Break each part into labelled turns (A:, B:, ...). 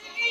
A: Thank you.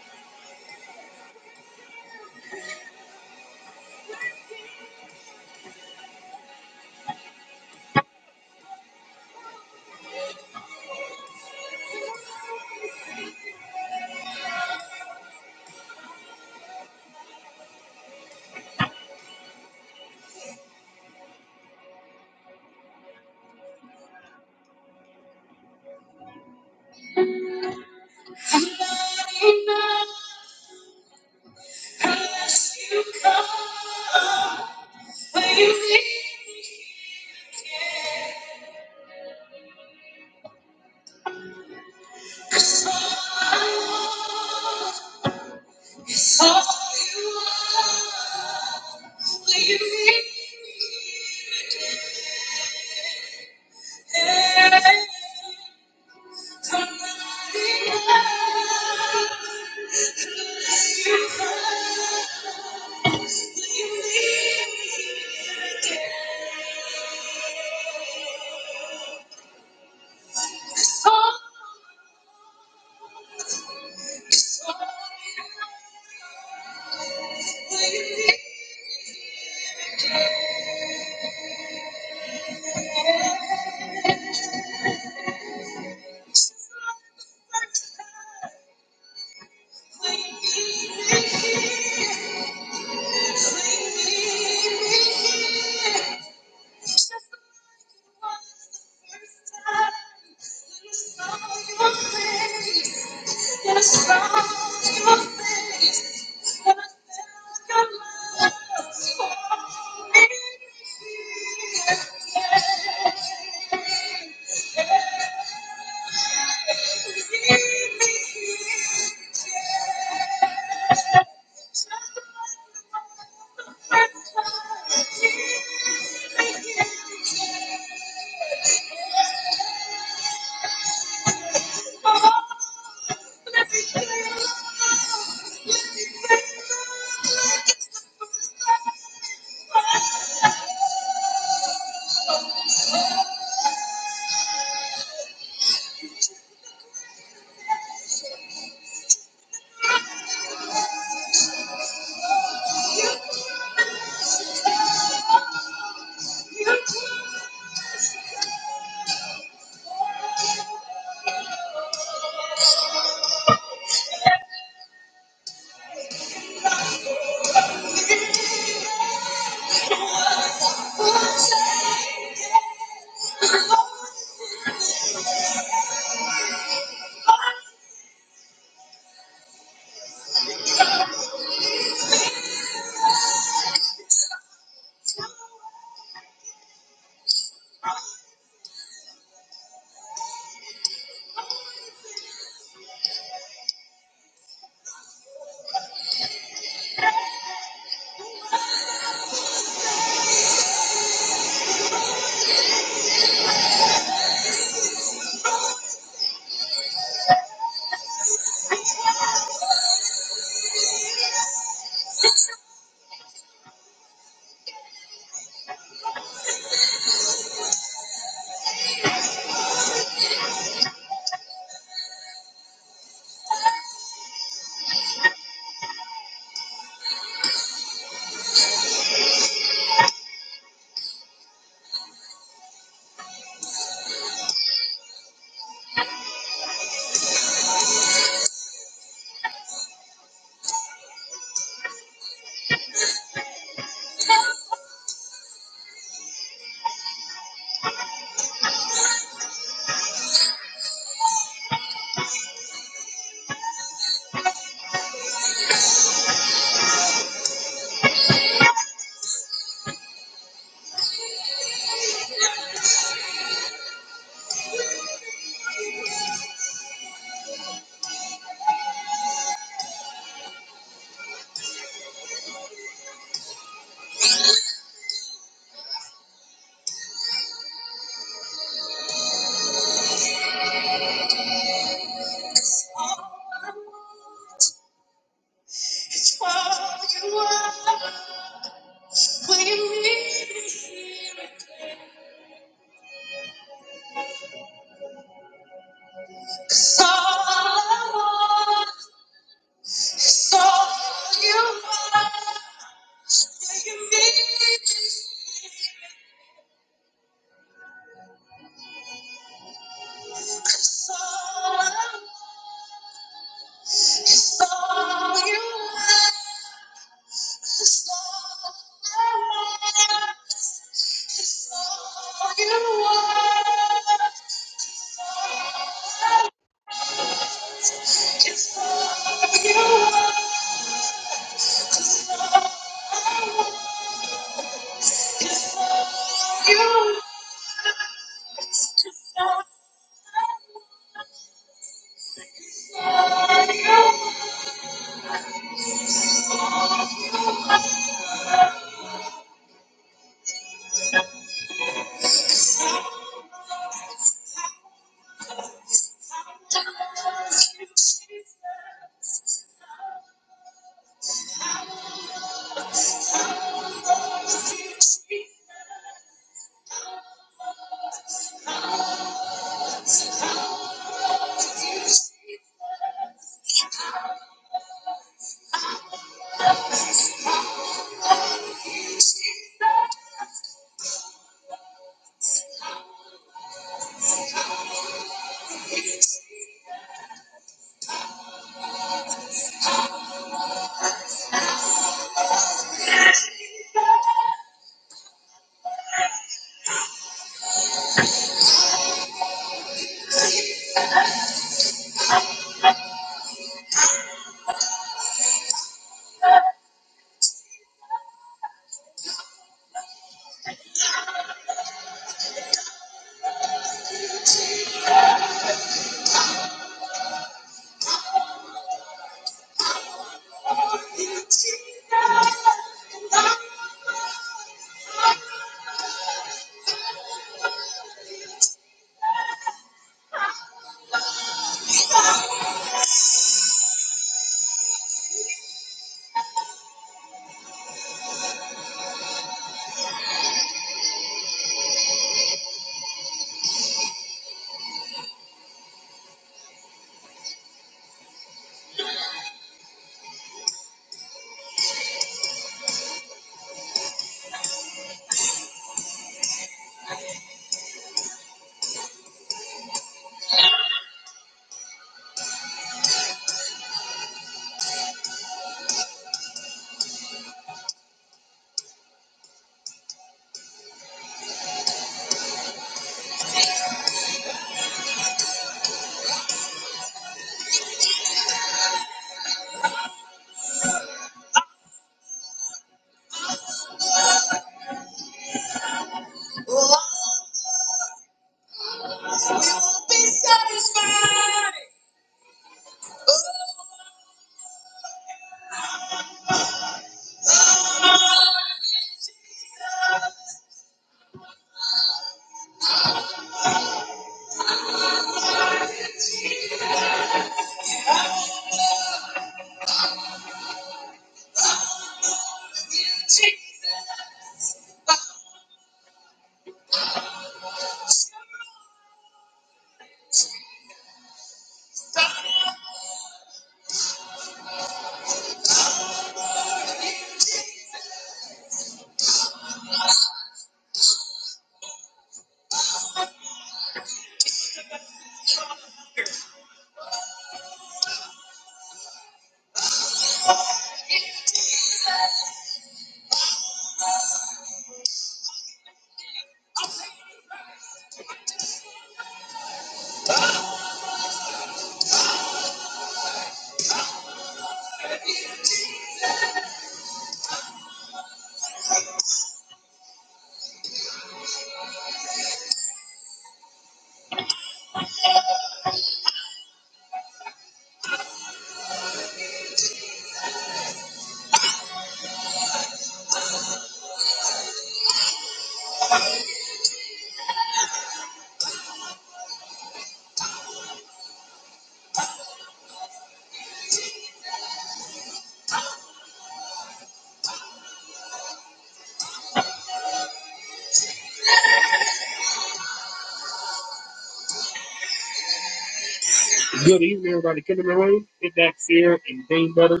A: Good evening, everybody. Come in the room, hit that share and ding button.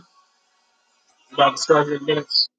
A: About to start in minutes.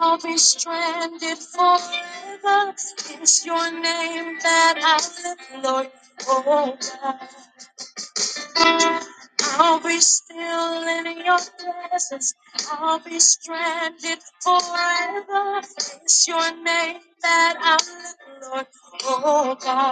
A: I'll be still, for it's your name that I lift. I'll be still in your presence. I'll be stranded forever. It's your name that I Lord, oh God.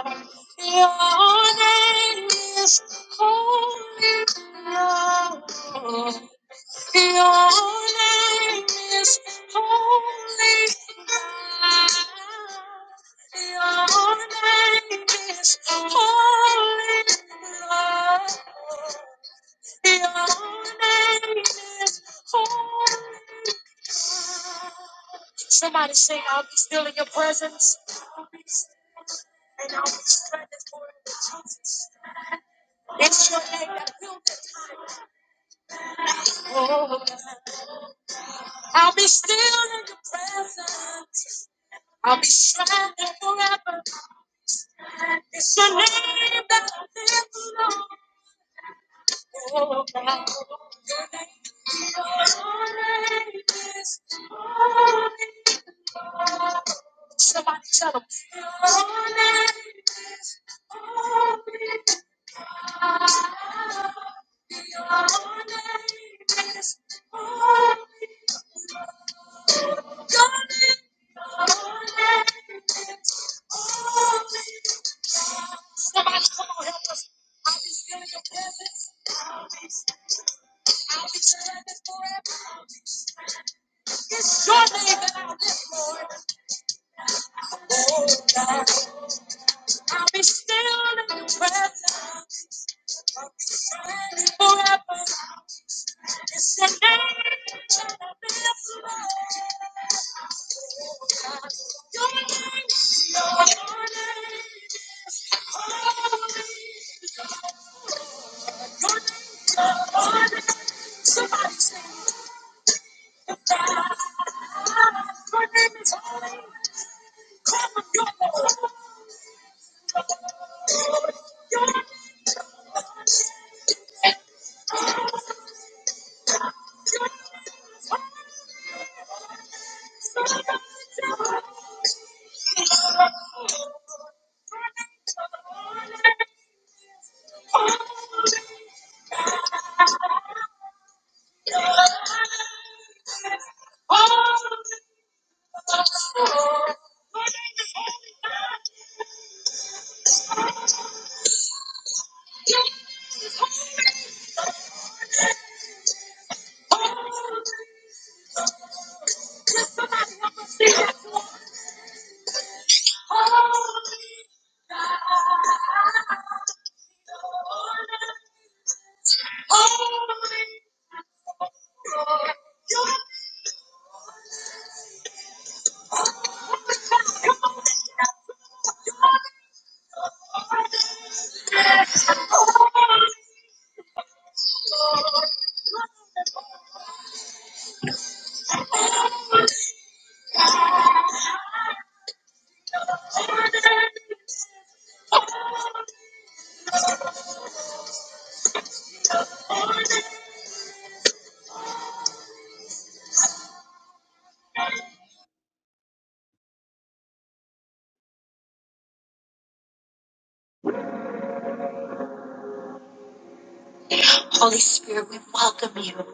A: Holy Spirit, we welcome you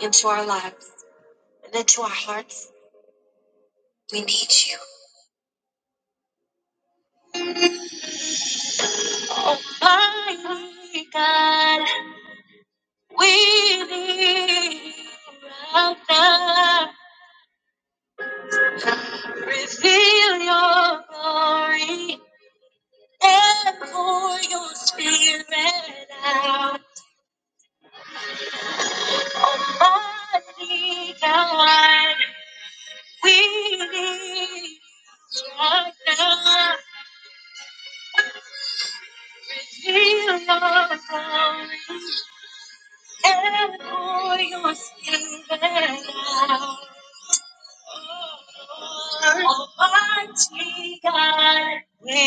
A: into our lives. into our hearts. We need you. Oh my God, we need you right now. Reveal your glory and pour your spirit out. Mighty God, we need you right now. Reveal your glory and pour your spirit out. Almighty God, we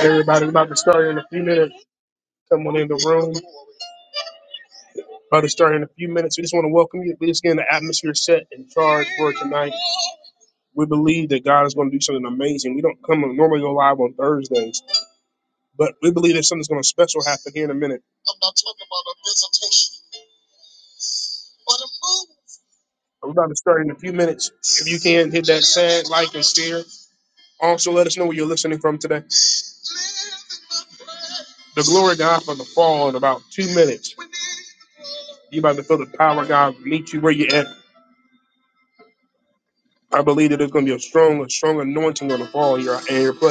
A: Everybody's about to start here in a few minutes. Come on in the room. About to start in a few minutes. We just want to welcome you. We're just getting the atmosphere set and charged for tonight. We believe that God is going to do something amazing. We don't come normally go live on Thursdays, but we believe that something's going to special happen here in a minute. We're about to start in a few minutes. If you can hit that. Also, let us know where you're listening from today. the glory of God for the fall in about two minutes. You're about to feel the power of God meet you where you're at. I believe that there's going to be a strong, a strong anointing on the fall here. your, your place.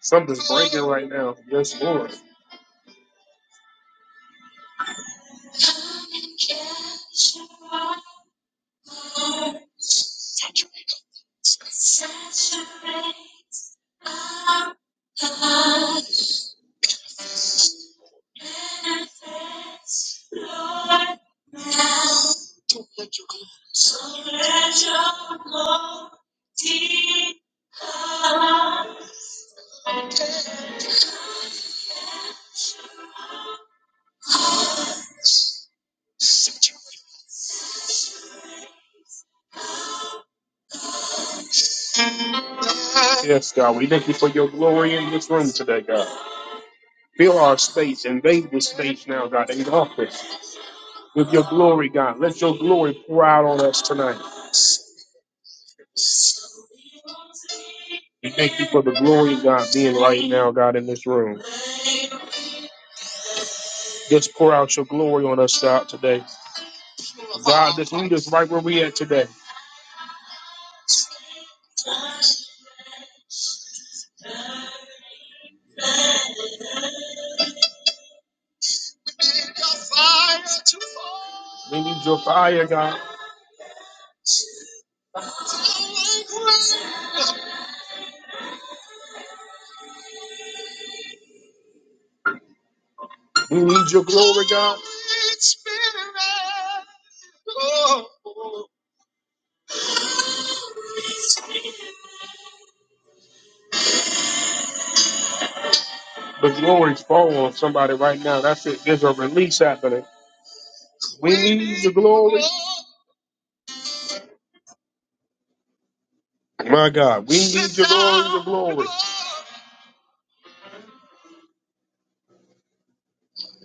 A: Something's right now. Yes, Lord. Yes, God. We thank you for your glory in this room today, God. Fill our space. Invade this space now, God. Engulf it with your glory, God. Let your glory pour out on us tonight. We thank you for the glory of God being right now, God, in this room. Just pour out your glory on us, God, today. Meet us right where we at today. We need your fire, God. You need your glory, God. The glory's falling on somebody right now. That's it. There's a release happening. We glory, my God. We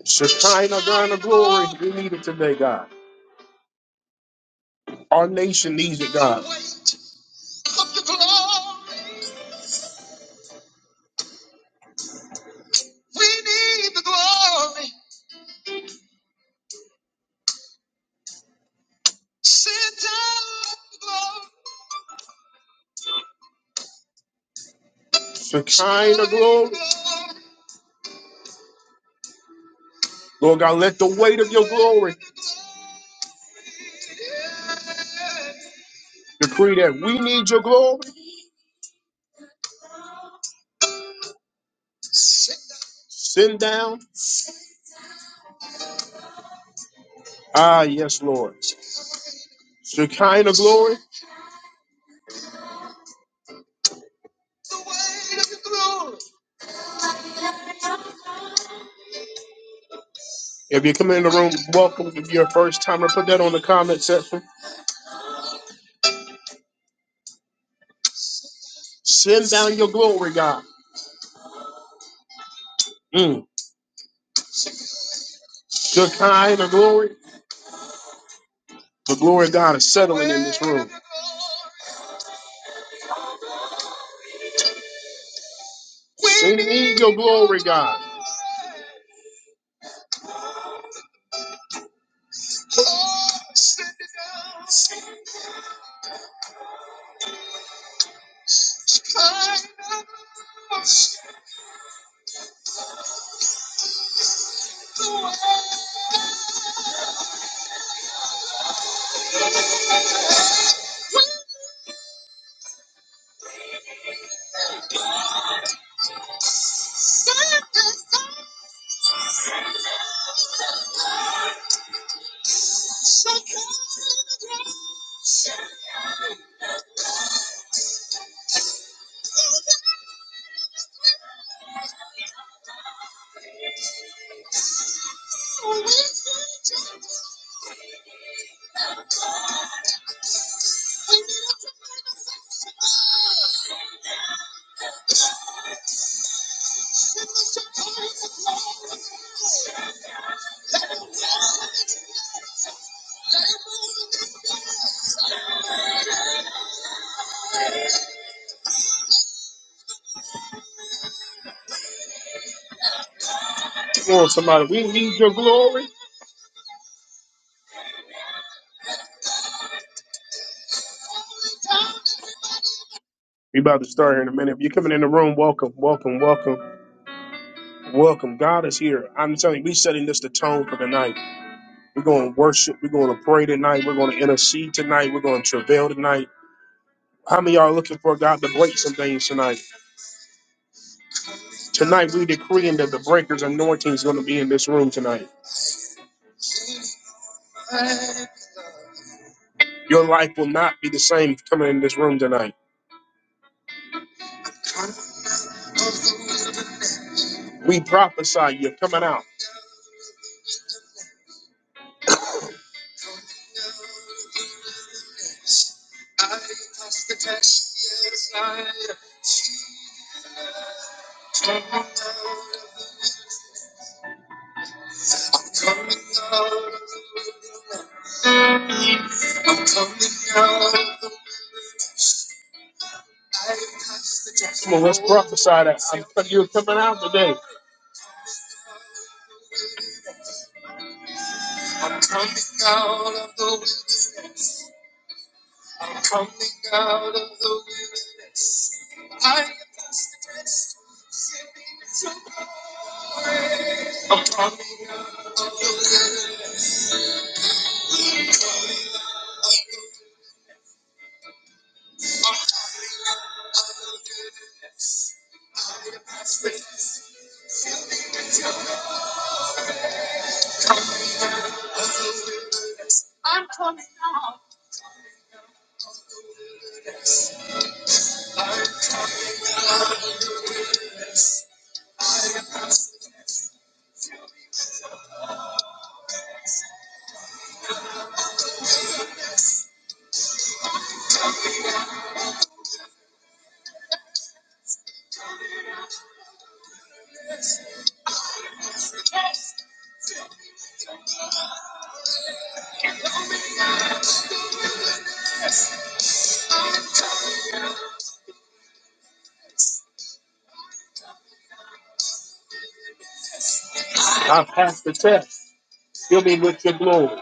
A: just we need it today, God. Our nation needs the kind of Lord God, let the weight of your glory decree that we need your glory. Send down. Ah, yes, Lord. The kind of glory. If you come in the room, welcome. If you're a first timer, put that on the comment section. Send down your glory, God. Mm. The kind of glory. The glory of God is settled. need your glory, God. Come on, somebody. We need your glory. We about to start here in a minute. If you're coming in the room, welcome, welcome, welcome, welcome. God is here. I'm telling you, we're setting this the tone for tonight. We're going to worship. We're going to pray tonight. We're going to intercede tonight. We're going to travail tonight. How many of y'all are looking for God to break some things tonight? Tonight, we decreeing that the breaker's anointing is going to be in this room tonight. Your life will not be the same coming in this room tonight. We prophesy you're coming out. Prophesy that I'm- you're coming out today. I passed the test. Fill me with your glory.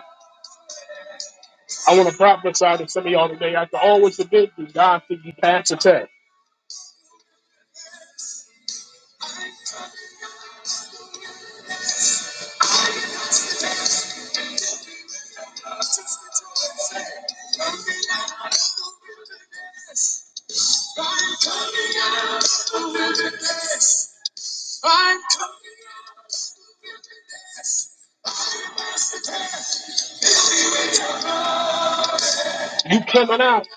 A: I want to prophesy to some of y'all today. I can always you did, God that you passed the test. You coming out.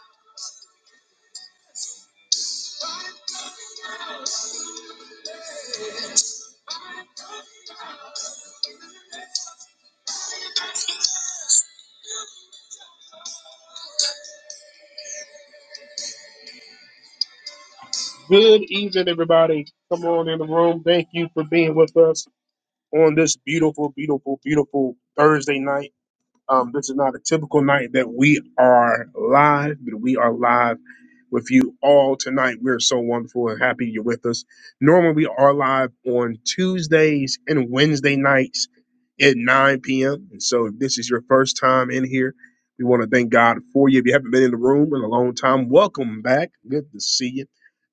A: Good evening, everybody. Come on in the room. Thank you for being with us on this beautiful, beautiful, beautiful Thursday night. Um, this is not a typical night that we are live, but we are live with you all tonight. We're so wonderful and happy you're with us. Normally, we are live on Tuesdays and Wednesday nights at 9 p.m. And so, if this is your first time in here, we want to thank God for you. If you haven't been in the room in a long time, welcome back. Good to see you.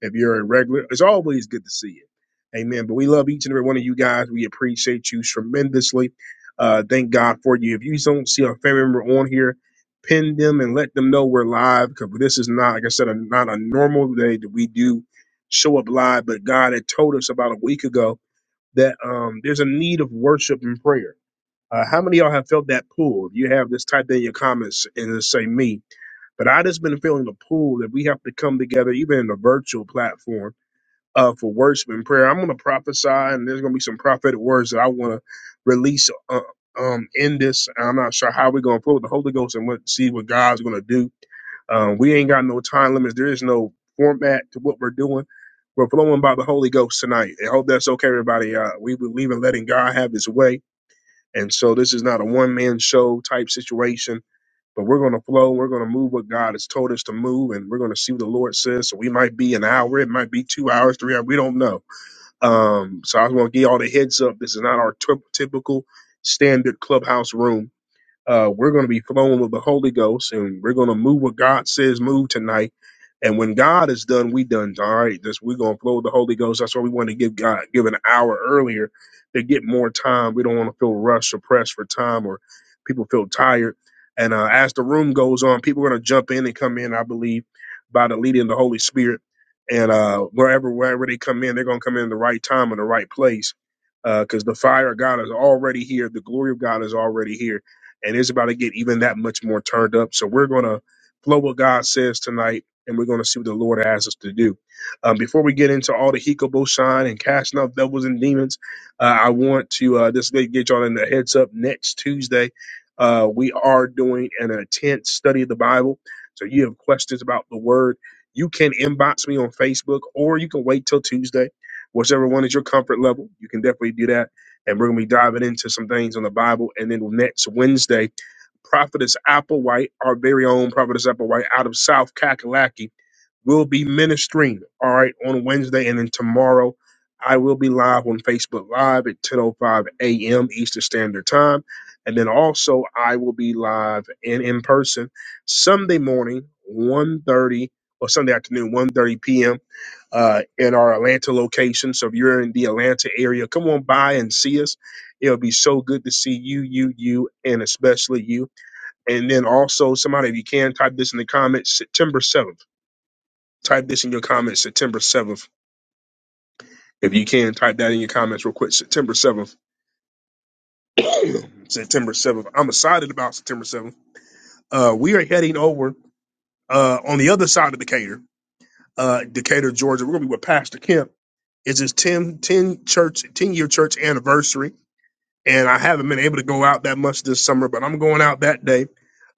A: If you're a regular, it's always good to see you. Amen. But we love each and every one of you guys. We appreciate you tremendously. Uh, thank God for you. If you don't see a family member on here, pin them and let them know we're live because this is not, like I said, a, not a normal day that we do show up live. But God had told us about a week ago that um, there's a need of worship and prayer. Uh, how many of y'all have felt that pull? If you have, just type in your comments and just say me. But I just been feeling the pull that we have to come together, even in a virtual platform uh, for worship and prayer. I'm going to prophesy, and there's going to be some prophetic words that I want to release uh, um, in this. I'm not sure how we're going to flow with the Holy Ghost and what, see what God's going to do. Um, we ain't got no time limits. There is no format to what we're doing. We're flowing by the Holy Ghost tonight. I hope that's okay, everybody. Uh, we believe in letting God have His way, and so this is not a one man show type situation but we're going to flow. We're going to move what God has told us to move, and we're going to see what the Lord says. So we might be an hour, it might be two hours, three hours. We don't know. Um, so I just want to give you all the heads up. This is not our typ- typical standard clubhouse room uh, we're going to be flowing with the Holy Ghost, and we're going to move what God says move tonight. And when God is done, we done. All right, this we're going to flow with the Holy Ghost. That's why we want to give God give an hour earlier to get more time. We don't want to feel rushed or pressed for time, or people feel tired. And uh, as the room goes on, people are going to jump in and come in. I believe by the leading of the Holy Spirit. And uh, wherever wherever they come in, they're going to come in the right time and the right place because the fire of God is already here. The glory of God is already here and it's about to get even that much more turned up. So we're going to flow what God says tonight, and we're going to see what the Lord asks us to do. Um, before we get into all the Hikobo shine and casting out devils and demons, uh, I want to uh, just get get y'all in the heads up. Next Tuesday, uh, we are doing an intense study of the Bible. So you have questions about the Word, you can inbox me on Facebook, or you can wait till Tuesday, whichever one is your comfort level. You can definitely do that and we're going to be diving into some things on the Bible. And then next Wednesday, Prophetess Applewhite, our very own Prophetess Applewhite out of South Kakalaki. We'll be ministering, all right, on Wednesday. And then tomorrow, I will be live on Facebook Live at 10.05 a.m. Eastern Standard Time. And then also, I will be live and in person Sunday morning, one thirty or Sunday afternoon, one thirty p.m. Uh, in our Atlanta location. So if you're in the Atlanta area, come on by and see us. It'll be so good to see you, you, you, and especially you. And then also, somebody, if you can, type this in the comments September 7th. Type this in your comments September 7th. If you can, type that in your comments real quick. September 7th. September 7th. I'm excited about September 7th. Uh, we are heading over uh, on the other side of Decatur, uh, Decatur, Georgia. We're going to be with Pastor Kemp. It's his 10 10 church, 10 year church anniversary. and I haven't been able to go out that much this summer, but I'm going out that day.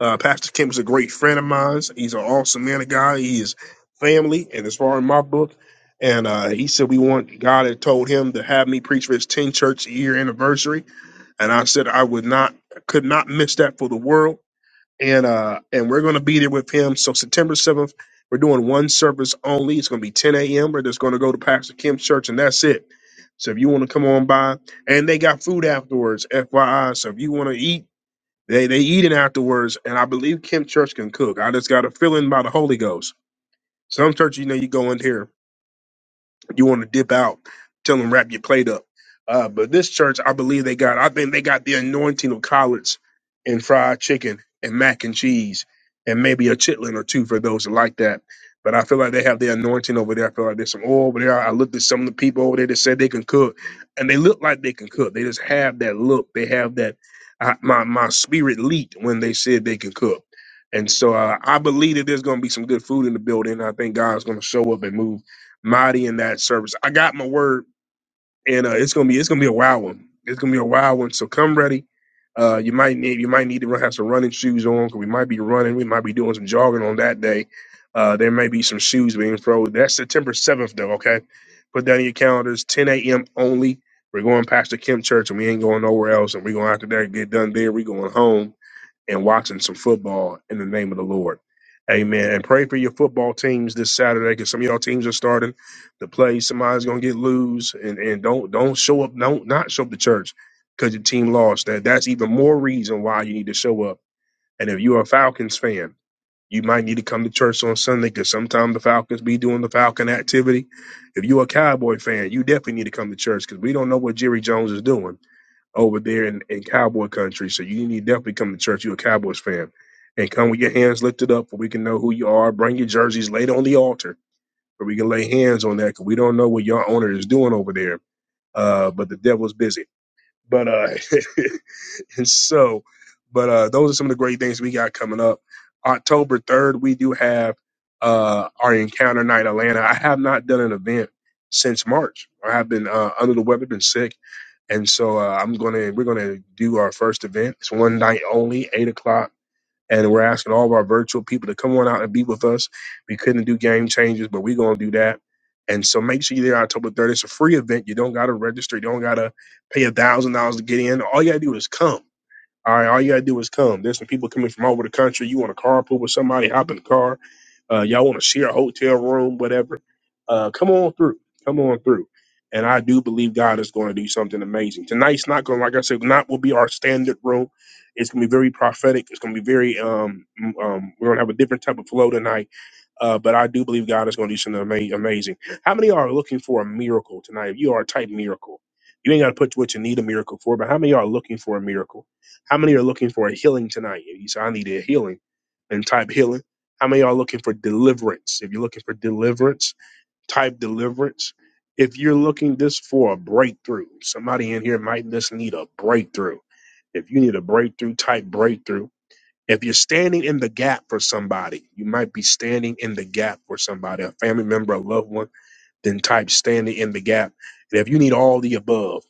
A: Uh, Pastor Kim is a great friend of mine. He's an awesome man of God. He is family, and as far in my book, and uh, he said we want God had told him to have me preach for his 10 church year anniversary, and I said I would not, could not miss that for the world and uh and we're going to be there with him. So September seventh, we're doing one service only. It's going to be ten a.m. We're just going to go to Pastor Kim's church, and that's it. So if you want to come on by, and they got food afterwards, FYI. So if you want to eat, they they eat it afterwards, and I believe Kim Church can cook. I just got a feeling by the Holy Ghost. Some church, you know, you go in here you want to dip out, tell them wrap your plate up. Uh, but this church, I believe they got, I think they got the anointing of collards and fried chicken and mac and cheese and maybe a chitlin or two for those that like that. But I feel like they have the anointing over there. I feel like there's some oil over there. I looked at some of the people over there that said they can cook, and they look like they can cook. They just have that look. They have that. I, my my spirit leaped when they said they can cook, and so uh, I believe that there's going to be some good food in the building. I think God's going to show up and move mighty in that service. I got my word, and uh, it's gonna be it's gonna be a wild one. It's gonna be a wild one. So come ready. Uh, you might need you might need to run, have some running shoes on because we might be running. We might be doing some jogging on that day. Uh, there may be some shoes being thrown. That's September seventh, though. Okay, put that in your calendars. 10 a.m. only. We're going past the Kim Church, and we ain't going nowhere else. And we're going after that get done there. We're going home and watching some football in the name of the Lord. Amen. And pray for your football teams this Saturday because some of y'all teams are starting to play. Somebody's gonna get loose, and and don't don't show up. Don't not show up to church because your team lost. That that's even more reason why you need to show up. And if you're a Falcons fan, you might need to come to church on Sunday because sometimes the Falcons be doing the Falcon activity. If you're a Cowboy fan, you definitely need to come to church because we don't know what Jerry Jones is doing over there in, in cowboy country. So you need to definitely come to church. You're a Cowboys fan. And come with your hands lifted up for we can know who you are. Bring your jerseys laid on the altar where we can lay hands on that because we don't know what your owner is doing over there. Uh, but the devil's busy. But uh, and so, but uh, those are some of the great things we got coming up. October 3rd, we do have uh, our Encounter Night Atlanta. I have not done an event since March. I have been uh, under the weather, been sick and so uh, I'm gonna we're gonna do our first event. It's one night only, eight o'clock, and we're asking all of our virtual people to come on out and be with us. We couldn't do game changes, but we're gonna do that. And so make sure you're there October 30th. It's a free event. You don't gotta register. You don't gotta pay a thousand dollars to get in. All you gotta do is come. All right, all you gotta do is come. There's some people coming from all over the country. You want to carpool with somebody, hop in the car. Uh, y'all want to share a hotel room, whatever uh, come on through. Come on through. And I do believe God is going to do something amazing. Tonight's not going, like I said, not will be our standard room. It's going to be very prophetic. It's going to be very, um, um, we're going to have a different type of flow tonight. Uh, but I do believe God is going to do something ama- amazing. How many are looking for a miracle tonight? If you are a type miracle, you ain't got to put what you need a miracle for, but how many are looking for a miracle? How many are looking for a healing tonight? If you say, I need a healing, and type healing. How many are looking for deliverance? If you're looking for deliverance, type deliverance. If you're looking this for a breakthrough, somebody in here might just need a breakthrough. If you need a breakthrough type breakthrough, if you're standing in the gap for somebody, you might be standing in the gap for somebody, a family member, a loved one, then type standing in the gap. And if you need all the above,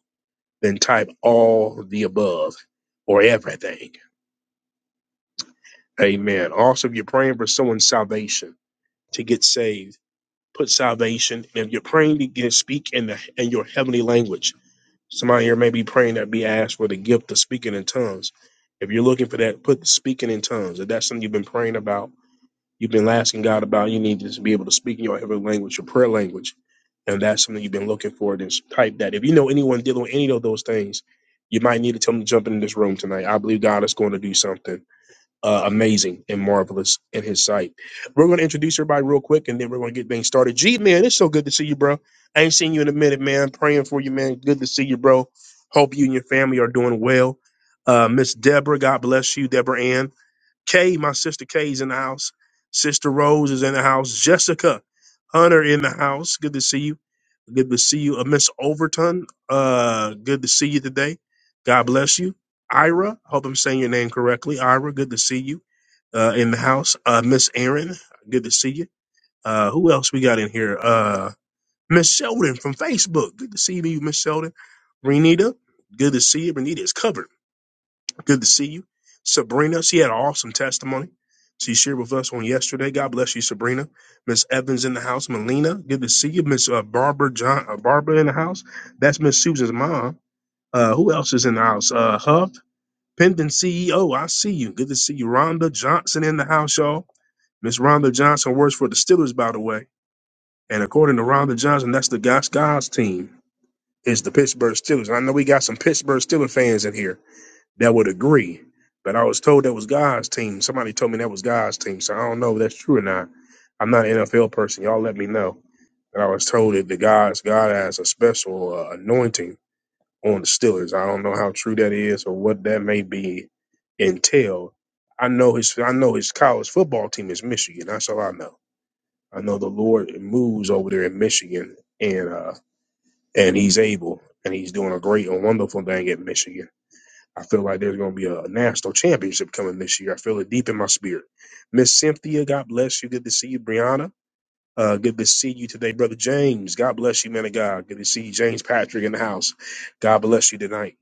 A: then type all the above or everything. Amen. Also, if you're praying for someone's salvation to get saved, put salvation. And if you're praying to get, speak in the in your heavenly language. Somebody here may be praying that be asked for the gift of speaking in tongues. If you're looking for that, put the speaking in tongues. If that's something you've been praying about, you've been asking God about, you need to just be able to speak in your heavenly language, your prayer language. And that's something you've been looking for, then type that. If you know anyone dealing with any of those things, you might need to tell them to jump in this room tonight. I believe God is going to do something uh, amazing and marvelous in his sight. We're going to introduce everybody real quick and then we're going to get things started. G, man, it's so good to see you, bro. I ain't seen you in a minute, man. Praying for you, man. Good to see you, bro. Hope you and your family are doing well. Uh, Miss Deborah, God bless you, Deborah Ann. Kay, my sister Kay's in the house. Sister Rose is in the house. Jessica Hunter in the house. Good to see you. Good to see you. Uh, Miss Overton, uh, good to see you today. God bless you. Ira, hope I'm saying your name correctly. Ira, good to see you uh, in the house. Uh, Miss Aaron, good to see you. Uh, who else we got in here? Uh, Miss Sheldon from Facebook. Good to see you, Miss Sheldon. Renita, good to see you. Renita is covered. Good to see you. Sabrina, she had an awesome testimony. She shared with us on yesterday. God bless you, Sabrina. Miss Evans in the house. Melina, good to see you. Miss uh, Barbara John, uh, Barbara in the house. That's Miss Susan's mom. Uh, who else is in the house? Uh, Huff, Pendant CEO. I see you. Good to see you. Rhonda Johnson in the house, y'all. Miss Rhonda Johnson works for the Steelers, by the way. And according to Rhonda Johnson, that's the God's God's team. It's the Pittsburgh Steelers. And I know we got some Pittsburgh Steelers fans in here that would agree. But I was told that was God's team. Somebody told me that was God's team. So I don't know if that's true or not. I'm not an NFL person. Y'all let me know. But I was told that the God's God has a special uh, anointing on the Steelers. I don't know how true that is or what that may be entail. I know his I know his college football team is Michigan. That's all I know. I know the Lord moves over there in Michigan and uh and he's able and he's doing a great and wonderful thing at Michigan. I feel like there's going to be a national championship coming this year. I feel it deep in my spirit. Miss Cynthia, God bless you. Good to see you, Brianna. Uh, good to see you today, brother James. God bless you, man of God. Good to see you, James Patrick in the house. God bless you tonight.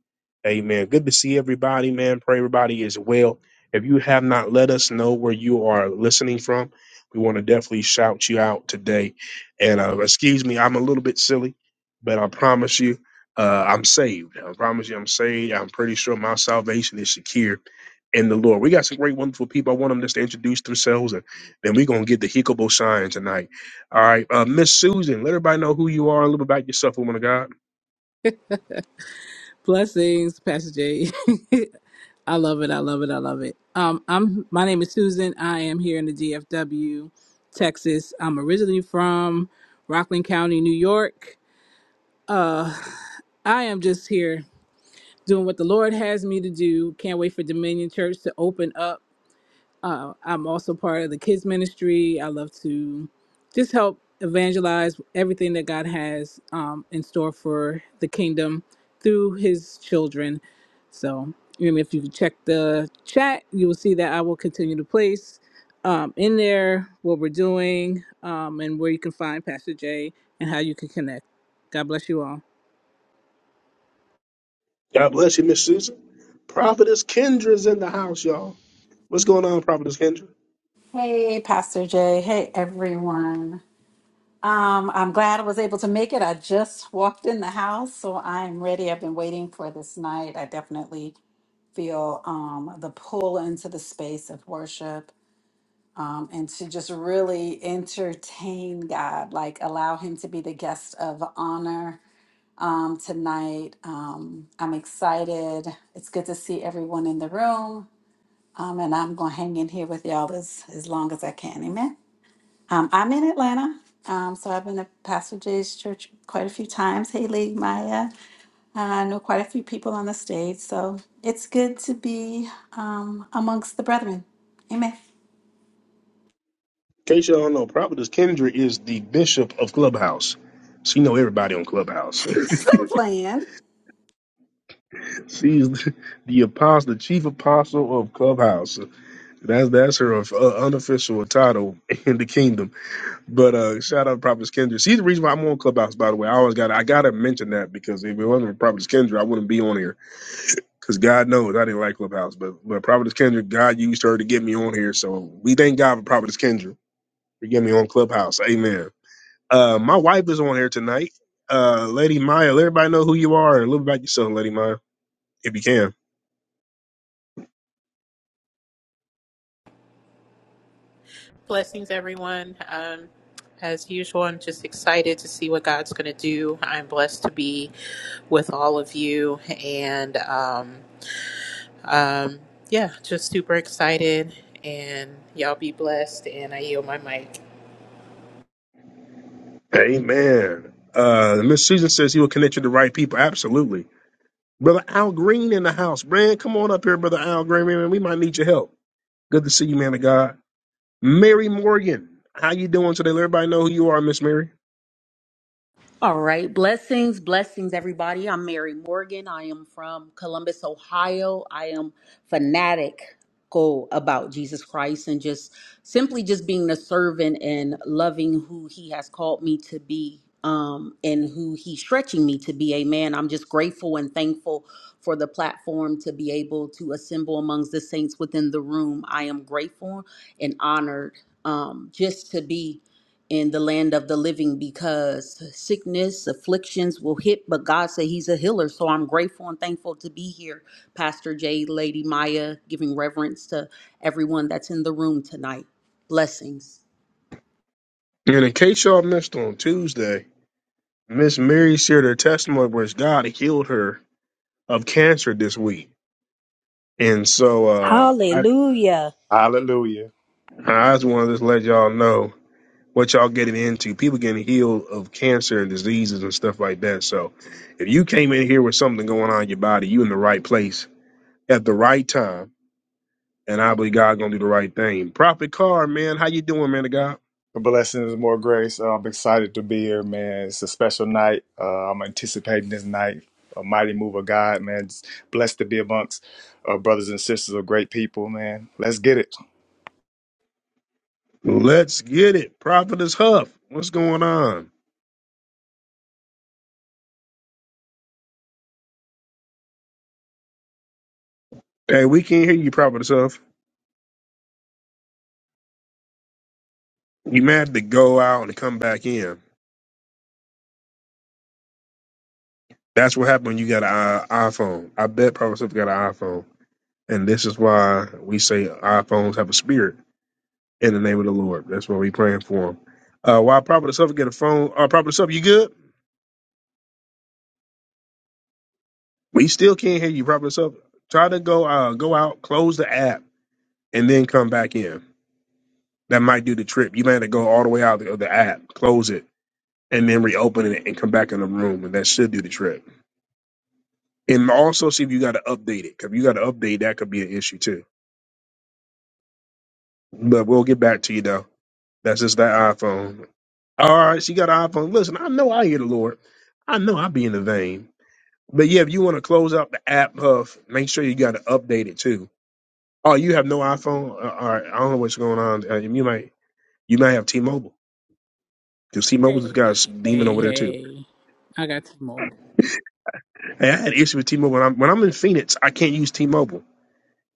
A: Amen. Good to see everybody, man. Pray everybody is well. If you have not let us know where you are listening from, we want to definitely shout you out today. And uh, excuse me, I'm a little bit silly, but I promise you, uh, I'm saved. I promise you, I'm saved. I'm pretty sure my salvation is secure in the Lord. We got some great, wonderful people. I want them just to introduce themselves, and then we're gonna get the Hikobo sign tonight. All right, uh, Miss Susan, let everybody know who you are, a little bit about yourself, woman of God.
B: Blessings, Pastor J. I love it. I love it. I love it. Um, I'm my name is Susan. I am here in the DFW, Texas. I'm originally from Rockland County, New York. Uh, I am just here doing what the Lord has me to do. Can't wait for Dominion Church to open up Uh, I'm also part of the kids ministry. I love to just help evangelize everything that God has um, in store for the kingdom through His children. So, and if you check the chat, you will see that I will continue to place um, in there what we're doing um, and where you can find Pastor Jay and how you can connect. God bless you all.
A: God bless you, Miss Susan. Prophetess Kendra's in the house, y'all. What's going on, Prophetess Kendra? In
C: Hey, Pastor Jay. Hey, everyone. Um, I'm glad I was able to make it. I just walked in the house, so I'm ready. I've been waiting for this night. I definitely feel um, the pull into the space of worship um, and to just really entertain God, like allow Him to be the guest of honor um, tonight. Um, I'm excited. It's good to see everyone in the room, um, and I'm going to hang in here with y'all as, as long as I can. Amen. Um, I'm in Atlanta, um, so I've been to Pastor Jay's church quite a few times. Haley, Maya, uh, I know quite a few people on the stage, so it's good to be um, amongst the brethren. Amen.
A: case y'all don't know, Prophetess Kendra is the bishop of Clubhouse. She know everybody on Clubhouse.
C: so I'm playing.
A: She's the, the apostle, the chief apostle of Clubhouse. That's that's her uh, unofficial title in the kingdom. But uh, shout out to Prophetess Kendra. She's the reason why I'm on Clubhouse, by the way. I always got I gotta mention that because if it wasn't for Prophetess Kendra, I wouldn't be on here. Because God knows I didn't like Clubhouse, but but Providence Kendra, God used her to get me on here. So we thank God for Providence Kendra for getting me on Clubhouse. Amen. Uh, my wife is on here tonight. Uh, Lady Maya, let everybody know who you are and a little bit about yourself, Lady Maya, if you can.
D: Blessings, everyone. Um, as usual, I'm just excited to see what God's going to do. I'm blessed to be with all of you, and um, um, yeah, just super excited. And y'all be blessed. And I yield my mic.
A: Amen. Uh, Miss Susan says he will connect you to the right people. Absolutely. Brother Al Green in the house. Brad, come on up here, Brother Al Green. Man, we might need your help. Good to see you, man of God. Mary Morgan, how you doing today? Let everybody know who you are, Miss Mary.
E: All right. Blessings, blessings, everybody. I'm Mary Morgan. I am from Columbus, Ohio. I am fanatical about Jesus Christ and just simply just being a servant and loving who he has called me to be um, and who he's stretching me to be. Amen. I'm just grateful and thankful for the platform to be able to assemble amongst the saints within the room. I am grateful and honored um, just to be in the land of the living because sickness, afflictions will hit, but God said He's a healer. So I'm grateful and thankful to be here, Pastor Jay, Lady Maya, giving reverence to everyone that's in the room tonight. Blessings.
A: And in case y'all missed on Tuesday, Miss Mary shared her testimony where God healed her of cancer this week. And so uh, I,
F: Hallelujah.
G: Hallelujah.
A: I just want to just let y'all know what y'all getting into. People getting healed of cancer and diseases and stuff like that. So if you came in here with something going on in your body, you in the right place at the right time. And I believe God gonna do the right thing. Prophet Carr, man, how you doing, man of God?
G: Blessings, more grace. Uh, I'm excited to be here, man. It's a special night. Uh, I'm anticipating this night. A mighty move of God, man. It's blessed to be amongst uh, brothers and sisters of great people, man. Let's get it.
A: Let's get it. Prophetess Huff, what's going on? Hey, we can't hear you, Prophetess Huff. You may have to go out and come back in. That's what happened when you got an i- iPhone. I bet Prophetess Huff got an iPhone. And this is why we say iPhones have a spirit in the name of the Lord. That's what we praying for him. Uh, while Prophet Suffer get a phone, uh, Prophet Suffer, you good? We still can't hear you, Prophet Suffer. Try to go uh, go out, close the app, and then come back in. That might do the trip. You might have to go all the way out of the app, close it, and then reopen it and come back in the room, and that should do the trip. And also see if you got to update it. 'cause If you got to update, that could be an issue too. But we'll get back to you though. That's just that iPhone. All right, she got an iPhone. Listen, I know I hear the Lord. I know I be in the vein. But yeah, if you want to close out the app, Huff, make sure you got to update it too. Oh, you have no iPhone? Uh, All right, I don't know what's going on. Uh, you might you might have T-Mobile because T-Mobile's
B: Hey,
A: got a demon
B: hey,
A: over there too.
B: hey! I got T-Mobile.
A: Hey, I had an issue with T-Mobile. When I'm, when I'm in Phoenix, I can't use T-Mobile.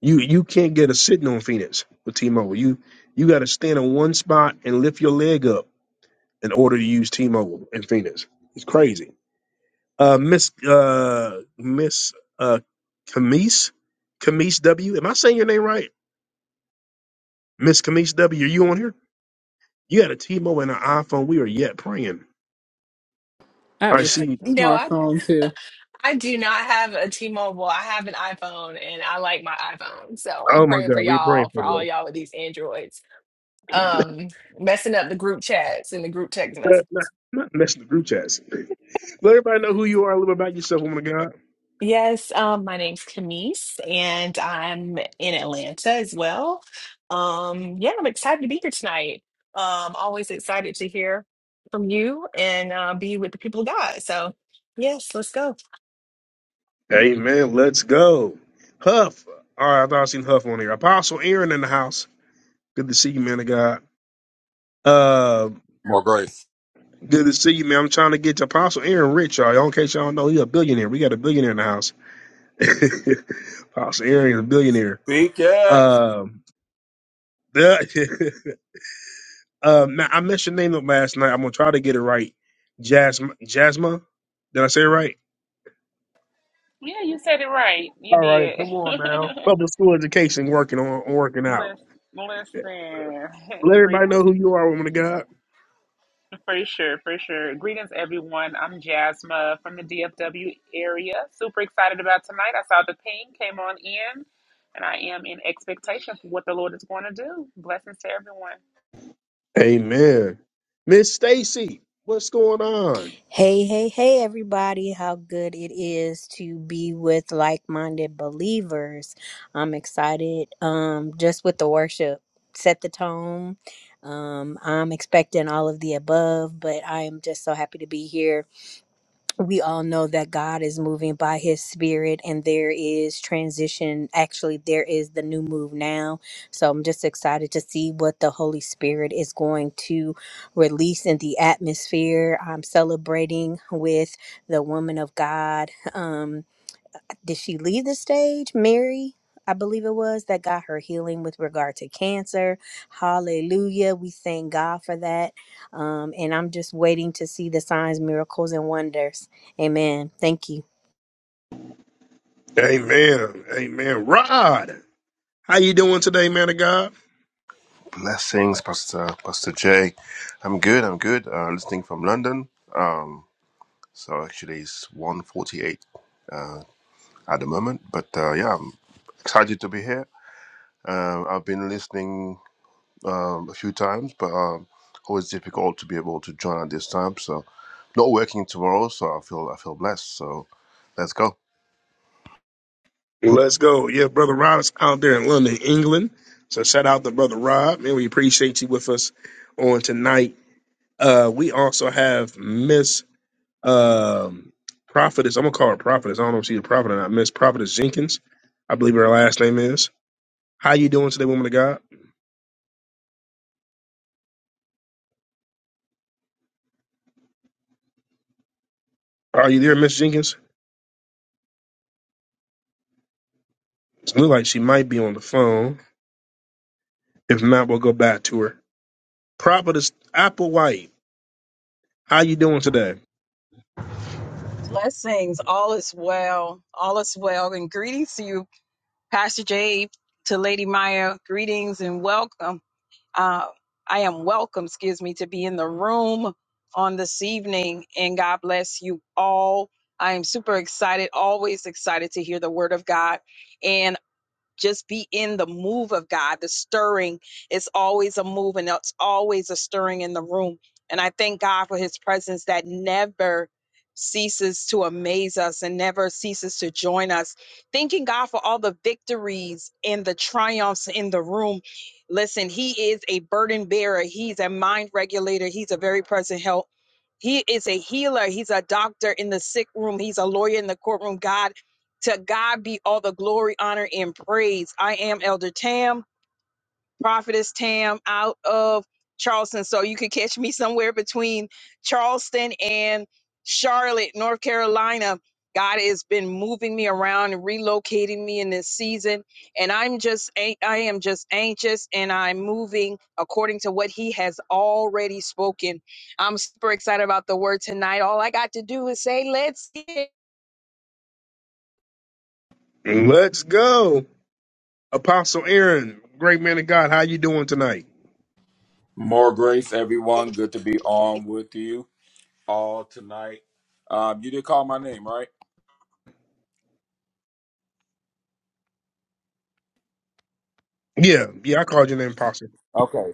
A: You you can't get a sitting on Phoenix with T-Mobile. You you got to stand in one spot and lift your leg up in order to use T-Mobile in Phoenix. It's crazy. Uh, Miss uh Miss uh Camise Camise W. Am I saying your name right? Miss Kamish W, are you on here? You got a T-Mobile and an iPhone. We are yet praying.
B: I have
A: I
B: a s-
A: see.
H: No, I
B: smartphone too.
H: I do not have a T-Mobile. I have an iPhone and I like my iPhone. So I'm
A: Oh my
H: praying for
A: God, we're
H: y'all,
A: praying for
H: for all
A: you.
H: y'all with these Androids. Um, messing up the group chats and the group text
A: Not, not,
H: messages.
A: not messing the group chats. Let everybody know who you are, a little bit about yourself, woman of God.
H: Yes, um, my name's Camise and I'm in Atlanta as well. Um, yeah, I'm excited to be here tonight. Um, always excited to hear from you and uh, be with the people of God. So yes, let's go.
A: Amen. Let's go. Huff. All right, I thought I seen Huff on here. Apostle Aaron in the house. Good to see you, man of God. Uh,
I: More grace.
A: good to see you, man. I'm trying to get to Apostle Aaron rich, y'all. Y'all, In case y'all don't know, he's a billionaire. We got a billionaire in the house. Apostle Aaron is a billionaire.
I: Speak it.
A: Um, Uh, ma- I messed your name up last night. I'm gonna try to get it right. Jasma, Jasma, did I say it right?
J: Yeah, you said it right. You
A: All right,
J: did.
A: come on now. Public school education working on working out.
J: Lis- Listen,
A: Let everybody
J: greetings
A: know who you are, woman of God.
J: for sure, for sure. Greetings, everyone. I'm Jasma from the DFW area. Super excited about tonight. I saw the ping came on in, and I am in expectation for what the Lord is going to do. Blessings to everyone.
A: Amen. Miss Stacy, what's going on?
F: Hey, hey, hey, everybody. How good it is to be with like minded believers. I'm excited um, just with the worship. Set the tone. Um, I'm expecting all of the above, but I am just so happy to be here we all know that God is moving by his spirit and there is transition. Actually, there is the new move now. So I'm just excited to see what the Holy Spirit is going to release in the atmosphere. I'm celebrating with the woman of God. Um, did she leave the stage? Mary, I believe it was, that got her healing with regard to cancer. Hallelujah. We thank God for that. Um, and I'm just waiting to see the signs, miracles, and wonders. Amen. Thank you.
A: Amen. Amen. Rod, how you doing today, man of God?
K: Blessings, Pastor Pastor Jay. I'm good. I'm good. Uh, listening from London. Um, so actually it's one forty-eight at the moment, but uh, yeah, I'm excited to be here. Um, I've been listening um, a few times, but um, always difficult to be able to join at this time. So not working tomorrow, so I feel I feel blessed. So let's go.
A: Let's go. Yeah, brother Rod is out there in London, England. So shout out to brother Rod, man. We appreciate you with us on tonight. Uh, we also have Miss Um, prophetess, I'm gonna call her prophetess. I don't know if she's a prophet or not. Miss Prophetess Jenkins, I believe her last name is. How you doing today, woman of God? Are you there, Miss Jenkins? It looks like she might be on the phone. If not, we'll go back to her. Prophetess Applewhite, how you doing today?
L: Blessings. All is well. All is well. And greetings to you, Pastor Jay, to Lady Maya. Greetings and welcome. Uh, I am welcome, excuse me, to be in the room on this evening. And God bless you all. I am super excited, always excited to hear the word of God just be in the move of God. The stirring is always a move and it's always a stirring in the room. And I thank God for his presence that never ceases to amaze us and never ceases to join us. Thanking God for all the victories and the triumphs in the room. Listen, he is a burden bearer, he's a mind regulator, he's a very present help. He is a healer. He's a doctor in the sick room. He's a lawyer in the courtroom. God to God be all the glory, honor, and praise. I am Elder Tam, Prophetess Tam, out of Charleston. So you could catch me somewhere between Charleston and Charlotte, North Carolina. God has been moving me around and relocating me in this season. And I'm just, an- I am just anxious and I'm moving according to what He has already spoken. I'm super excited about the word tonight. All I got to do is say, let's get it.
A: Let's go. Apostle Aaron, great man of God, how you doing tonight?
I: More grace, everyone. Good to be on with you all tonight. Um, you did call my name, right?
A: Yeah, yeah, I called your name Apostle.
I: Okay.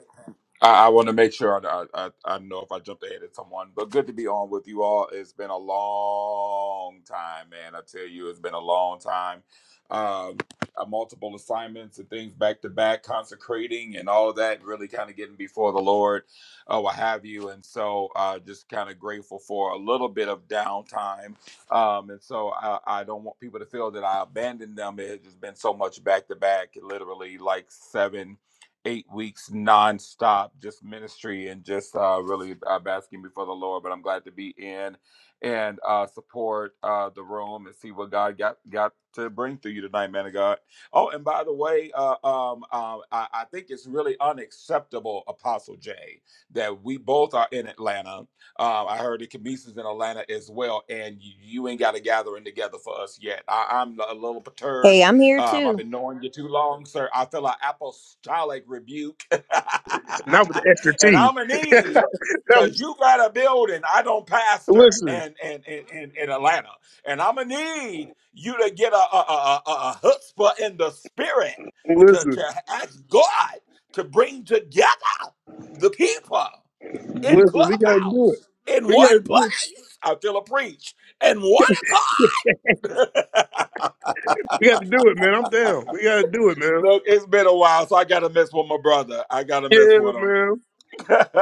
I: I, I want to make sure I, I I I know if I jumped ahead of someone, but good to be on with you all. It's been a long time, man. I tell you, it's been a long time. Um, uh, multiple assignments and things back to back, consecrating and all that, really kind of getting before the Lord, uh, what have you. And so, uh, just kind of grateful for a little bit of downtime. Um, and so, I, I don't want people to feel that I abandoned them. It has just been so much back to back, literally like seven eight weeks nonstop, just ministry and just uh, really uh, basking before the Lord. But I'm glad to be in and uh, support uh, the room and see what God got got to bring through you tonight, man of God. Oh, and by the way, uh, um, um, I, I think it's really unacceptable, Apostle Jay, that we both are in Atlanta. Uh, I heard the Camisas in Atlanta as well, and you, you ain't got a gathering together for us yet. I, I'm a little perturbed
F: Hey, I'm here
I: um, I've
F: too.
I: been knowing you too long, sir. I feel an apostolic rebuke.
A: Not with the extra
I: and
A: T.
I: I'm a need
A: that
I: because
A: was
I: you got a building I don't pastor
A: listen,
I: and in, in, in, in Atlanta. And I'm a need you to get a, a, a, a a chutzpah in the spirit to,
A: listen,
I: to ask God to bring together the people in
A: listen, we gotta do it.
I: clubhouse in
A: We
I: one
A: gotta do it.
I: place. I feel a preach in one
A: We got to do it, man. I'm down. We got to do it, man.
I: Look, it's been a while, so I gotta mess with my brother. I gotta mess
A: Yeah,
I: with him.
A: man.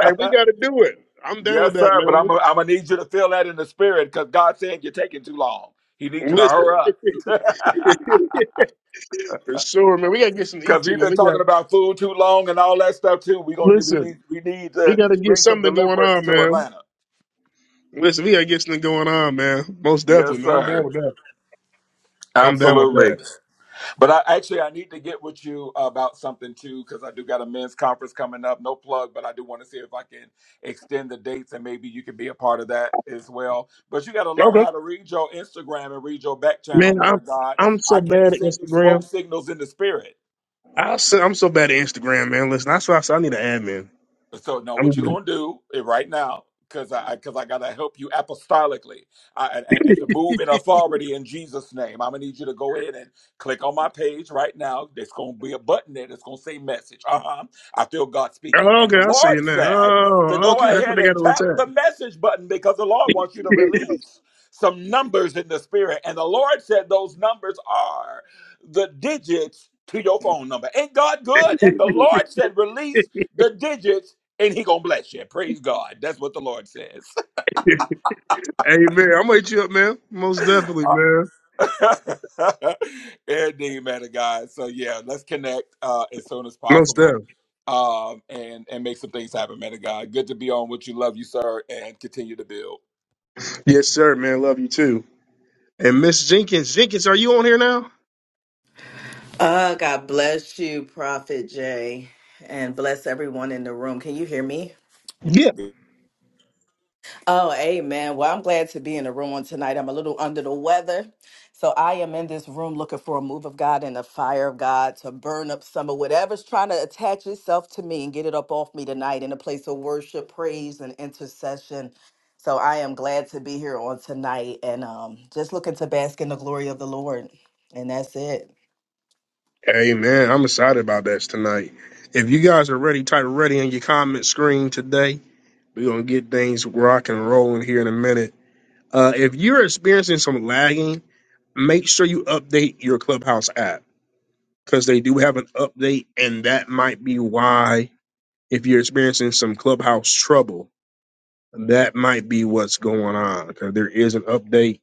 A: Hey, we got to do it. I'm down with
I: yes,
A: that,
I: sir. But I'm
A: man.
I: gonna I'm gonna need you to feel that in the spirit, because God said you're taking too long. He needs you to
A: Listen,
I: hurry up.
A: for sure, man. We got to get some to eat
I: Because
A: too,
I: we've
A: man.
I: been
A: We got
I: talking about food too long and all that stuff too. We gonna we
A: listen.
I: need we need
A: We
I: to
A: got to get
I: bring some
A: something going
I: deliverance
A: on,
I: to
A: man.
I: Atlanta.
A: Listen, we got to get something going on, man. Most definitely,
I: Yes,
A: man. I'm down
I: sir.
A: with that. I'm down with
I: Absolutely.
A: that.
I: But I actually I need to get with you about something too because I do got a men's conference coming up. No plug, but I do want to see if I can extend the dates and maybe you can be a part of that as well. But you got to learn
A: Okay,
I: how to read your Instagram and read your back channels,
A: man.
I: man
A: I'm
I: of God.
A: I'm so
I: I can't
A: bad at
I: send you smoke
A: Instagram.
I: signals in the spirit.
A: I'll say, I'm so bad at Instagram, man. Listen, that's why I said I need an admin.
I: So no,
A: I'm.
I: what you
A: good.
I: gonna do eh, right now? Because I because I, gotta help you apostolically I, and, and to move in authority in Jesus' name. I'm gonna need you to go ahead and click on my page right now. There's gonna be a button there that's gonna say message. Uh huh. I feel God speaking,
A: Oh,
I: and
A: okay,
I: the
A: I see
I: Lord
A: it now.
I: said to
A: Oh,
I: go
A: okay, that's what
I: ahead
A: they got
I: and tap the
A: to
I: message button because the Lord wants you to
A: attack.
I: release some numbers in the spirit, and the Lord said those numbers are the digits to your phone number. Ain't God good? And the Lord said release the digits and he gonna bless you. Praise God. That's what the Lord says.
A: Hey man, I'm gonna hit you up, man. Most definitely, man.
I: Uh, Indeed, man of God. So yeah, let's connect uh, as soon as
A: Most
I: possible,
A: definitely.
I: um, and and make some things happen, man of God. Good to be on with you. Love you, sir, and continue to build.
A: Yes, sir, man. Love you too. And Miss Jenkins, Jenkins, are you on here now?
M: Uh, God bless you, Prophet Jay, and bless everyone in the room. Can you hear me?
A: Yeah.
M: Oh, amen. Well, I'm glad to be in the room on tonight. I'm a little under the weather. So I am in this room looking for a move of God and the fire of God to burn up some of whatever's trying to attach itself to me and get it up off me tonight in a place of worship, praise, and intercession. So I am glad to be here on tonight and um, just looking to bask in the glory of the Lord. And that's it.
A: Hey man, I'm excited about this tonight. If you guys are ready, type ready in your comment screen today. We're gonna get things rock and rolling here in a minute. Uh, if you're experiencing some lagging, make sure you update your Clubhouse app because they do have an update, and that might be why if you're experiencing some Clubhouse trouble that might be what's going on because there is an update.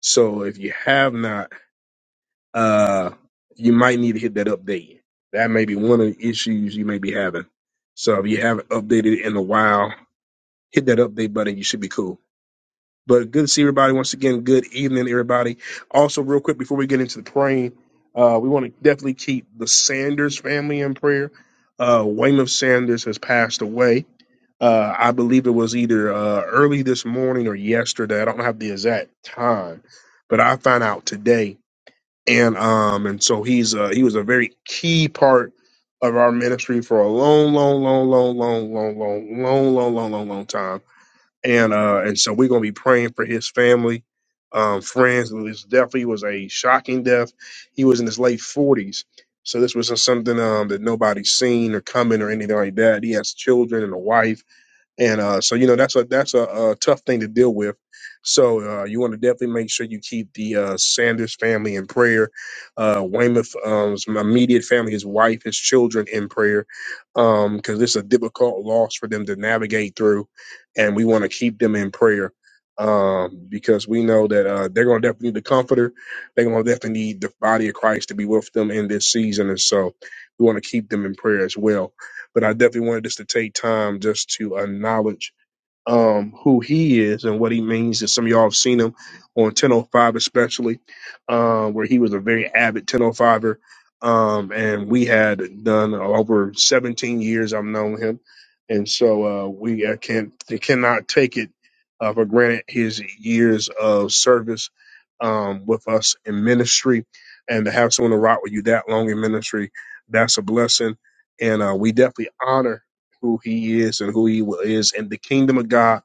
A: So if you have not, uh, you might need to hit that update. That may be one of the issues you may be having. So if you haven't updated it in a while, hit that update button. You should be cool. But good to see everybody once again. Good evening, everybody. Also, real quick before we get into the praying, uh, we want to definitely keep the Sanders family in prayer. Uh, Weymouth Sanders has passed away uh, I believe it was either uh, early this morning or yesterday. I don't have the exact time, but I found out today. And um, and so he's uh, he was a very key part of our ministry for a long, long, long, long, long, long, long, long, long, long, long, long time. And uh, and so we're gonna be praying for his family, um, friends. This definitely was a shocking death. He was in his late forties. So this wasn't something um, that nobody's seen or coming or anything like that. He has children and a wife and uh, so you know that's a that's a, uh tough thing to deal with. So uh, you want to definitely make sure you keep the uh, Sanders family in prayer, uh, Weymouth um, immediate family, his wife, his children in prayer, because this is a difficult loss for them to navigate through, and we want to keep them in prayer um, because we know that uh, they're going to definitely need the comforter. They're going to definitely need the body of Christ to be with them in this season, and so we want to keep them in prayer as well. But I definitely wanted us to take time just to acknowledge um, who he is and what he means. And some of y'all have seen him on 1005, especially, uh, where he was a very avid 1005er. Um, and we had done over 17 years I've known him. And so uh, we uh, can't, cannot take it uh, for granted his years of service um, with us in ministry. And to have someone to rock with you that long in ministry, that's a blessing. And uh, we definitely honor who he is and who he is in the kingdom of God.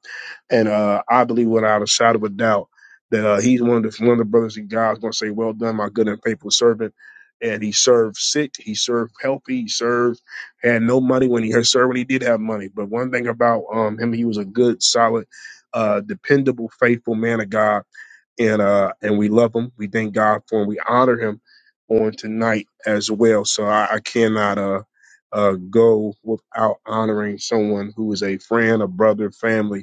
A: And uh, I believe without a shadow of a doubt that uh, he's one of the one of the brothers in God's going to say, "Well done, my good and faithful servant." And he served sick, he served healthy, he served had no money when he had served when he did have money. But one thing about um, him, he was a good, solid, uh, dependable, faithful man of God and uh and we love him. We thank God for him. We honor him on tonight as well. So I, I cannot uh uh go without honoring someone who is a friend, a brother, family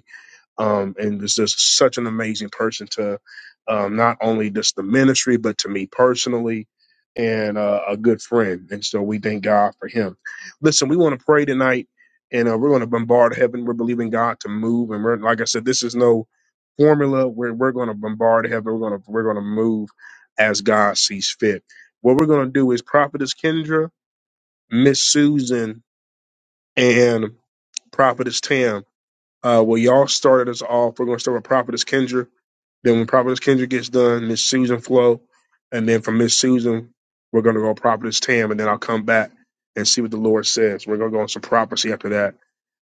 A: um, and was just such an amazing person to um, not only just the ministry, but to me personally, and uh, a good friend. And so we thank God for him. Listen, we want to pray tonight, and uh, we're going to bombard heaven. We're believing God to move, and we're like I said, this is no formula. We're we're going to bombard heaven. We're going to we're going to move as God sees fit. What we're going to do is Prophetess Kendra, Miss Susan, and Prophetess Tam uh, well, y'all started us off. We're going to start with Prophetess Kendra. Then when Prophetess Kendra gets done, Miss Susan Flo. And then from Miss Susan, we're going to go Prophetess Tam. And then I'll come back and see what the Lord says. We're going to go on some prophecy after that.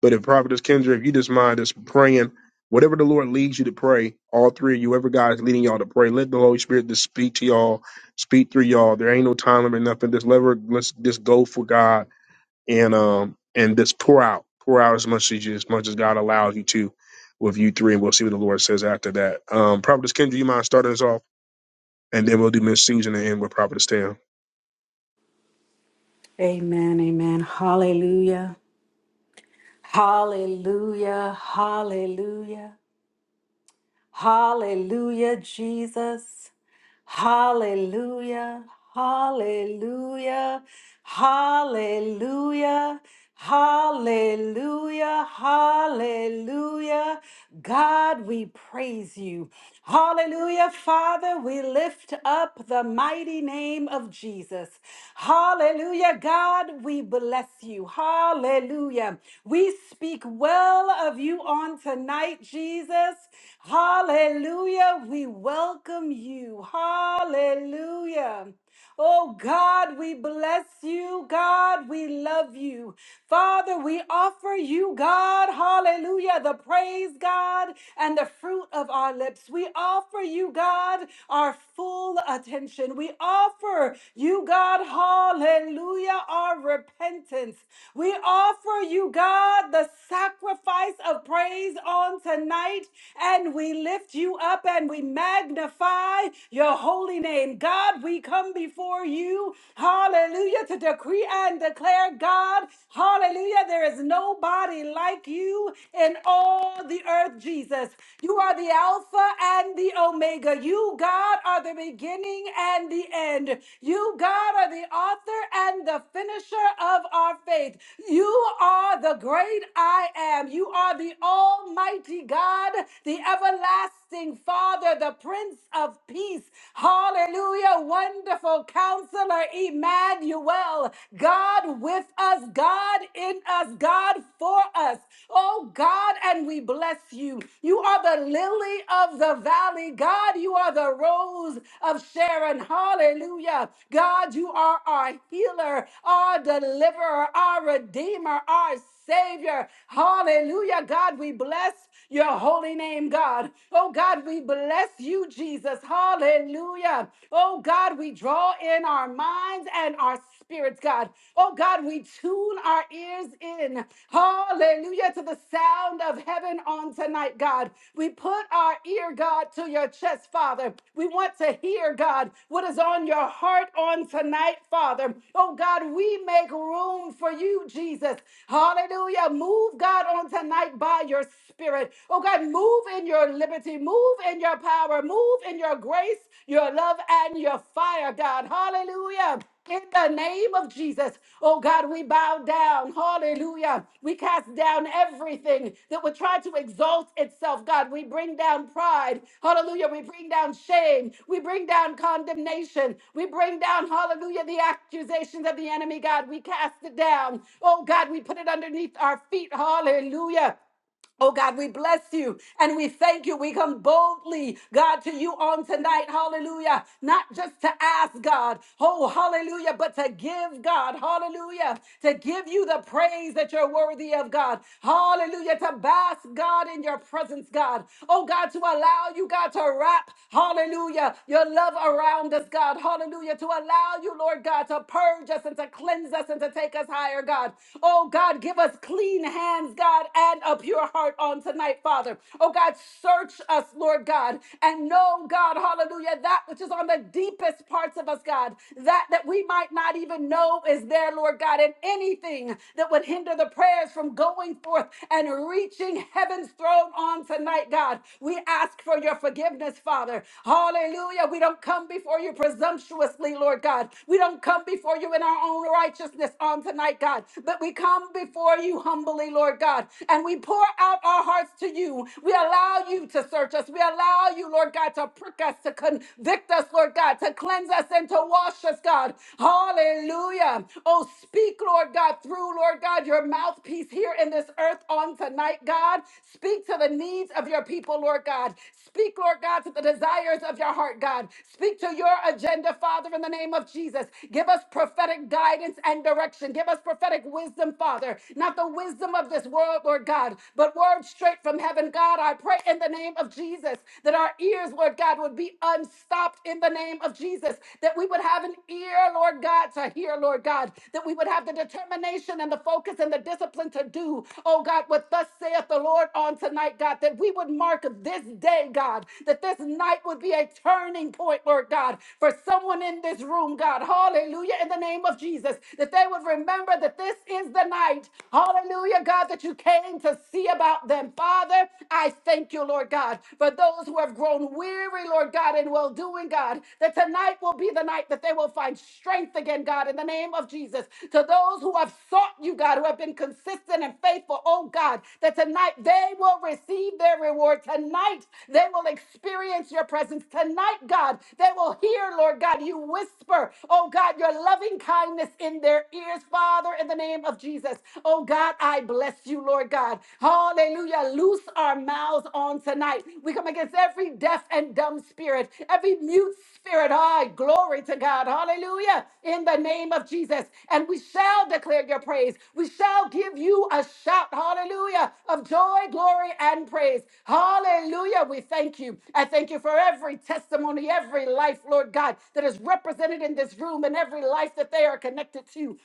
A: But if Prophetess Kendra, if you just mind us praying, whatever the Lord leads you to pray, all three of you, whoever God is leading y'all to pray, let the Holy Spirit just speak to y'all, speak through y'all. There ain't no time limit, nothing. Just let her, let's just go for God and um and just pour out, pour out as much as you, as much as God allows you to, with you three, and we'll see what the Lord says after that. Um, Prophetess Kendra, you mind starting us off, and then we'll do Miss Susan and end with Prophetess Tam.
C: Amen, amen. Hallelujah. Hallelujah. Hallelujah. Hallelujah, Jesus. Hallelujah. Hallelujah. Hallelujah. Hallelujah. Hallelujah. God, we praise you. Hallelujah. Father, we lift up the the mighty name of Jesus. Hallelujah. God, we bless you. Hallelujah. We speak well of you on tonight, Jesus. Hallelujah. We welcome you. Hallelujah. Oh God, we bless you. God, we love you. Father, we offer you, God, hallelujah, the praise, God, and the fruit of our lips. We offer you, God, our full attention. We offer you, God, hallelujah, our repentance. We offer you, God, the sacrifice of praise on tonight, and we lift lift you up and we magnify your holy name. God, we come before you, hallelujah, to decree and declare, God, hallelujah, there is nobody like you in all the earth, Jesus. You are the Alpha and the Omega. You, God, are the beginning and the end. You, God, are the author and the finisher of our faith. You are the great I am. You are the almighty God, the everlasting everlasting Father, the Prince of Peace. Hallelujah. Wonderful Counselor, Emmanuel. God with us, God in us, God for us. Oh God, and we bless you. You are the lily of the valley. God, you are the rose of Sharon. Hallelujah. God, you are our healer, our deliverer, our redeemer, our savior. Hallelujah. God, we bless your holy name, God. Oh God, we bless you, Jesus. Hallelujah. Oh God, we draw in our minds and our spirits, God. Oh God, we tune our ears in. Hallelujah to the sound of heaven on tonight, God. We put our ear, God, to your chest, Father. We want to hear, God, what is on your heart on tonight, Father. Oh God, we make room for you, Jesus. Hallelujah. Move, God, on tonight by your spirit. Oh God, move in your liberty, move in your power, move in your grace, your love, and your fire, God. Hallelujah. In the name of Jesus, oh God, we bow down down, hallelujah. We cast down everything that would try to exalt itself, God. We bring down pride, hallelujah. We bring down shame. We bring down condemnation. We bring down, hallelujah, the accusations of the enemy, God. We cast it down. Oh, God, we put it underneath our feet, hallelujah. Oh God, we bless you and we thank you. We come boldly, God, to you on tonight. Hallelujah. Not just to ask God, oh, hallelujah, but to give God, hallelujah, to give you the praise that you're worthy of, God. Hallelujah. To bask, God, in your presence, God. Oh, God, to allow you, God, to wrap, hallelujah, your love around us, God. Hallelujah. To allow you, Lord God, to purge us and to cleanse us and to take us higher, God. Oh, God, give us clean hands, God, and a pure heart on tonight, Father. Oh God, search us, Lord God, and know, God, hallelujah, that which is on the deepest parts of us, God, that that we might not even know is there, Lord God, and anything that would hinder the prayers from going forth and reaching heaven's throne on tonight, God. We ask for your forgiveness, Father. Hallelujah. We don't come before you presumptuously, Lord God. We don't come before you in our own righteousness on tonight, God, but we come before you humbly, Lord. Lord God, and we pour out our hearts to you. We allow you to search us. We allow you, Lord God, to prick us, to convict us, Lord God, to cleanse us and to wash us, God. Hallelujah. Oh, speak, Lord God, through, Lord God, your mouthpiece here in this earth on tonight, God. Speak to the needs of your people, Lord God. Speak, Lord God, to the desires of your heart, God. Speak to your agenda, Father, in the name of Jesus. Give us prophetic guidance and direction. Give us prophetic wisdom, Father. Not not the wisdom of this world, Lord God, but words straight from heaven. God, I pray in the name of Jesus that our ears, Lord God, would be unstopped in the name of Jesus, that we would have an ear, Lord God, to hear, Lord God, that we would have the determination and the focus and the discipline to do, oh God, what thus saith the Lord on tonight, God, that we would mark this day, God, that this night would be a turning point, Lord God, for someone in this room, God, hallelujah, in the name of Jesus, that they would remember that this is the tonight. Hallelujah, God, that you came to see about them. Father, I thank you, Lord God, for those who have grown weary, Lord God, in well doing, God, that tonight will be the night that they will find strength again, God, in the name of Jesus. To those who have sought you, God, who have been consistent and faithful, oh God, that tonight they will receive their reward. Tonight they will experience your presence. Tonight, God, they will hear, Lord God, you whisper, oh God, your loving kindness in their ears, Father in the name of Jesus. Oh God, I bless you, Lord God. Hallelujah. Loose our mouths on tonight. We come against every deaf and dumb spirit, every mute spirit. Ah, glory to God. Hallelujah. In the name of Jesus. And we shall declare your praise. We shall give you a shout. Hallelujah. Of joy, glory, and praise. Hallelujah. We thank you. I thank you for every testimony, every life, Lord God, that is represented in this room and every life that they are connected to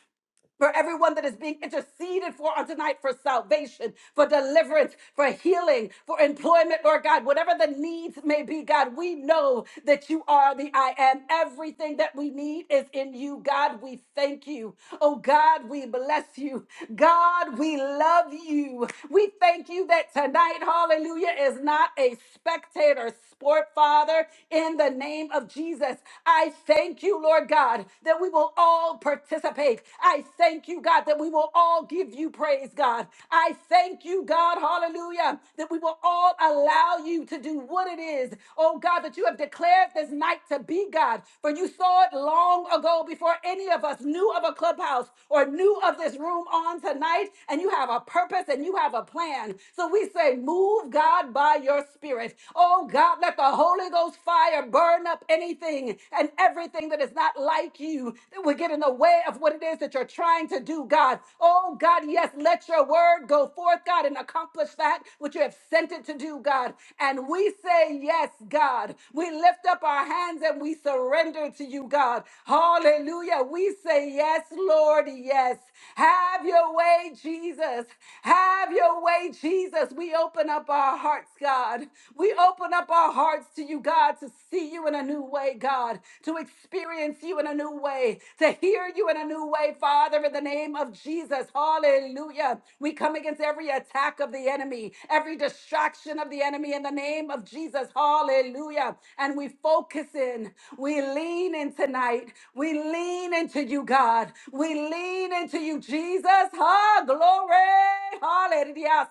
C: for everyone that is being interceded for on tonight for salvation, for deliverance, for healing, for employment, Lord God, whatever the needs may be, God, we know that you are the I am. Everything that we need is in you, God. We thank you. Oh, God, we bless you. God, we love you. We thank you that tonight, hallelujah, is not a spectator sport, Father, in the name of Jesus. I thank you, Lord God, that we will all participate. I thank you, God, that we will all give you praise, God. I thank you, God, hallelujah, that we will all allow you to do what it is, oh God, that you have declared this night to be, God. For you saw it long ago before any of us knew of a clubhouse or knew of this room on tonight, and you have a purpose and you have a plan. So we say, move, God, by your spirit. Oh God, let the Holy Ghost fire burn up anything anything and everything that is not like you that would get in the way of what it is that you're trying to do, God. Oh, God, yes, let your word go forth, God, and accomplish that which you have sent it to do, God. And we say, Yes, God. We lift up our hands and we surrender to you, God. Hallelujah. We say, Yes, Lord, yes. Have your way, Jesus. Have your way, Jesus. We open up our hearts, God. We open up our our hearts to you, God, to see you in a new way, God, to experience you in a new way, to hear you in a new way, Father, in the name of Jesus. Hallelujah. We come against every attack of the enemy, every distraction of the enemy in the name of Jesus. Hallelujah. And we focus in, we lean in tonight, we lean into you, God, we lean into you, Jesus. Ha, glory. Hallelujah.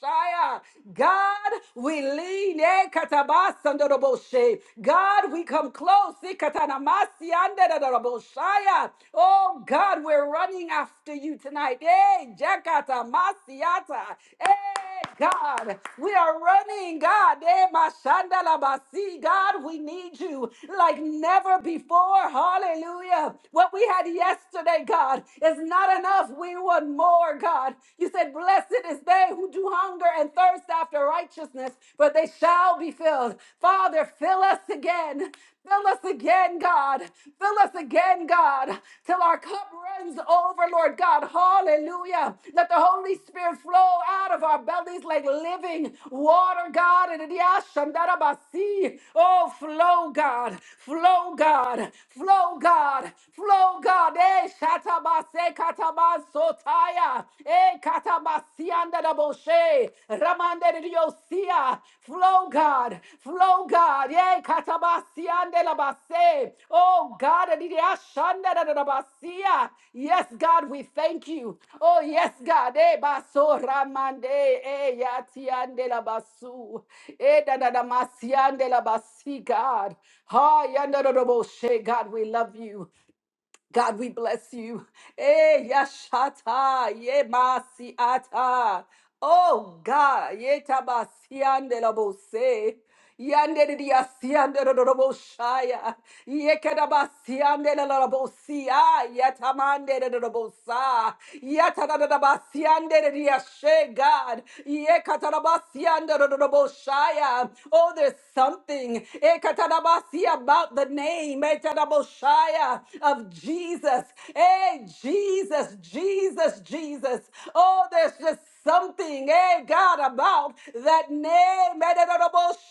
C: Son God, we lean. eh, katabasandoroboshe. God, we come close. eh, katanamasiandorobosaya. Oh God, we're running after you tonight. Hey, Jakata Masiata. Hey, God, we are running, God. Hey, Mashanda Labasi. God, we need you like never before. Hallelujah. What we had yesterday, God, is not enough. We want more, God. You said, Blessed is they who do hunger and thirst after righteousness, for they shall be filled. Father, fill us again. Fill us again, God. Fill us again, God, till our cup runs over, Lord God. Hallelujah. Let the Holy Spirit flow out of our bellies like living water, God. And it- yeah, shandarabasi. Oh, flow, God. Flow, God. Flow, God. Flow, God. Eh, shatabase se katabas sotaya. E katabasianda da boshe. Ramande de diosia. Flow God. Flow God. E katabasiande la base. Oh God. adidiashanda da da da basia. Yes, God, we thank you. Oh yes, God. E baso ramande. E yatiande la basu. E da da da masiande la basi, God. Ha yanda da da boshe. God, we love you. God, we bless you. Eh, yashata, ye masiata. Oh God, ye tabasiande la bose. Yande di diasiande la la boshaya. Ye kadabasiande la la bosia. Yatamande la la bosa. Yatadabasiande la diashe God. Ye katarabasiande la la boshaya. Oh, there's something. Eh, katadabasi about the name. Eh, Messiah of Jesus. Hey, Jesus, Jesus, Jesus. Oh, there's just something, hey, God, about that name.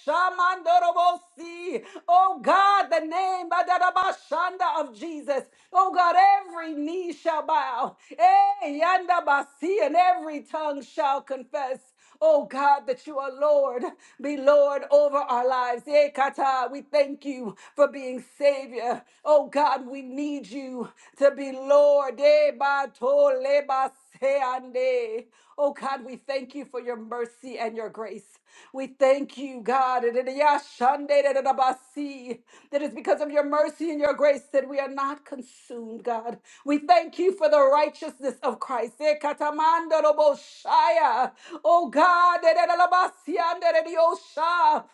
C: Shamandorabosi. Oh, God, the name Badarabashanda of Jesus. Oh, God, every knee shall bow. Hey, Yandabasi, and every tongue shall confess. Oh God, that you are Lord, be Lord over our lives. Eh, kata, We thank you for being Savior. Oh God, we need you to be Lord. Eh, ba to le ba se ande. Oh God, we thank you for your mercy and your grace. We thank you, God. Eh, de- de- ya shande de- de- de- ba si. That it's because of your mercy and your grace that we are not consumed, God. We thank you for the righteousness of Christ. Eh, katamando robo shaya. Oh God, that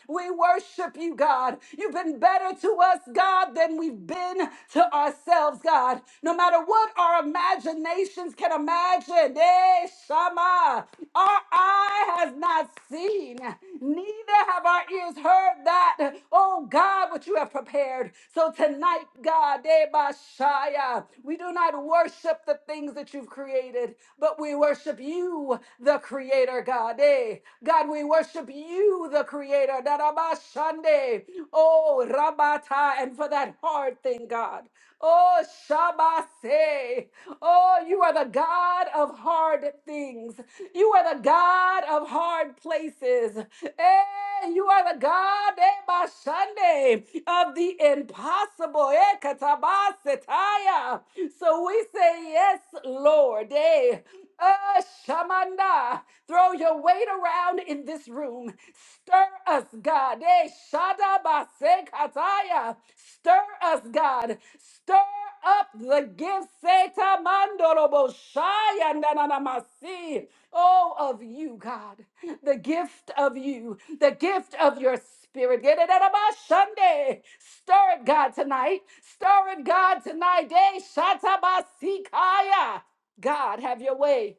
C: we worship you, God. You've been better to us, God, than we've been to ourselves, God. No matter what our imaginations can imagine, eh, Shama, our eye has not seen, neither have our ears heard that. Oh God, what you have prepared. So tonight, God, eh, Bashaya, we do not worship the things that you've created, but we worship you the creator God. Eh, God, we worship you, the creator. Darabashande. Oh, Rabata, and for that hard thing, God. Oh, Shabase. Oh, you are the God of hard things. You are the God of hard places. Eh, you are the God eh, Bashande, of the impossible. Eh, Katabasetaya. So we say, Yes, Lord. Eh, uh, Shamanda, throw your weight around in this room. Stir us, God. Eh, Shada Base Kataya. Stir us, God. Stir up the gifts. Seta Mandorobo Shaya Nananamasi. Oh, of you, God. The gift of you. The gift of your spirit. Get it, Gedededabashande. Stir it, God, tonight. Stir it, God, tonight. Eh, Shata Basikaya. God, have your way.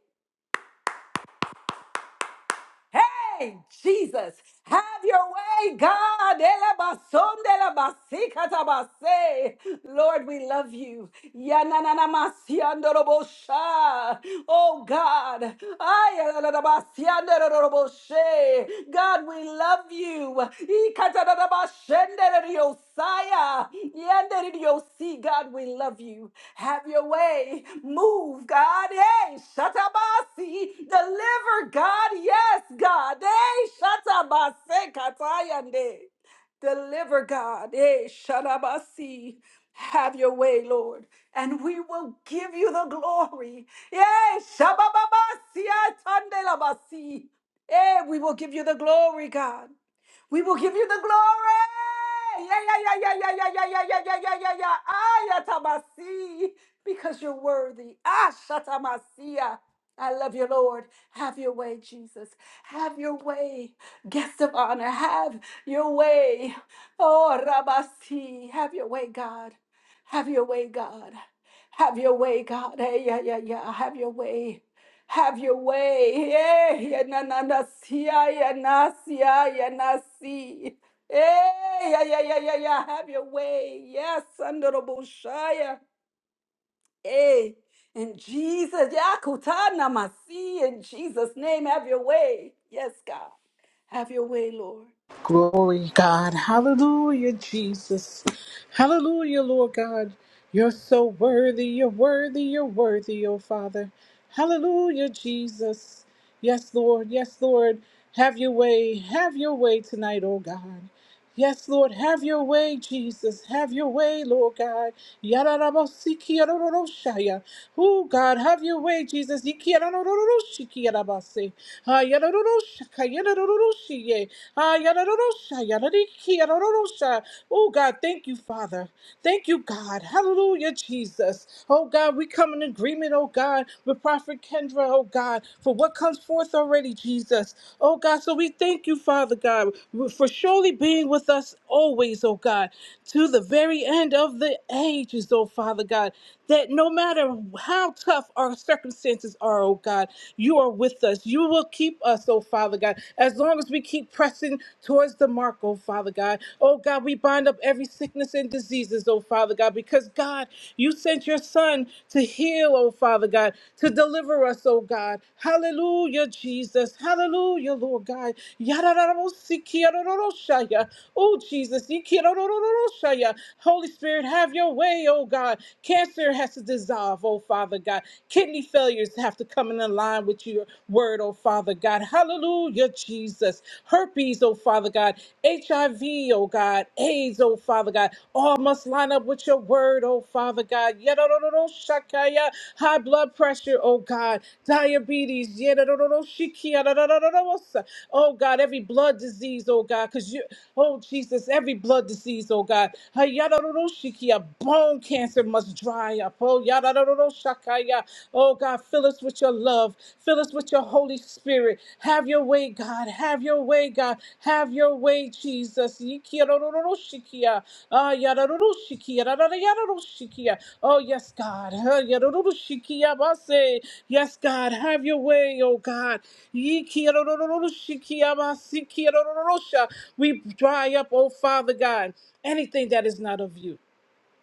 C: Hey, Jesus, have your way, God. Elabasondelabasikatabase. Lord, we love you. Yananamasiandorobosha. Oh, God. Ayalalabasiandoroboshe. God, we love you. Ikatadadabashenderediosaya. Yenderediosee. God, we love you. Have your way. Move, God. Hey, shatabasi. Deliver, God. Yes, God. Hey, shatabase katayande. Deliver, God. Hey, shatabasi. Have your way, Lord, and we will give you the glory. Yay, shabababasi, atande labasi. Eh, we will give you the glory, God. We will give you the glory. Yeah, yeah, yeah, yeah, yeah, yeah, yeah, yeah, yeah, yeah, yeah, yeah. Ayatamasi, because you're worthy. Ashatamasiya. I love you, Lord. Have your way, Jesus. Have your way. Guest of honor, have your way. Oh, Rabasi, have your way, God. Have your way, God. Have your way, God. Hey, yeah, yeah, yeah. Have your way. Have your way. Eh, ya na na na si, ya ya na si, ya ya na si. Eh, ya ya ya ya ya. Have your way. Yes, under the bushaya. Eh, in Jesus, ya kutana masi. In Jesus' name, have your way. Yes, God, have your way, Lord.
B: Glory, God. Hallelujah, Jesus. Hallelujah, Lord God. You're so worthy. You're worthy. You're worthy, oh Father. Hallelujah, Jesus. Yes, Lord. Yes, Lord. Have your way. Have your way tonight, oh God. Yes, Lord, have your way, Jesus. Have your way, Lord God. Yararabosiki, yarororoshaya. Oh, God, have your way, Jesus. Iki, yarorororoshiki, yarabase. Ah, yarororoshaka, yarororoshiye. Ah, yadadadosha, yadadiki, yadadadosha. Oh, God, thank you, Father. Thank you, God. Hallelujah, Jesus. Oh, God, we come in agreement, oh, God, with Prophet Kendra, oh, God, for what comes forth already, Jesus. Oh, God, so we thank you, Father God, for surely being with us always, oh, God, to the very end of the ages, oh, Father God, that no matter how tough our circumstances are, oh, God, you are with us. You will keep us, oh, Father God, as long as we keep pressing towards the Dr. Mark, oh Father God. Oh God, we bind up every sickness and diseases, oh Father God, because God, you sent your Son to heal, oh Father God, to deliver us, oh God. Hallelujah, Jesus. Hallelujah, Lord God. Yadadadabosikiadadoroshaya. Oh Jesus. Ikiadadadoroshaya. Holy Spirit, have your way, oh God. Cancer has to dissolve, oh Father God. Kidney failures have to come in line with your word, oh Father God. Hallelujah, Jesus. Herpes, oh Father God. HIV, oh God. AIDS, oh Father God. All must line up with your word, oh Father God. Yadadadado shakaya. High blood pressure, oh God. Diabetes. yadadadado shikia, dadadadadadosa. Oh God, every blood disease, oh God. Because you, oh Jesus, every blood disease, oh God. Hayadadado shikia. Bone cancer must dry up. Oh, Shakaya. Oh God, fill us with your love. Fill us with your Holy Spirit. Have your way, God. Have your way, God. Have your way, Jesus. Yikirororoshikia. Ah, yarororoshikia, rararararoroshikia. Oh, yes, God. Ah, yarororoshikia, base. Yes, God. Have your way, oh God. Yikirorororoshikia, basikirorororosha. We dry up, oh Father God, anything that is not of you.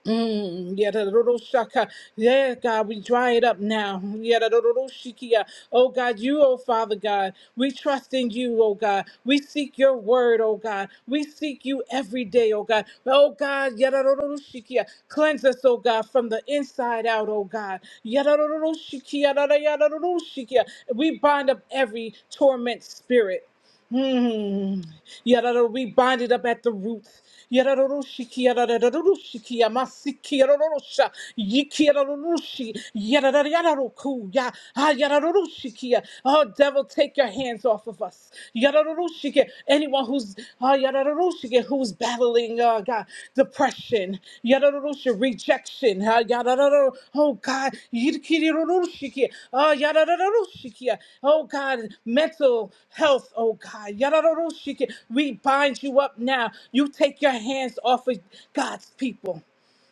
B: Mm, yadadadadoshaka. yeah, God, we dry it up now. Yadadadadoshikia. Oh God, you, oh Father God, we trust in you, oh God. We seek your word, oh God. We seek you every day, oh God. Oh God, yadadadadoshikia. cleanse us, oh God, from the inside out, oh God. Yadadadadoshikia, yadadadadadoshikia. We bind up every torment spirit. Hmm. Yarara, we bind it up at the roots. Yararoroshiki, yarararoroshiki, yamasiki, yararorosha, yiki, yararoroshi, yarara, yararoroku, ya- ah, yararoroshiki, ya. Oh, devil, take your hands off of us. Yararoroshiki, Anyone who's Hallelujah. who's battling, uh, God, depression, Yadarusha, rejection, uh, Yadararo, oh God, Yidikirurushikia, uh, Yadararushikia, oh God, mental health, oh God, Yadararushikia, we bind you up now. You take your hands off of God's people.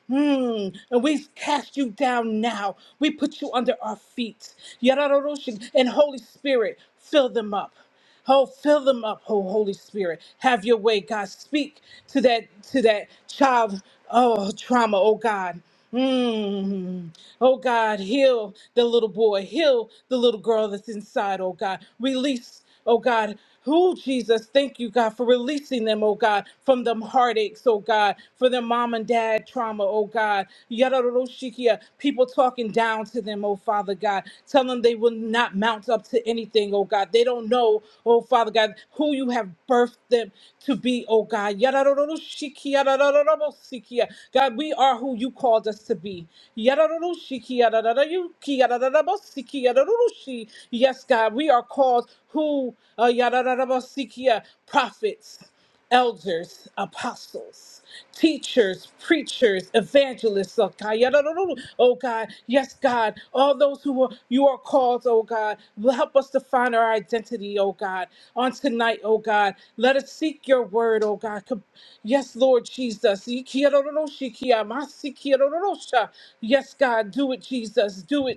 B: Hmm. And we cast you down now. We put you under our feet. Yararoroshin. And Holy Spirit, fill them up. Oh, fill them up, oh Holy Spirit. Have your way, God. Speak to that to that child, oh trauma, oh God. Mm. Oh God, heal the little boy, heal the little girl that's inside, oh God. Release oh God. Who, Jesus, thank you, God, for releasing them, oh God, from them heartaches, oh God, for their mom and dad trauma, oh God. Yadadadoshikia, People talking down to them, oh Father God, telling them they will not mount up to anything, oh God. They don't know, oh Father God, who you have birthed them to be, oh God. Yadadadadoshikia, yadadadadabosikia. God, we are who you called us to be. Yadadadadoshikia, yadadadadayuki, yadadadadabosikia, yadadadushi. Yes, God, we are called who uh, yadarabasikia, prophets, elders, apostles, teachers, preachers, evangelists, oh God. Yadaruru, Oh God, yes, God, all those who are, you are called, oh God, will help us to find our identity, oh God, on tonight, oh God. Let us seek your word, oh God. Com- Yes, Lord Jesus. Ikiaroroshikia, masikiarorosha. Yes, God, do it, Jesus. Do it.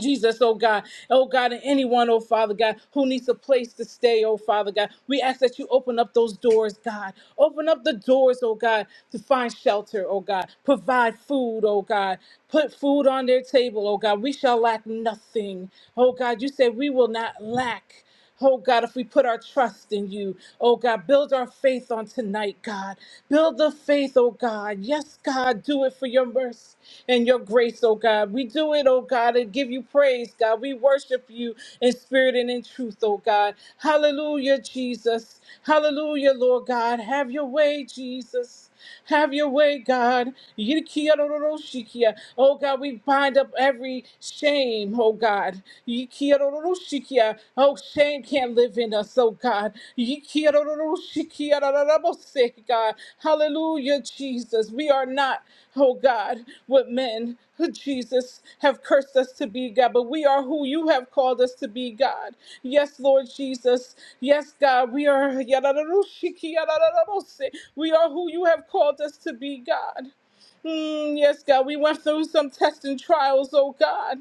B: Jesus, oh God, oh God, and anyone, oh Father God, who needs a place to stay, oh Father God, we ask that you open up those doors, God. Open up the doors, oh God, to find shelter, oh God. Provide food, oh God. Put food on their table, oh God. We shall lack nothing, oh God. You said we will not lack. Oh God, if we put our trust in you, oh God, build our faith on tonight, God. Build the faith, oh God. Yes, God, do it for your mercy and your grace, oh God. We do it, oh God, and give you praise, God. We worship you in spirit and in truth, oh God. Hallelujah, Jesus. Hallelujah, Lord God. Have your way, Jesus. Have your way, God. Yirikiyaroroshikiya. Oh God, we bind up every Shame, oh God. Yikirororoshikia. Oh, shame can't live in us, oh God. Yikirororoshikia rararabose, God. Hallelujah, Jesus. We are not, oh God, what men, who Jesus, have cursed us to be, God, but we are who you have called us to be, God. Yes, Lord Jesus. Yes, God, we are. yarararoshikia rararabose. We are who you have called us to be, God. Mm, yes, God, we went through some tests and trials, oh God.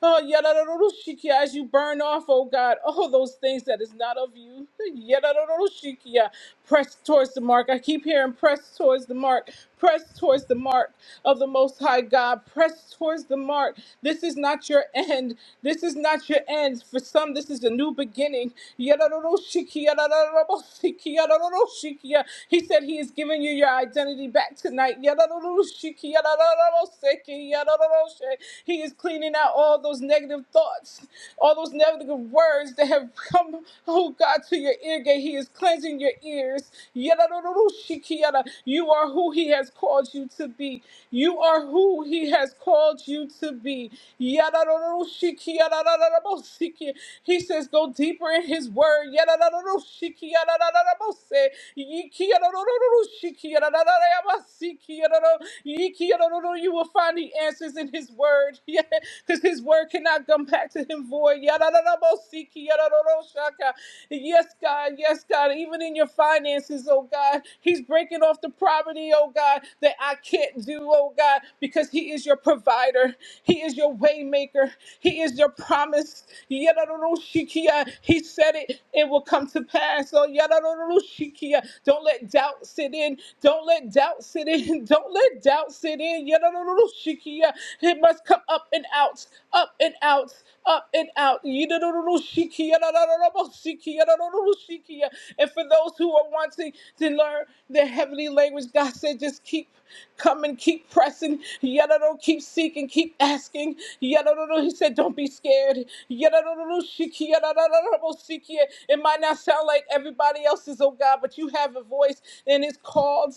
B: Oh, yadadadadoshikia, as you burn off, oh God, all those things that is not of you. Yadadadadoshikia, Press towards the mark. I keep hearing press towards the mark. Press towards the mark of the Most High God. Press towards the mark. This is not your end. This is not your end. For some, this is a new beginning. Yadadadadoshikia, yadadadadadoshikia, yadadadadoshikia. He said He is giving you your identity back tonight. Yadadadadoshikia, yadadadadadoshikia, yadadadadoshikia. He is cleaning sending out all those negative thoughts, all those negative words that have come, oh God, to your ear gate. He is cleansing your ears. Yadadadadushikiada. You are who He has called you to be. You are who He has called you to be. Yadadadadushikiadadadadabosiki. He says, Go deeper in His word. Yadadadadadushikiadadadadabose. Yikiadadadadadushikiadadadadabasiki. You will find the answers in His word. because his word cannot come back to him void. Yadadadabosiki, yadadadosaka. Yes, God, yes, God, even in your finances, oh God, he's breaking off the property, oh God, that I can't do, oh God, because he is your provider, he is your waymaker, he is your promise. Yadadadoshikia. He said it, it will come to pass. Oh, yadadadadoshikia. don't let doubt sit in, don't let doubt sit in, don't let doubt sit in. Yadadadadoshikia must come up and out, up and out, up and out. And for those who are wanting to learn the heavenly language, God said, just keep coming, keep pressing. Yadororo, Keep seeking, keep asking. Yadororo, He said, don't be scared. It might not sound like everybody else's, oh God, but you have a voice and it's called.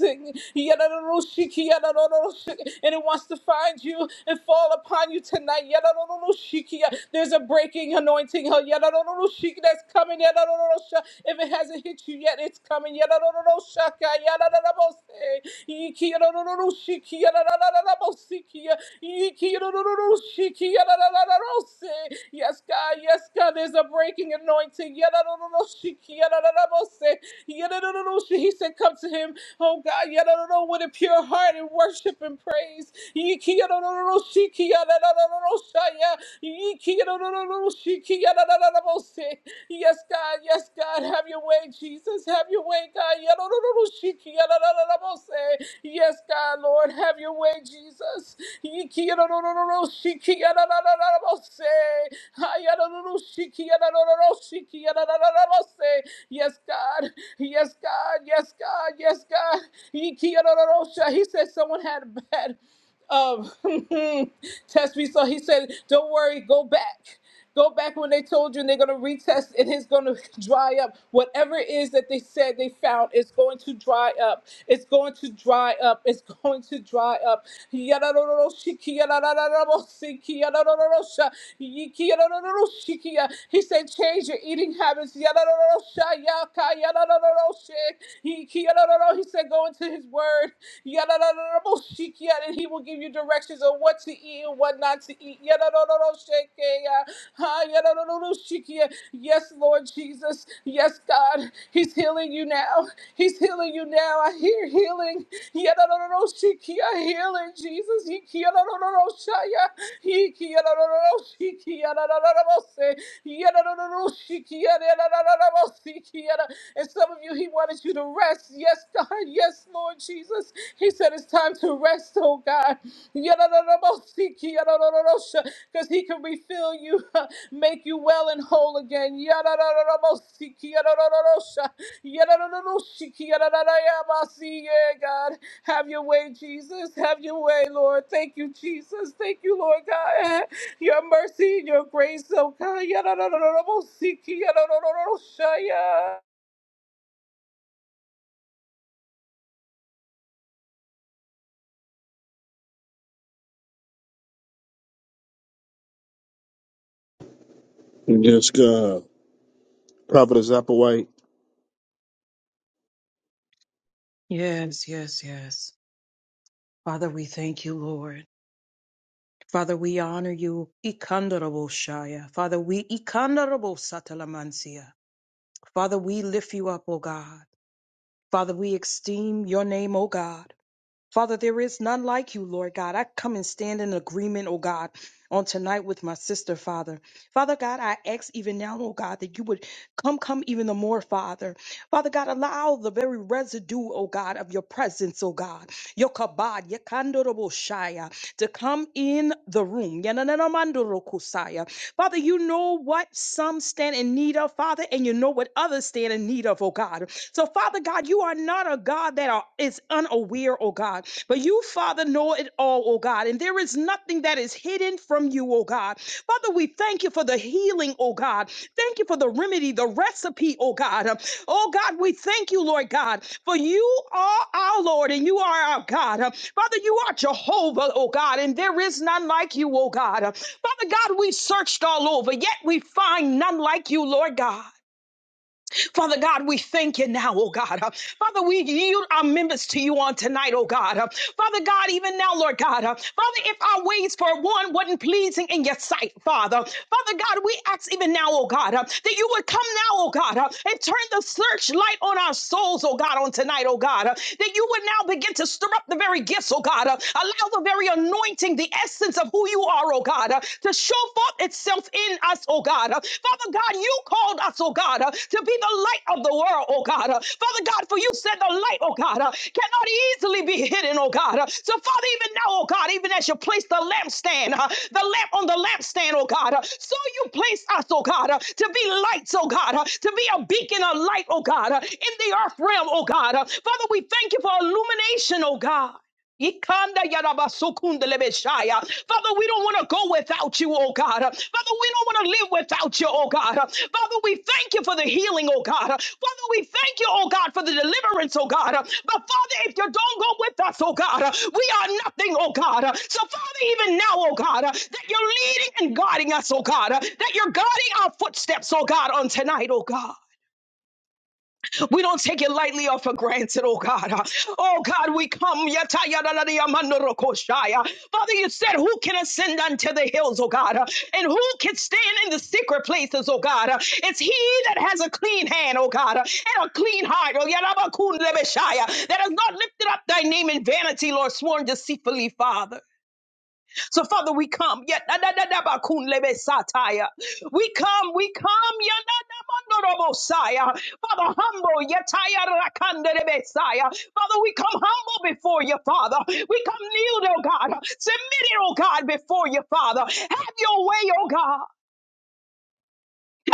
B: And it wants to find you you and fall upon you tonight. Yadadadadadashiki. There's a breaking anointing huh? Yadadadadadashiki that's coming. Yadadadadadasha. If it hasn't hit you yet, it's coming. Yadadadadadashaka. Yadadadadabose. Iki yadadadadadashiki. Yadadadadadabosiki. Iki yadadadadadashiki. Yadadadadadabose. Yes, God. Yes, God. There's a breaking anointing. Yadadadadadashiki. Yadadadadabose. Yadadadadadashi. He said, Come to him, oh God. Yadadadada, With a pure heart and worship and praise. Yes, God. Yes, God. Have your way, Jesus. Have your way, God. Yes, God, Lord. Have your way, Jesus. Yes, God. Yes, God. Yes, God. Yes, God. He said someone had a bad. Um, test me. So he said, "Don't worry, go back." Go back when they told you and they're going to retest and it's going to dry up. Whatever it is that they said they found, it's going to dry up. It's going to dry up. It's going to dry up. Yadadoroshiki, yadadadadabosiki, yadadadorosha, yiki, yadadadoroshiki. He said, change your eating habits. Yadadadorosha, yaka, yadadadoroshe, yiki, yadadadoro. He said, go into his word. Yadadadadaboshikia, And he will give you directions on what to eat and what not to eat. Yadadadadadoshekeya, ha, yadadadadadoshikia. Yes, Lord Jesus. Yes, God. He's healing you now. He's healing you now. I hear healing. Yadadadadoshikia, Healing, Jesus. Yikiadadadadadoshaya, Yikiadadadadoshikiadadadadabose, Yadadadadadoshikiadadadadabosikiada. And some of you, he wanted you to rest. Yes, God. Yes, Lord Jesus. He said it's time to rest, oh God. Because he can refill you, make you well and whole again. Yadadadadabosiki, yadadadadosha, yadadadadoshiki, yadadadayabasi. Yeah, God. Have your way, Jesus. Have your way, Lord. Thank you, Jesus. Thank you, Lord God. Your mercy and your grace, oh God. Yadadadadabosiki, yadadadadadosha, yeah.
A: Yes, God. Prophetess Applewhite.
L: Yes, yes, yes. Father, we thank you, Lord. Father, we honor you. Ikandarabosha. Father, we ikandarabosatalamansia. Father, we lift you up, O God. Father, we esteem your name, O God. Father, there is none like you, Lord God. I come and stand in agreement, oh God, on tonight with my sister, Father. Father God, I ask even now, oh God, that you would come, come even the more, Father. Father God, allow the very residue, oh God, of your presence, oh God, your kabod, your kandorable shaya, to come in the room. Yananamandorokusaya. Father, you know what some stand in need of, Father, and you know what others stand in need of, oh God. So, Father God, you are not a God that are, is unaware, oh God, but you, Father, know it all, oh God, and there is nothing that is hidden from you, oh God. Father, we thank you for the healing, oh God. Thank you for the remedy, the recipe, oh God. Um, Oh God, we thank you, Lord God, for you are our Lord and you are our God. Um, Father, you are Jehovah, oh God, and there is none like you, oh God. Um, Father God, we searched all over, yet we find none like you, Lord God. Father God, we thank you now, oh God. Uh, Father, we yield our members to you on tonight, oh God. Uh, Father God, even now, Lord God. Uh, Father, if our ways for one wasn't pleasing in your sight, Father. Father God, we ask even now, oh God, uh, that you would come now, oh God, uh, and turn the searchlight on our souls, oh God, on tonight, oh God. uh, That you would now begin to stir up the very gifts, oh God. uh, Allow the very anointing, the essence of who you are, oh God, uh, to show show forth itself in us, oh God. Uh, Father God, you called us, oh God, uh, to be the light of the world, oh God. Uh, Father God, for you said the light, oh God, uh, cannot easily be hidden, oh God. Uh, So, Father, even now, oh God, even as you place the lampstand, uh, the lamp on the lampstand, oh God, uh, so you place us, oh God, uh, to be lights, oh God, uh, to be a beacon of light, oh God, uh, in the earth realm, oh God. Uh, Father, we thank you for illumination, oh God. Ikanda yarabasukunda lebeshaya. Father, we don't want to go without you, oh God. Father, we don't want to live without you, oh God. Father, we thank you for the healing, oh God. Father, we thank you, oh God, for the deliverance, oh God. But Father, if you don't go with us, oh God, we are nothing, oh God. So Father, even now, oh God, that you're leading and guiding us, oh God, that you're guiding our footsteps, oh God, on tonight, oh God. We don't take it lightly or for granted, oh God. Oh God, we come. yatayadadadiyamandorokoshaya. Father, you said, Who can ascend unto the hills, oh God? And who can stand in the secret places, oh God? It's he that has a clean hand, oh God, and a clean heart, oh Yarabakun Lebeshaya, that has not lifted up thy name in vanity, Lord, sworn deceitfully, Father. So, Father, we come. Yet, da- da- da- da- ba- kun- lebe- satire. We come, we come. yet, da- da- mando- robo- sire. Father, humble. yet, tire- rakande- lebe- sire. Father, we come humble before you, Father. We come kneel, oh God. Submitted, oh God, before you, Father. Have your way, oh God.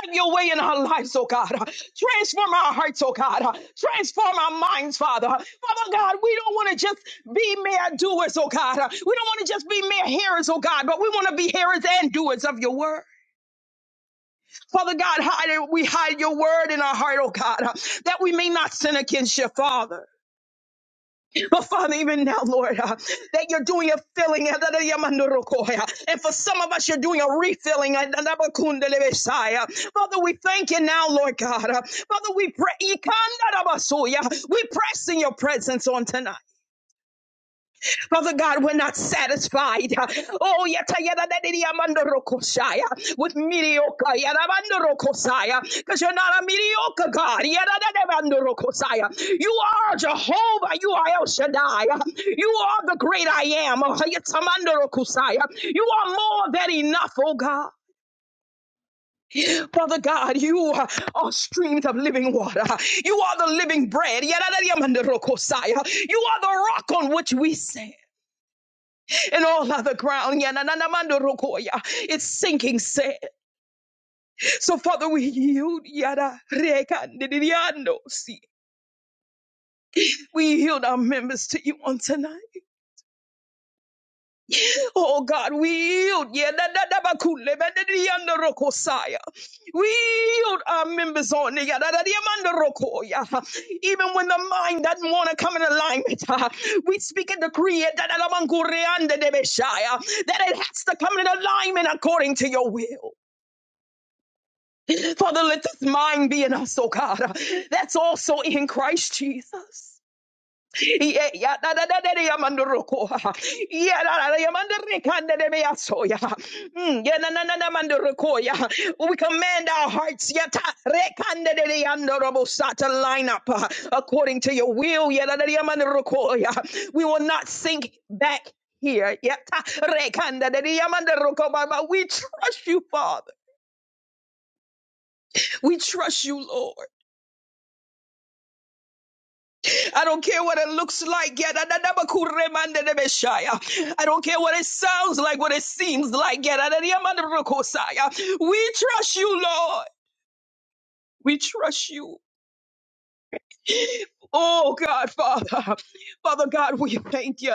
L: Have your way in our lives, oh God. Transform our hearts, oh God. Transform our minds, Father. Father God, we don't want to just be mere doers, oh God. We don't want to just be mere hearers, oh God, but we want to be hearers and doers of your word. Father God, hide we hide your word in our heart, oh God, that we may not sin against your Father. But Father, even now, Lord, uh, that you're doing a filling. uh, that you're mando And for some of us, you're doing a refilling. uh, Father, we thank you now, Lord God. uh, Father, we pray. Ikanda da We press in your presence on tonight. Father God, we're not satisfied. Oh, yata yada da di di amanda rokoshaya with mediocre. yada amanda rokosaya, Because you're not a mediocre God. Yada da da amanda rokosaya. You are Jehovah. You are El Shaddai. You are the great I am. Oh, yata amanda rokosaya. You are more than enough, oh God. Father God, you uh, are streams of living water. You are the living bread. You are the rock on which we stand and all other ground. Yananamando rokoya. It's sinking sand. So, Father, we yield. yada rekandidiando, see. We yield our members to you on tonight. Oh, God, we yield. yananadabakulebedidiando rokosaya. We yield our members on. yananadiamando rokoya. Even when the mind doesn't want to come in alignment, uh, we speak and decree it, that it has to come in alignment according to your will. Father, let this mind be in us, oh God. That's also in Christ Jesus. Yeah, yeah, da, da, da, da, da, yamandoroko. Yeah, da, da, da, yamandorekande de meyaso, yeah. Mm, yeah, na, na, na, na, mandoroko, yeah. We command our hearts yeah, ta, rekande de de yandorobosa, to line up uh, according to your will. Yeah, da, da, da, yamandoroko, yeah. We will not sink back here. Yeah, ta, rekande de de yamandoroko, But but we trust you, Father. We trust you, Lord. I don't care what it looks like. Yeah, I don't care what it sounds like, what it seems like. Yeah, We trust you, Lord. We trust you. Oh God, Father, Father God, we thank you.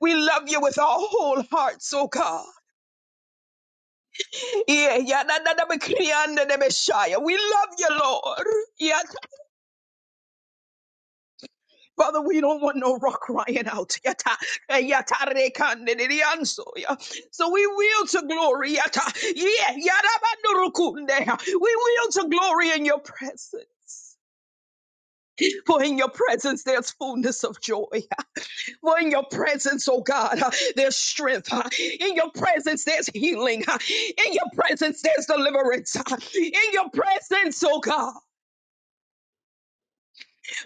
L: We love you with our whole hearts, oh God. Yeah, yeah, We love you, Lord. Yeah, Father, we don't want no rock crying out. Yata, eh, yata rekande de rianso, yeah. So we will to glory. Yata, yeah, yada bandurukunde. We will to glory in your presence. For in your presence there's fullness of joy. For in your presence, oh God, uh, there's strength. uh, In your presence there's healing. uh, In your presence there's deliverance. uh, In your presence, oh God.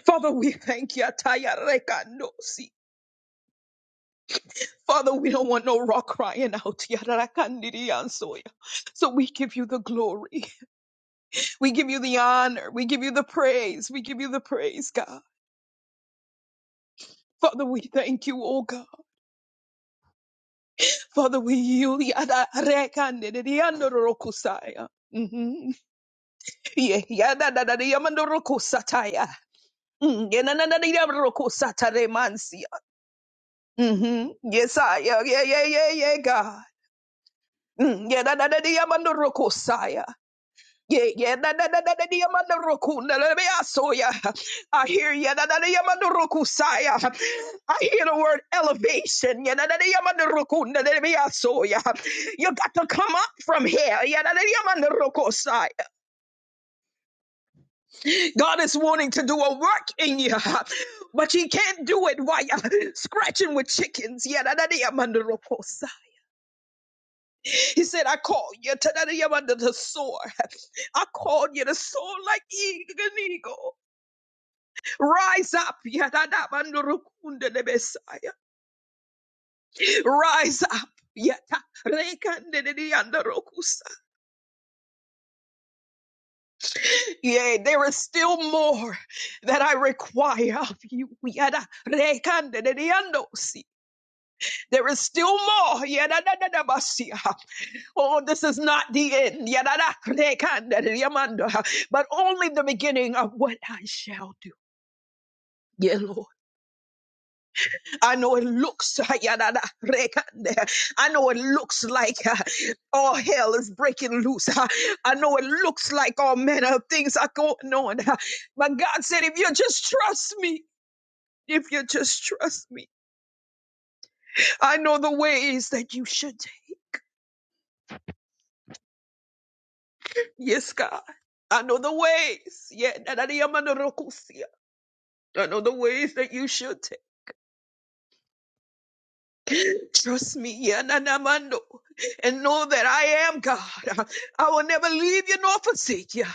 L: Father, we thank you. Yata, ya rekando, Father, we don't want no rock crying out. Yararakandiriyantsoya. So we give you the glory. We give you the honor. We give you the praise. We give you the praise, God. Father, we thank you, oh God. Father, we yield. Yadarakandiriyandorokusaya. Mhm. Ye- yadadadadiyamandorokusataya. Mm, yenananadiyamandorokosataremansia. Mhm. Yes, I, yeah, yeah, yeah, yeah, yeah, God. Mm, yadadadadiyamandorokosaya. Yeah, yeah, na na na na na na na roku na na na soya. I hear ya na na na na na roku saya. I hear the word elevation. Yeah, na na na na na roku na na na na soya. You got to come up from here. Yeah, na na na na na roku saya. God is wanting to do a work in you, but He can't do it while you're scratching with chickens. Yeah, na na na na na roku saya. He said, I called you to na. the sword. I called you to soar like eagle- an eagle. Rise up, yadada mandurukunde de Messiah. Rise up, yata rekande de diandarokusa. Yea, there is still more that I require of you. Yada rekande de diandosi. There is still more. Yadada dada basia. Oh, this is not the end. Yadada rekande de diamanda. But only the beginning of what I shall do. Yeah, Lord. I know it looks, yadada, rekande. I know it looks like uh, all hell is breaking loose. Uh, I know it looks like all manner of things are going on. Uh, But God said, if you just trust me, if you just trust me, I know the ways that you should take. Yes, God. I know the ways. Yeah, dadada, yamando rokusia. I know the ways that you should take. Trust me. Yeah, nanamando. and know that I am God. I will never leave you nor forsake you.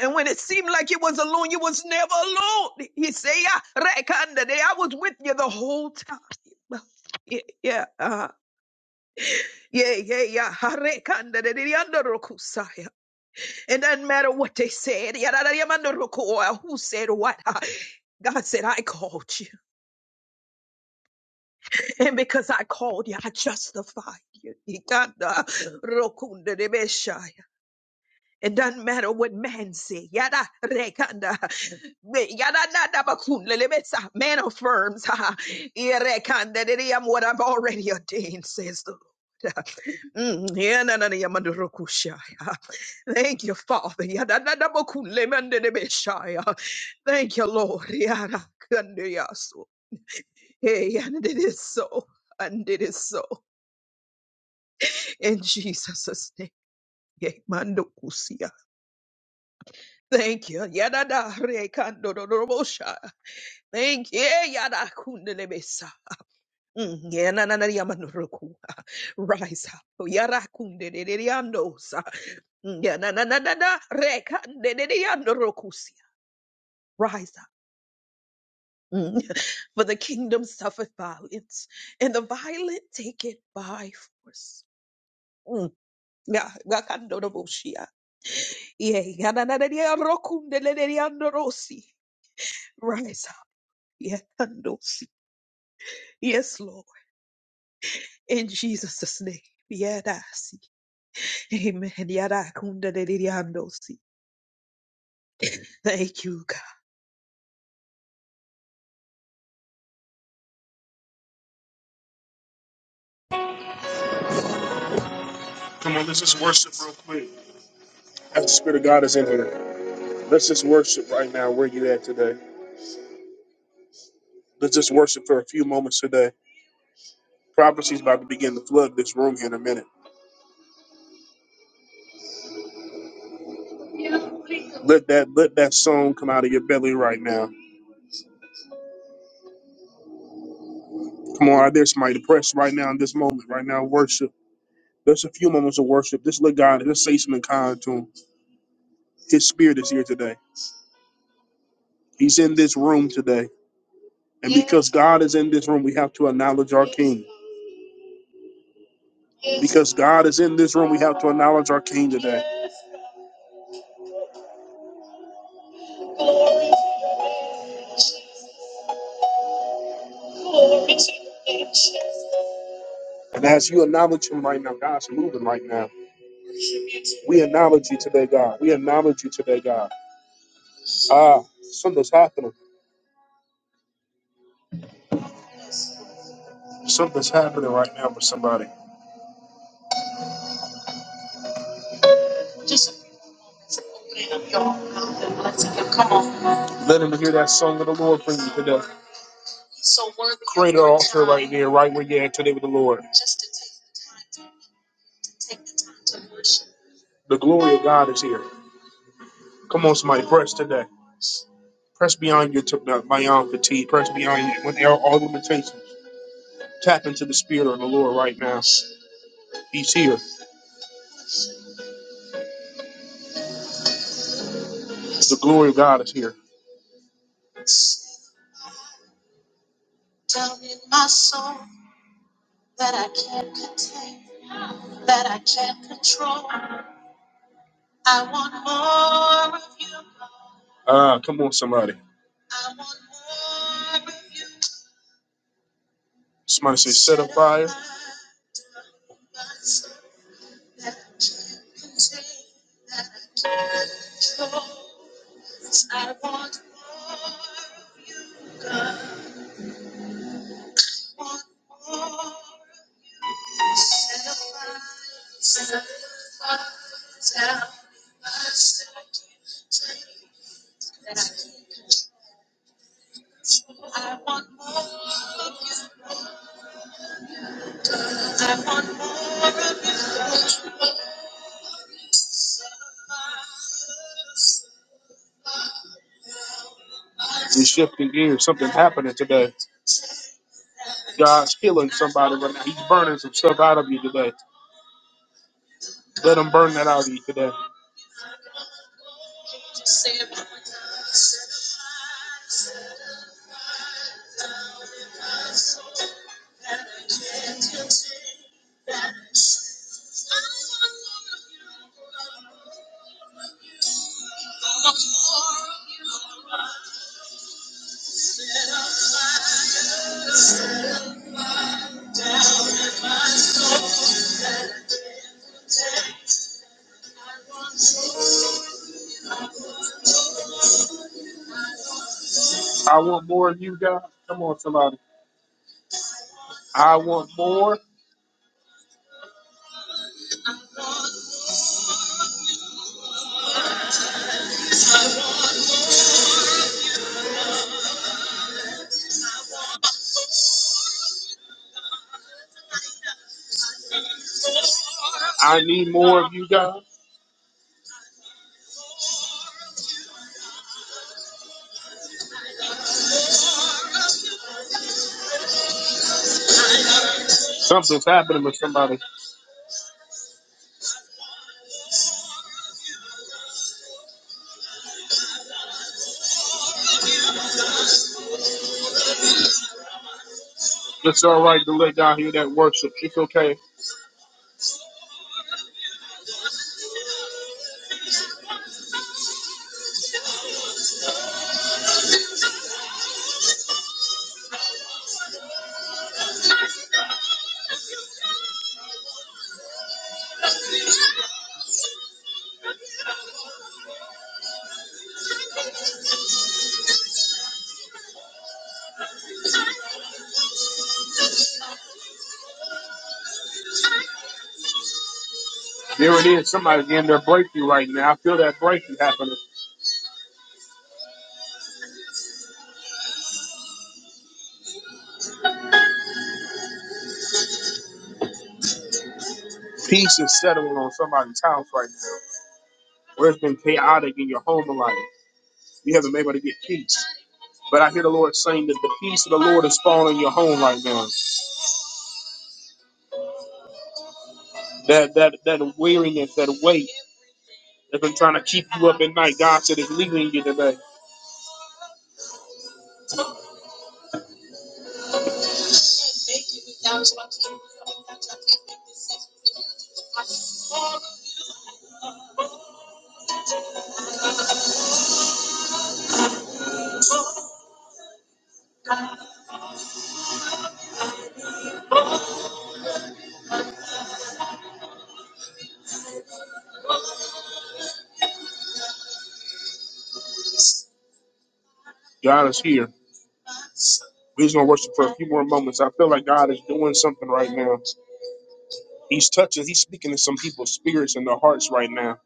L: And when it seemed like you was alone, you was never alone. He say, "Yeah, Rekanda, they- I was with you the whole time. Yeah, yeah, uh, yeah, yeah, yeah. Rekanda, de, they under Rokusaya. It doesn't matter what they said. Yeah, that- that- Roku- or Who said what? uh, God said, I called you. And because I called you, I justified you. Ikanda, Rokunda, Debeshaya. It doesn't matter what man say. Yada rekanda. Me- Yada nada bakun lelebetsa. Man affirms. ha, ha. Irekanda didi what I've already ordained, says the Lord. Mm, yeah, na, na, na, yamando rokusha, yeah. Thank you, Father. Yada nada bakun lemande debesha, yeah. Thank you, Lord. Yada kande yaso. Hey, yeah, and it is so. And it is so. In Jesus' name. Yeah, mando kusia. Thank you. Yada da re kando do do bo sha. Thank you. Yada kunde le besa. Mm, yeah, na na na ya manoro ku. Rise up. Yada kunde de de de sa. Mm, yeah, na na na na na re kande de de ando ro Rise up. Mm. For the kingdom suffereth violence, and the violent take it by force. Mm. Yeah, ya kando do bo shia. Yeah, ya na na na ya ro le de de ando si. Rise up. Yeah, kando si. Yes, Lord. In Jesus' name. Yadasi. Amen. Yadakunda de diandosi. Thank you, God.
A: Come on, let's just worship real quick. As the Spirit of God is in here, let's just worship right now where you at today. Let's just worship for a few moments today. Prophecy's about to begin to flood this room here in a minute. Let that let that song come out of your belly right now. Come on, I dare somebody to press right now in this moment, right now, worship. Just a few moments of worship. Just let God, just say something kind to him. His spirit is here today. He's in this room today. And because God is in this room, we have to acknowledge our King. Because God is in this room, we have to acknowledge our King today. And as you acknowledge him right now, God's moving right now. We acknowledge you today, God. We acknowledge you today, God. Ah, something's happening. Something's happening right now for somebody. Let him hear that song of the Lord for you today. Yeah, right where you're at today with the Lord. The glory of God is here. Come on, somebody, press today. Press beyond your t- uh, beyond fatigue. Press beyond your, with all all limitations. Tap into the Spirit of the Lord right now. He's here. The glory of God is here. Ah, come on, somebody. Somebody is shifting gears. Something happening today. God's healing somebody right now. He's burning some stuff out of you today. Let him burn that out of you today. I want more of you, God. Come on, somebody. I want more. I need more of you guys. Something's happening with somebody. It's all right to let God hear that worship. It's okay. There it is. Somebody's getting their breakthrough right now. I feel that breakthrough happening. Peace is settling on somebody's house right now. Where it's been chaotic in your home life. You haven't been able to get peace. But I hear the Lord saying that the peace of the Lord is falling in your home right now. That that that weariness, that weight that's been trying to keep you up at night. God said it's leaving you today. God is here. We're just gonna worship for a few more moments. I feel like God is doing something right now. He's touching. He's speaking to some people's spirits and their hearts right now.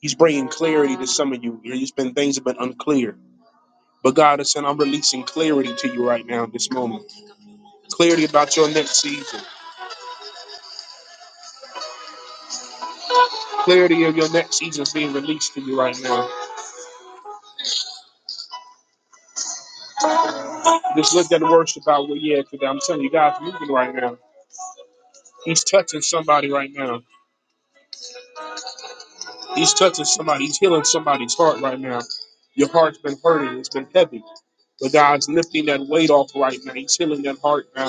A: He's bringing clarity to some of you. There's been things have been unclear, but God is saying, "I'm releasing clarity to you right now, this moment. Clarity about your next season. Clarity of your next season is being released to you right now. Just look at the worship about where you at today. I'm telling you, God's moving right now. He's touching somebody right now. He's touching somebody. He's healing somebody's heart right now. Your heart's been hurting. It's been heavy, but God's lifting that weight off right now. He's healing that heart now.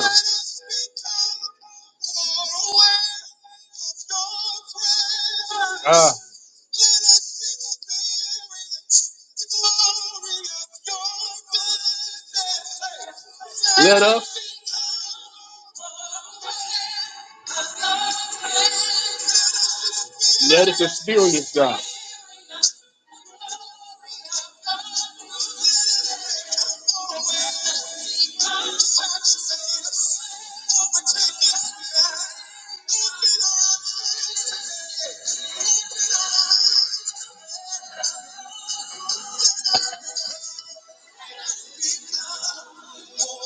A: Ah. Let us experience God.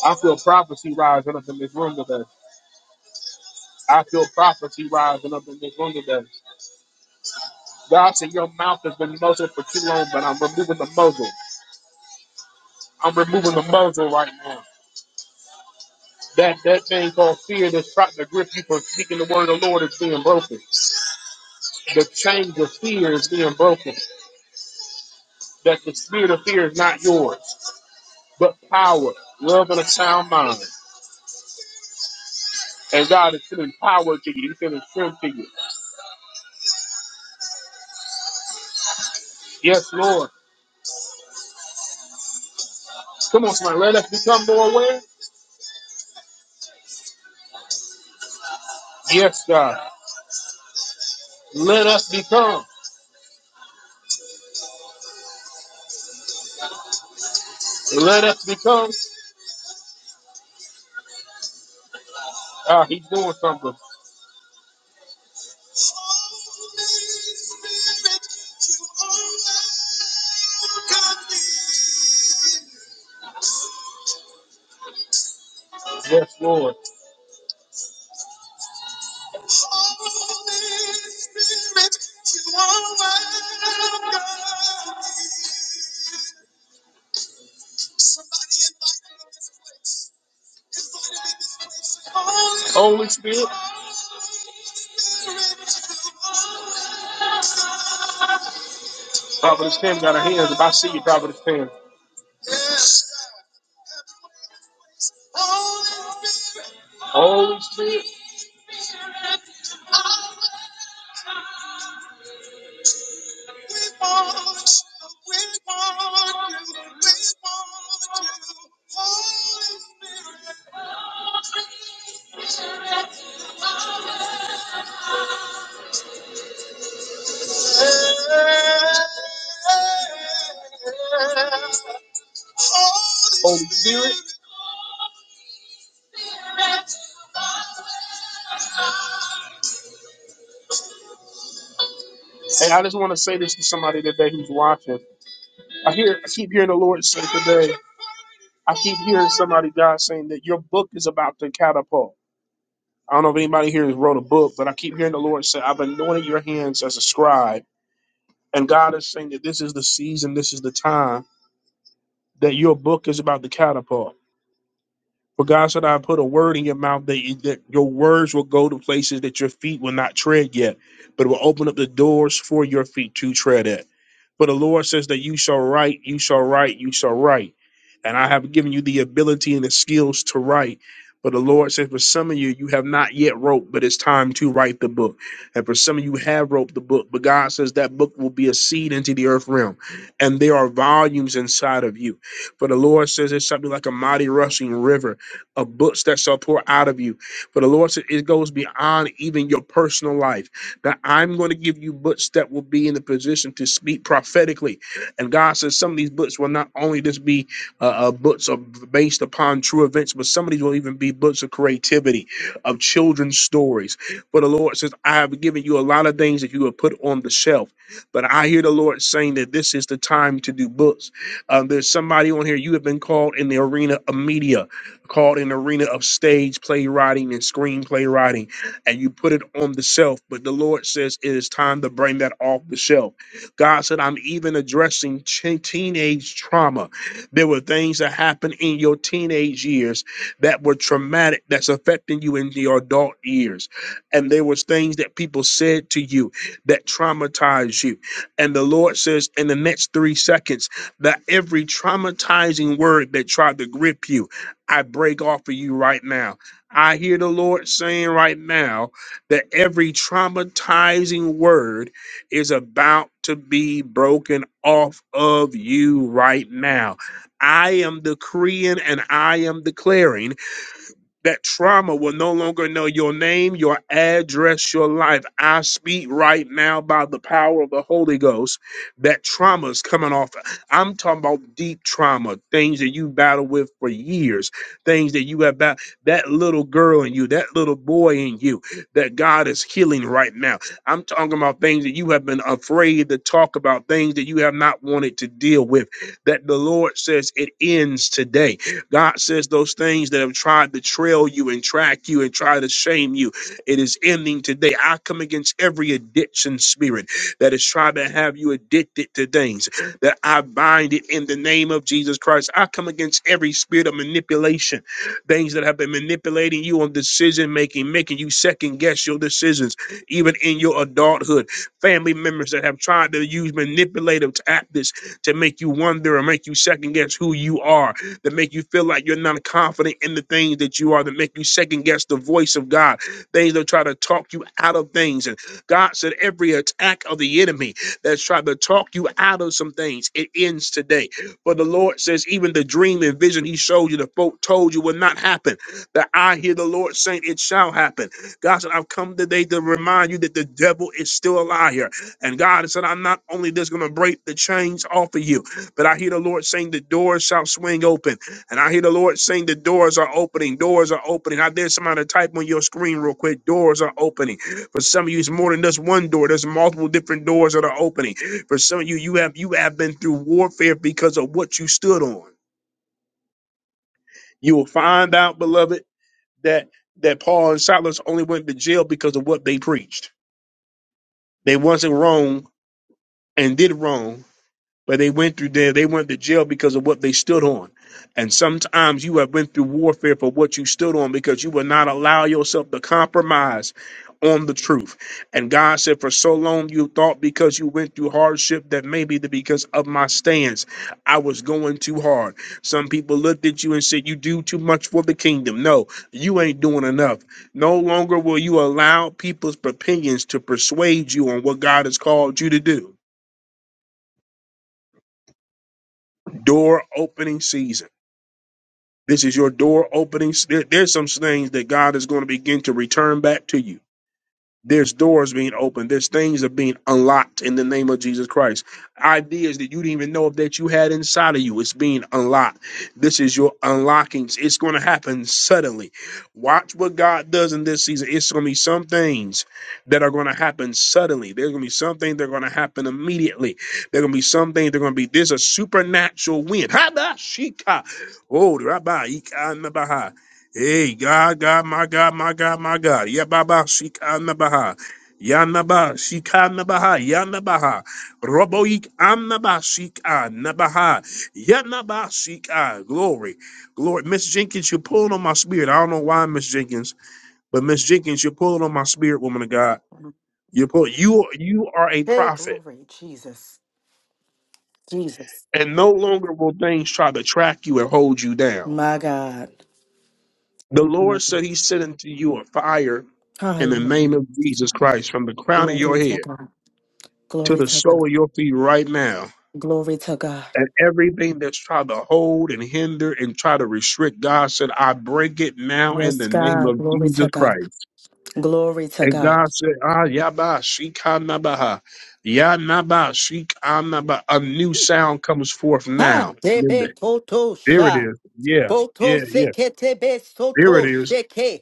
A: I feel prophecy rising up in this room today. I feel prophecy rising up in this room today. God said your mouth has been muzzled for too long, but I'm removing the muzzle. I'm removing the muzzle right now. That that thing called fear that's trying to grip you for speaking the word of the Lord is being broken. The chains of fear is being broken. That the spirit of fear is not yours, but power, love, and a sound mind. And God is sending power to you. He's sending strength to you. Yes, Lord. Come on, somebody. Let us become more aware. Yes, God. Let us become. Let us become. Ah, he's doing something. Yes, Lord. Holy Spirit, Providence Family. If I see you, Providence Family. Holy Spirit, Holy Spirit. And I just want to say this to somebody today who's watching. I hear, I keep hearing the Lord say today. I keep hearing somebody, God, saying that your book is about to catapult. I don't know if anybody here has wrote a book, but I keep hearing the Lord say, I've anointed your hands as a scribe. And God is saying that this is the season, this is the time that your book is about to catapult. For God said, I put a word in your mouth that, that your words will go to places that your feet will not tread yet, but will open up the doors for your feet to tread at. For the Lord says that you shall write, you shall write, you shall write and I have given you the ability and the skills to write. But the Lord said, for some of you, you have not yet wrote, but it's time to write the book. And for some of you have wrote the book, but God says that book will be a seed into the earth realm. And there are volumes inside of you. For the Lord says it's something like a mighty rushing river of books that shall pour out of you. For the Lord said it goes beyond even your personal life. That I'm going to give you books that will be in the position to speak prophetically. And God says some of these books will not only just be uh, uh, books are based upon true events, but some of these will even be books of creativity, of children's stories. For the Lord says, I have given you a lot of things that you have put on the shelf, but I hear the Lord saying that this is the time to do books. Um, there's somebody on here, you have been called in the arena of media, called in the arena of stage playwriting and screenplay writing, and you put it on the shelf, but the Lord says it is time to bring that off the shelf. God said, I'm even addressing ch- teenage trauma. There were things that happened in your teenage years that were traumatic, that's affecting you in your adult years. And there was things that people said to you that traumatized you. And the Lord says in the next three seconds that every traumatizing word that tried to grip you, I break off of you right now. I hear the Lord saying right now that every traumatizing word is about to be broken off of you right now I am decreeing and I am declaring that trauma will no longer know your name, your address, your life. I speak right now by the power of the Holy Ghost. That trauma is coming off. I'm talking about deep trauma, things that you battle with for years, things that you have about that little girl in you, that little boy in you, that God is healing right now. I'm talking about things that you have been afraid to talk about, things that you have not wanted to deal with, that the Lord says it ends today God says those things that have tried to trail you and track you and try to shame you, it is ending today. I come against every addiction spirit that is trying to have you addicted to things, that I bind it in the name of Jesus Christ. I come against every spirit of manipulation, things that have been manipulating you on decision making, making you second guess your decisions, even in your adulthood. Family members that have tried to use manipulative tactics to make you wonder or make you second guess who you are that make you feel like you're not confident in the things that you are, that make you second guess the voice of God, things that try to talk you out of things. And God said, every attack of the enemy that's tried to talk you out of some things, it ends today. For the Lord says, even the dream and vision He showed you, the folk told you will not happen. That I hear the Lord saying, it shall happen. God said, I've come today to remind you that the devil is still a liar. And God said, I'm not only just going to break the chains off of you, but I hear the Lord saying the doors shall swing open. And I hear the Lord saying the doors are opening. Doors are opening. I dare somebody to type on your screen real quick. Doors are opening. For some of you, it's more than just one door. There's multiple different doors that are opening. For some of you, you have you have been through warfare because of what you stood on. You will find out, beloved, that that Paul and Silas only went to jail because of what they preached. They wasn't wrong and did wrong but they went through there. They went to jail because of what they stood on. And sometimes you have went through warfare for what you stood on because you will not allow yourself to compromise on the truth. And God said, for so long you thought because you went through hardship that maybe the, because of my stance, I was going too hard. Some people looked at you and said, you do too much for the kingdom. No, you ain't doing enough. No longer will you allow people's opinions to persuade you on what God has called you to do. Door opening season. This is your door opening. There, there's some things that God is going to begin to return back to you. There's doors being opened. There's things that are being unlocked in the name of Jesus Christ. Ideas that you didn't even know of that you had inside of you. It's being unlocked. This is your unlockings. It's going to happen suddenly. Watch what God does in this season. It's going to be some things that are going to happen suddenly. There's going to be some things that are going to happen immediately. There's going to be some things that are going to be, there's a supernatural wind. Habashika. Oh, Rabbi. Hey, God, God, my God, my God, my God. Yababa, Shikanabaha. Yanaba, Shikanabaha, Yanabaha. Roboik, Anaba, Shikanabaha. Yanaba, Shika. Glory. Glory. Miss Jenkins, you're pulling on my spirit. I don't know why, Miss Jenkins, but Miss Jenkins, you're pulling on my spirit, woman of God. You're pull, you, you are a
M: Hey,
A: prophet,
M: glory, Jesus. Jesus.
A: and no longer will things try to track you and hold you down.
M: My God.
A: The
M: My
A: Lord
M: God.
A: said he sent unto you a fire in the
M: Hallelujah.
A: name of Jesus Christ from the crown of
M: Glory
A: your
M: to
A: head
M: God.
A: to
M: Glory
A: the
M: to God.
A: sole of your feet right now.
M: Glory to God.
A: And everything that's tried to hold and hinder and try to restrict, God said, I break it now in
M: Yes,
A: the name
M: God.
A: of
M: Glory
A: Jesus
M: to God.
A: Christ.
M: Glory to
A: And
M: God.
A: God said, Ah, Yaba, Shikanabaha, Yanaba, Shikanaba. A new sound comes forth
M: Ha!
A: now.
M: Debe
A: There it
M: kotosha.
A: is. Yeah,
M: Boto
A: yeah, yeah.
M: sekete be
A: There it
M: soto
A: is.
M: sheke.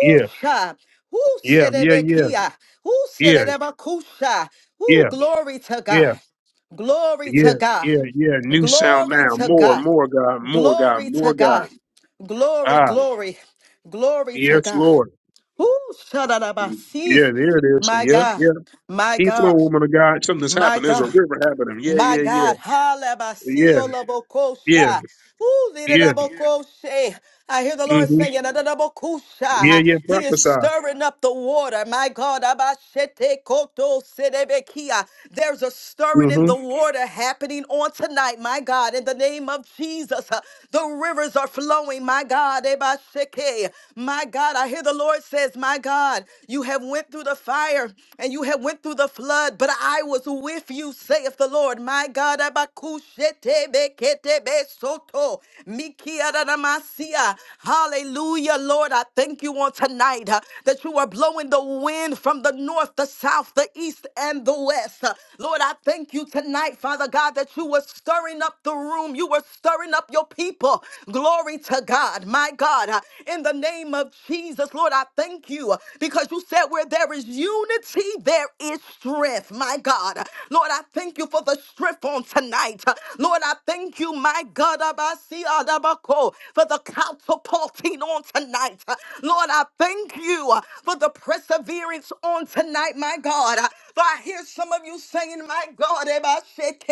A: Yeah,
M: Woo
A: yeah, yeah, yeah,
M: serebekia. Woo
A: yeah,
M: serebakusha. Woo,
A: yeah.
M: glory to
A: yeah.
M: God. Glory
A: Yeah,
M: to God.
A: yeah, yeah. New sound
M: Glory
A: now.
M: to
A: More,
M: God.
A: more God, more God,
M: Glory
A: more
M: to God.
A: God.
M: Glory,
A: Ah,
M: glory, glory to
A: yes,
M: God.
A: Lord.
M: Ooh, shadadabasi.
A: Yeah, there it is.
M: My
A: Yep,
M: God,
A: yep.
M: my
A: Keep flowing,
M: God,
A: woman of God. Something's
M: my
A: happened. There's a
M: God,
A: river happening. Yeah,
M: my
A: yeah, yeah.
M: God. Halabasi
A: Yeah, yeah,
M: olabokosha. Ooh,
A: yeah.
M: lidadabokoshe. I hear the Lord
A: Mm-hmm.
M: saying,
A: Yeah,
M: "Adadabokusha."
A: yeah.
M: He is
A: Prophesy.
M: stirring up the water. My God, Abashete koto sedebekia. there's a stirring in
A: Mm-hmm.
M: the water happening on tonight. My God, in the name of Jesus, Uh, the rivers are flowing. My God, Ebasheke. my God, I hear the Lord says, "My God, you have went through the fire and you have went through the flood, but I was with you," saith the Lord. My God, Abakushete bekete Soto. Mikiadamasia. Hallelujah, Lord. I thank you on tonight uh, that you are blowing the wind from the north, the south, the east, and the west. Uh, Lord, I thank you tonight, Father God, that you were stirring up the room. You were stirring up your people. Glory to God, my God. Uh, In the name of Jesus, Lord, I thank you uh, because you said where there is unity, there is strength, my God. Lord, I thank you for the strength on tonight tonight. Lord, I thank you, my God, Abasi Adabako, for the catapulting on tonight. Lord, I thank you for the perseverance on tonight, my God. For I hear some of you saying, my God, Ebasheke,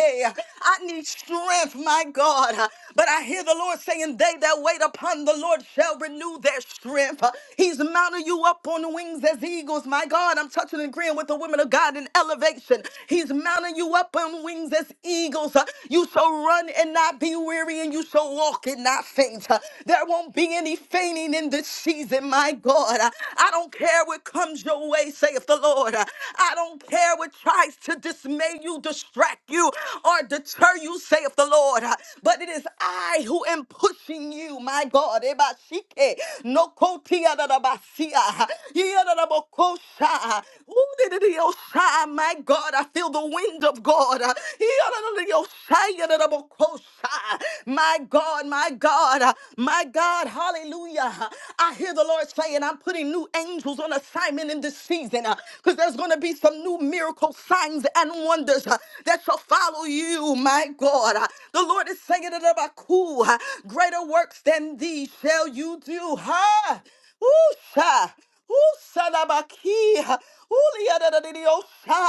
M: I need strength, my God. But I hear the Lord saying, they that wait upon the Lord shall renew their strength. He's mounting you up on wings as eagles, my God. I'm touching and agreeing with the women of God in elevation. He's He's mounting you up on wings as eagles. Uh, You shall run and not be weary, and you shall walk and not faint. Uh, There won't be any fainting in this season, my God. Uh, I don't care what comes your way, saith the Lord. Uh, I don't care what tries to dismay you, distract you, or deter you, saith the Lord. Uh, But it is I who am pushing you, my God. Ebashike, nokotiadadabasia, yadadabokosha. Ooh, dididiosha, My God, I feel the wind of God. Uh, yadadadiosha, yadadabokosha. My God, my God, uh, my God, hallelujah. I hear the Lord saying, I'm putting new angels on assignment in this season because there's going to be some new miracle signs and wonders uh, that shall follow you, my God. Uh, The Lord is saying, "Yadadabaku, uh, greater works than these shall you do. Huh? Woo, sha. Ooh, Sadabaki. Ooh, Liadadadidiosha.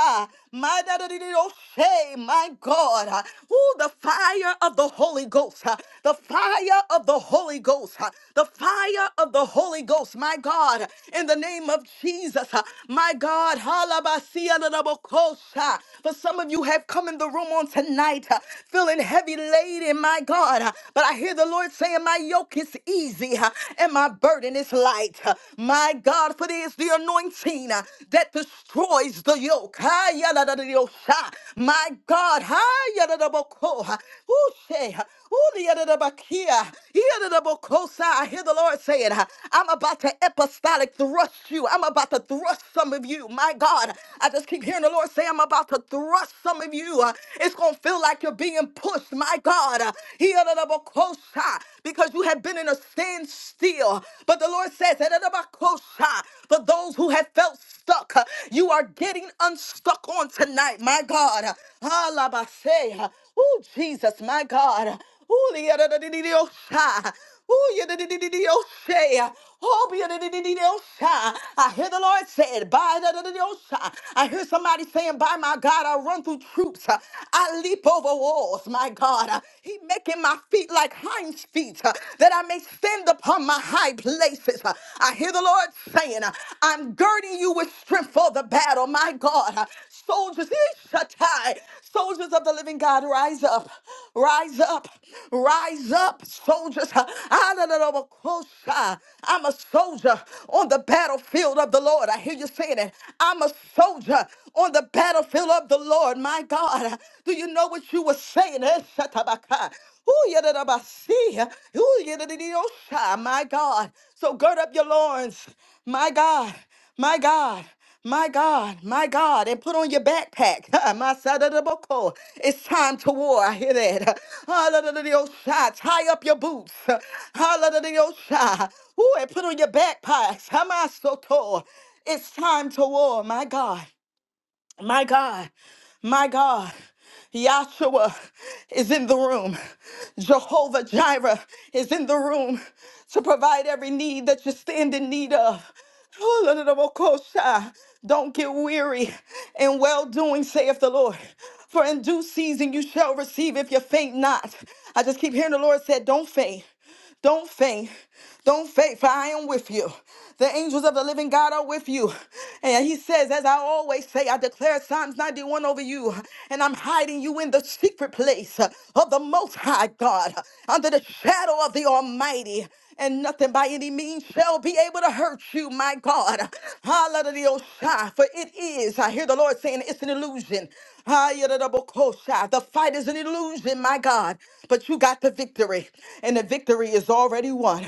M: My dadadididoshe. My God. Ooh, the fire of the Holy Ghost. uh, The fire of the Holy Ghost. uh, The fire of the Holy Ghost. My God. In the name of Jesus. uh, My God. Halabasiadadabokosha. For some of you have come in the room on tonight uh, feeling heavy laden, my God. uh, But I hear the Lord saying, My yoke is easy uh, and my burden is light. My God, for it is the anointing uh, that destroys the yoke. Ah, yadadadadiyosha. My God, ah, yadadaboko. Ooh, shay. Ooh, yadadabakia. Yadadabokosa. I hear the Lord saying, uh, I'm about to apostolic thrust you. I'm about to thrust some of you. My God, I just keep hearing the Lord say, I'm about to thrust some of you. Uh, It's going to feel like you're being pushed. My God, uh, yadadabokosa because you have been in a standstill. But the Lord says, "Eradabakosha," for those who have felt stuck, uh, you are getting unstuck on tonight, my God. Alabase. Oh, Jesus, my God. Oh, the- Oh, Oh, be I hear the Lord said, by the I hear somebody saying, by my God, I run through troops. I leap over walls, my God. He making my feet like hinds feet, that I may stand upon my high places. I hear the Lord saying, I'm girding you with strength for the battle, my God. Soldiers, Soldiers of the living God, rise up, rise up, rise up, soldiers. I'm a soldier on the battlefield of the Lord. I hear you saying it. I'm a soldier on the battlefield of the Lord. My God, do you know what you were saying? Eshatabaka. Ooh, yadadabasi. Ooh, yadadididosha. My God. So gird up your loins. My God. My God. My God, my God, and put on your backpack. My side of the book. oh, It's time to war. I hear that. Hallelujah. Tie up your boots. Hallelujah. Ooh, and put on your backpacks. Hamasoto. It's time to war, my God. My God, my God, Yahshua is in the room. Jehovah Jireh is in the room to provide every need that you stand in need of. Don't get weary in well doing, saith the Lord. For in due season you shall receive if you faint not. I just keep hearing the Lord said, Don't faint. Don't faint. Don't faint, for I am with you. The angels of the living God are with you. And he says, as I always say, I declare Psalms 91 over you, and I'm hiding you in the secret place of the Most High God, under the shadow of the Almighty. And nothing by any means They'll be able to hurt you, my God. Hallelujah. For it is, I hear the Lord saying, it's an illusion. Hallelujah. The fight is an illusion, my God. But you got the victory, and the victory is already won.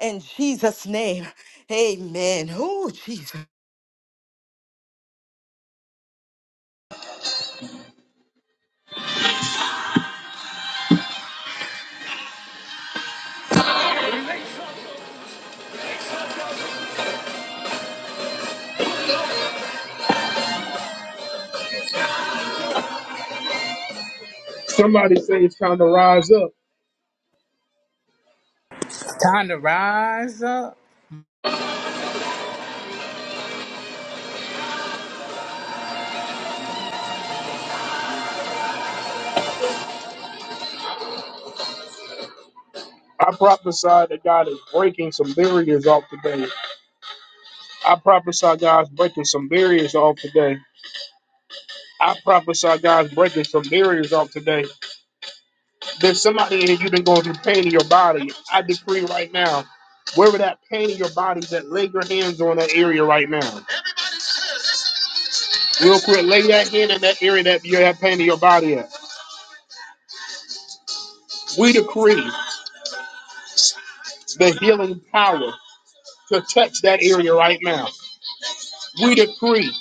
M: In Jesus' name, amen. Oh, Jesus.
A: Somebody say it's time to rise up. I prophesy that God is breaking some barriers off today. I prophesy God's breaking some barriers off today. I prophesy God's breaking some barriers off today. There's somebody in here you've been going through pain in your body. I decree right now, wherever that pain in your body, is that lay your hands on that area right now. Real quick, healing power. Now, free.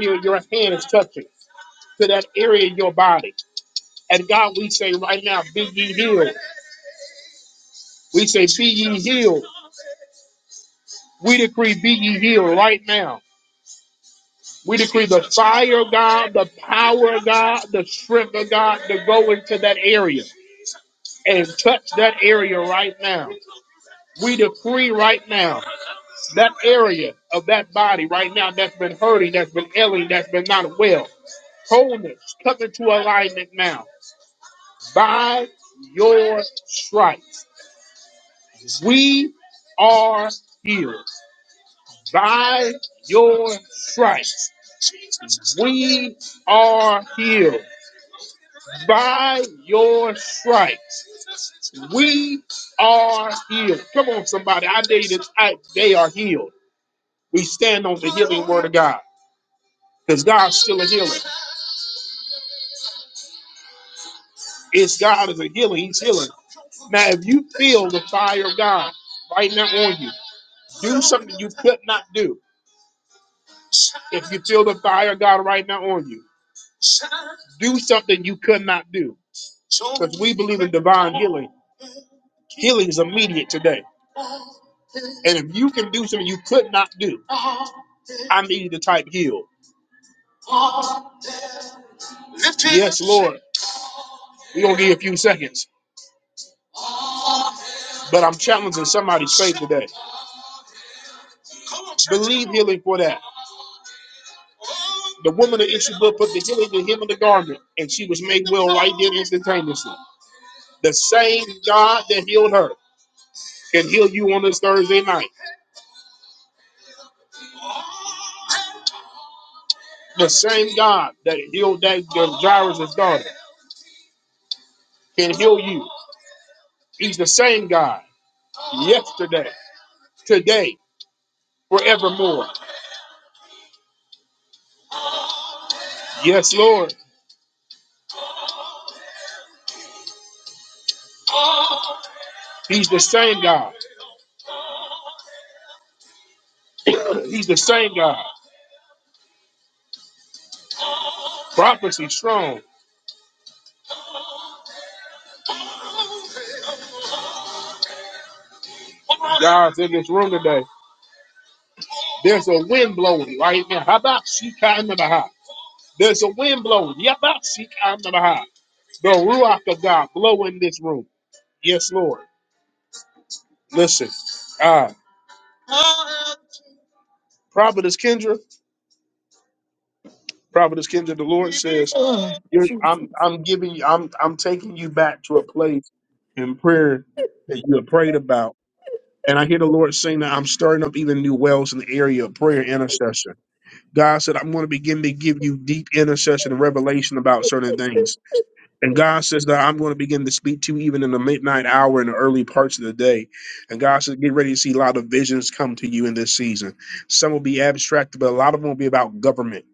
A: Feel your hands touching. Now, be ye healed. We say, be ye healed. We decree, be ye healed right now. We decree the fire of God, the power of God, the strength of God to go into that area and touch that area right now. We decree right now. that area of that body right now that's been hurting, that's been ailing, that's been not well. Wholeness, come into alignment now. By your stripes, we are healed. By your stripes, we are healed. By your stripes, we are healed. Come on, somebody. I dare you to type, they are healed. We stand on the healing word of God because God's still a healer. It's God is a healer. He's healing. Now, if you feel the fire of God right now on you, do something you could not do. If you feel the fire of God right now on you, do something you could not do. Because we believe in divine healing. Healing is immediate today. And if you can do something you could not do, I need you to type heal. Yes, Lord. We're going to give you a few seconds. But I'm challenging somebody's faith today. Believe healing for that. The woman of issue book put the healing, the hem of the garment, and she was made well right there instantaneously. The same God that healed her can heal you on this Thursday night. The same God that healed that the Jairus' daughter can heal you. He's the same God yesterday, today, forevermore. Yes, Lord. He's the same God. He's the same God. Prophecy strong. Guys in this room today, there's a wind blowing right now. How about Shika and the Baha? There's a wind blowing. Yeah, about Shika and the Baha. The Ruach of God blow in this room. Yes, Lord. Listen, uh, Providence Kendra, Providence Kendra, the Lord says, you're, I'm, I'm giving you, I'm, I'm taking you back to a place in prayer that you have prayed about. And I hear the Lord saying that I'm stirring up even new wells in the area of prayer and intercession. God said, I'm going to begin to give you deep intercession and revelation about certain things. And God says that I'm going to begin to speak to you even in the midnight hour and the early parts of the day. And God says, get ready to see a lot of visions come to you in this season. Some will be abstract, but a lot of them will be about government.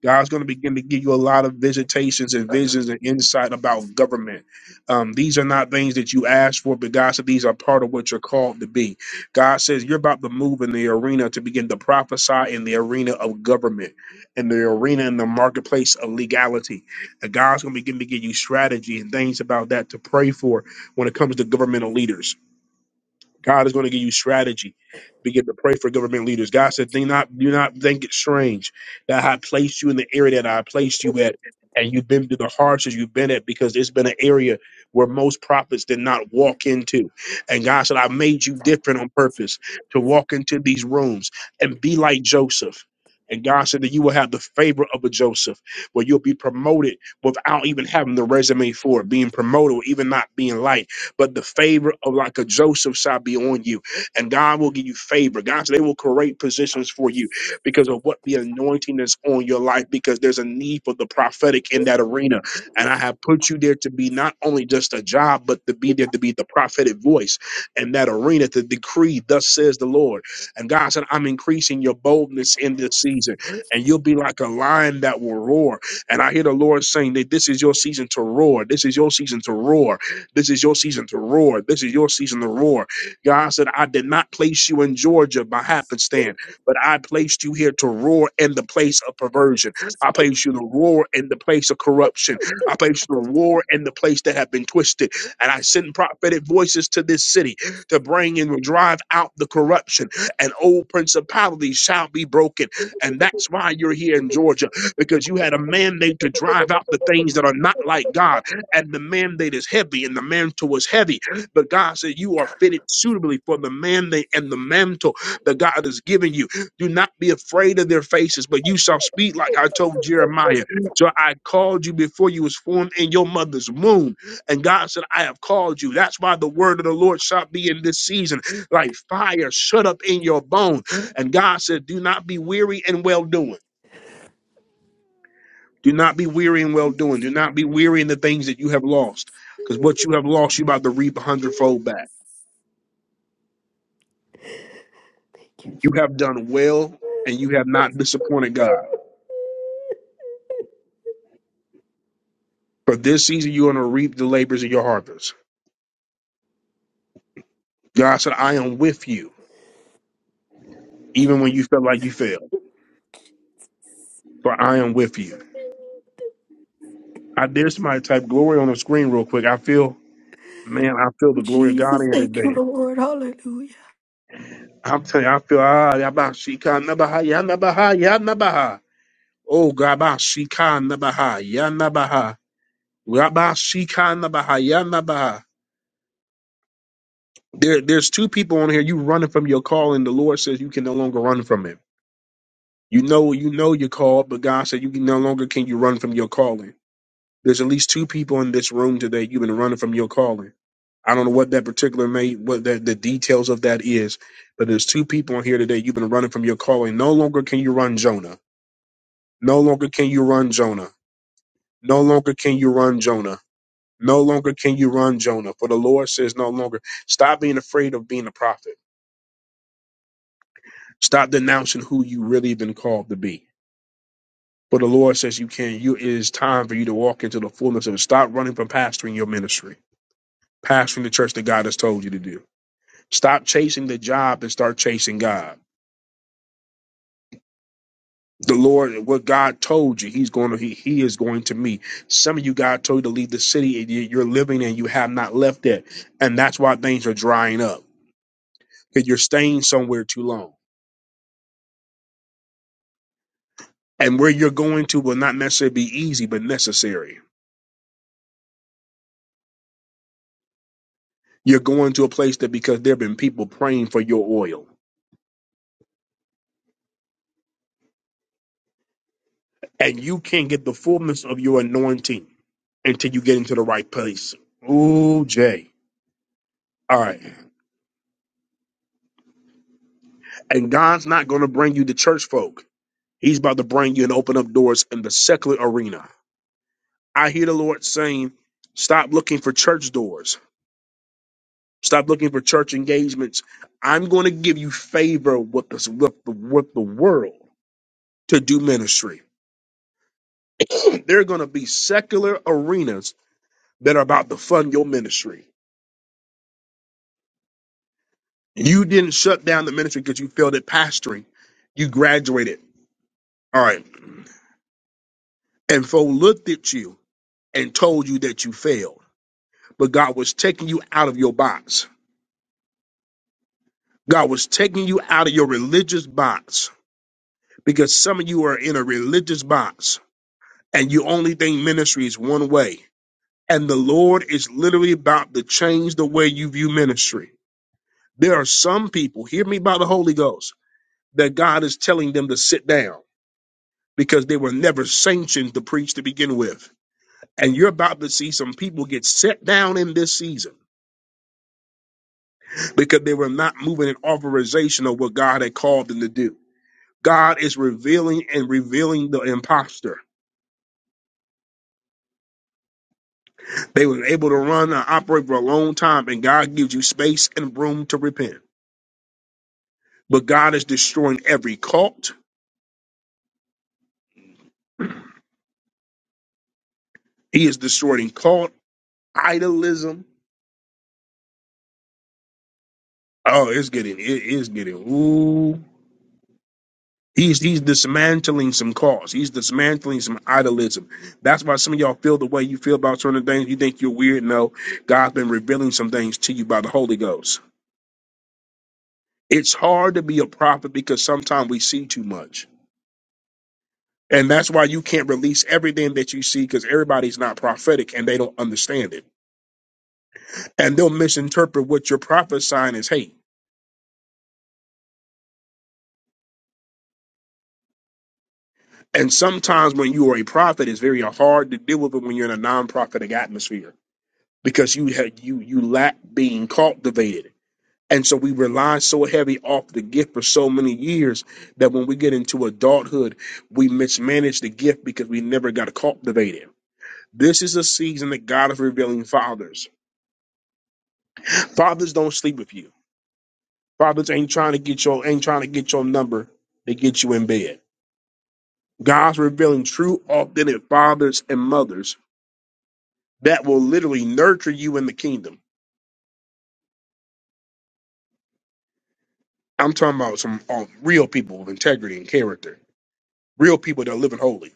A: God's going to begin to give you a lot of visitations and visions and insight about government. Um, these are not things that you asked for, but God said these are part of what you're called to be. God says you're about to move in the arena to begin to prophesy in the arena of government, in the arena in the marketplace of legality. And God's going to begin to give you strategy and things about that to pray for when it comes to governmental leaders God is going to give you strategy. Begin to pray for government leaders. God said, "Do not, do not think it strange that I placed you in the area that I placed you at, and you've been through the hardships you've been at because it's been an area where most prophets did not walk into." And God said, "I made you different on purpose to walk into these rooms and be like Joseph." And God said that you will have the favor of a Joseph, where you'll be promoted without even having the resume for it, being promoted, or even not being liked but the favor of like a Joseph shall be on you, and God will give you favor. God, they will create positions for you because of what the anointing is on your life, because there's a need for the prophetic in that arena. And I have put you there to be not only just a job, but to be there to be the prophetic voice in that arena to decree, thus says the Lord. And God said, I'm increasing your boldness in this season, and you'll be like a lion that will roar. And I hear the Lord saying that this is your season to roar. This is your season to roar this is your season to roar. This is your season to roar. God said, I did not place you in Georgia by happenstance, but I placed you here to roar in the place of perversion. I placed you to roar in the place of corruption. I placed you to roar in the place that have been twisted. And I send prophetic voices to this city to bring and drive out the corruption. And old principalities shall be broken. And that's why you're here in Georgia, because you had a mandate to drive out the things that are not like God and the mandate is heavy and the mantle was heavy. But God said, You are fitted suitably for the mandate and the mantle that God has given you. Do not be afraid of their faces, but you shall speak like I told Jeremiah. So I called you before you was formed in your mother's womb. And God said, I have called you. That's why the word of the Lord shall be in this season, like fire shut up in your bone. And God said, Do not be weary in well doing. Do not be weary in well doing. Do not be weary in the things that you have lost, because what you have lost, you about to reap a hundredfold back. You have done well, and you have not disappointed God. For this season, you are going to reap the labors of your harvest. God said, "I am with you, even when you felt like you failed. For I am with you." I dare somebody type glory on the screen real quick. I feel, man, I feel the glory of God
C: Jesus,
A: here
C: thank you,
A: today.
C: Lord. Hallelujah.
A: I'm telling you, I feel ah, yabba shika nabaha, ya nabaha ya, nabaha. Oh, gaba shika nabaha, ya, nabaha. Rabba Shikana Bahayana Baha. There, there's two people on here. You running from your call, and the Lord says you can no longer run from it. You know, you know your call, but God said you can no longer can you run from your calling. There's at least two people in this room today. You've been running from your calling. I don't know what that particular may, what that the details of that is, but there's two people on here today. You've been running from your calling. No longer can you run Jonah. No longer can you run Jonah. No longer can you run Jonah. No longer can you run, Jonah, for the Lord says no longer. Stop being afraid of being a prophet. Stop denouncing who you really been called to be. For the Lord says you can. You it is time for you to walk into the fullness of it. Stop running from pastoring your ministry, pastoring the church that God has told you to do. Stop chasing the job and start chasing God. The Lord, what God told you, He's going to He, he is going to meet. Some of you God told you to leave the city and you- you're living and you have not left it. And that's why things are drying up. Because you're staying somewhere too long. And where you're going to will not necessarily be easy, but necessary. You're going to a place that because there have been people praying for your oil. And you can't get the fullness of your anointing until you get into the right place. Ooh, Jay. All right. And God's not going to bring you the church folk. He's about to bring you and open up doors in the secular arena. I hear the Lord saying, stop looking for church doors. Stop looking for church engagements. I'm going to give you favor with the, with the, with the world to do ministry There are going to be secular arenas that are about to fund your ministry. You didn't shut down the ministry because you failed at pastoring. You graduated. All right. And folk looked at you and told you that you failed. But God was taking you out of your box. God was taking you out of your religious box because some of you are in a religious box and you only think ministry is one way. And the Lord is literally about to change the way you view ministry. There are some people, hear me by the Holy Ghost that God is telling them to sit down because they were never sanctioned to preach to begin with. And you're about to see some people get set down in this season because they were not moving in authorization of what God had called them to do. God is revealing and revealing the imposter. They were able to run and operate for a long time, and God gives you space and room to repent. But God is destroying every cult. He is destroying cult idolism. Oh, it's getting it is getting. Ooh He's he's dismantling some cause. He's dismantling some idolism. That's why some of y'all feel the way you feel about certain things. You think you're weird. No, God's been revealing some things to you by the Holy Ghost. It's hard to be a prophet because sometimes we see too much. And that's why you can't release everything that you see because everybody's not prophetic and they don't understand it. And they'll misinterpret what you're prophesying as hate. And sometimes when you are a prophet, it's very hard to deal with it when you're in a non-prophetic atmosphere because you have you you lack being cultivated. And so we rely so heavy off the gift for so many years that when we get into adulthood, we mismanage the gift because we never got to cultivate it. This is a season that God is revealing fathers. Fathers don't sleep with you. Fathers ain't trying to get your ain't trying to get your number. They get you in bed. God's revealing true, authentic fathers and mothers that will literally nurture you in the kingdom. I'm talking about some uh, real people with integrity and character Real people that are living holy.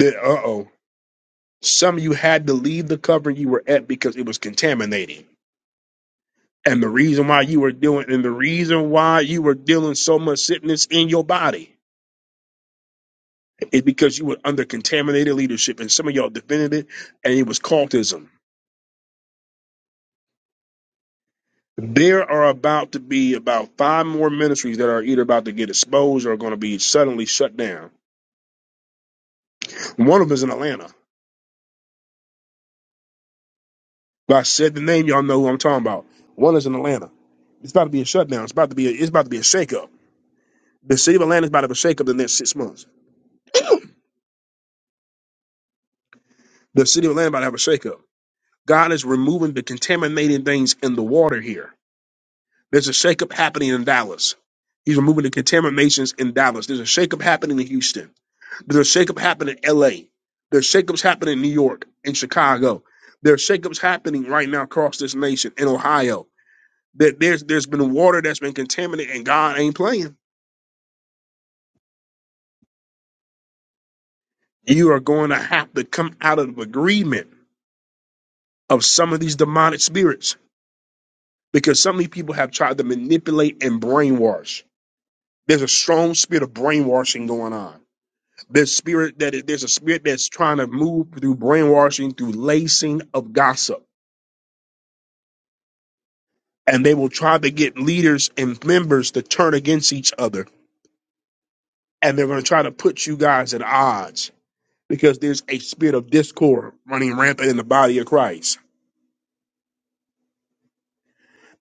A: Uh oh. Some of you had to leave the covering you were at because it was contaminating. And the reason why you were doing and the reason why you were dealing so much sickness in your body is because you were under contaminated leadership and some of y'all defended it and it was cultism. There are about to be about five more ministries that are either about to get exposed or are going to be suddenly shut down. One of them is in Atlanta. If I said the name, y'all know who I'm talking about. One is in Atlanta. It's about to be a shutdown. It's about to be a, it's about to be a shakeup The city of Atlanta is about to have a shakeup in the next six months. The city of Atlanta is about to have a shakeup. God is removing the contaminating things in the water here. There's a shakeup happening in Dallas. He's removing the contaminations in Dallas. There's a shakeup happening in Houston. There's a shakeup happening in LA. There's shakeups happening in New York and Chicago. There's shakeups happening right now across this nation in Ohio. That there's there's been water that's been contaminated and God ain't playing. You are going to have to come out of agreement of some of these demonic spirits because so many people have tried to manipulate and brainwash. There's a strong spirit of brainwashing going on. There's spirit that there's a spirit that's trying to move through brainwashing, through lacing of gossip, and they will try to get leaders and members to turn against each other, and they're going to try to put you guys at odds because there's a spirit of discord running rampant in the body of Christ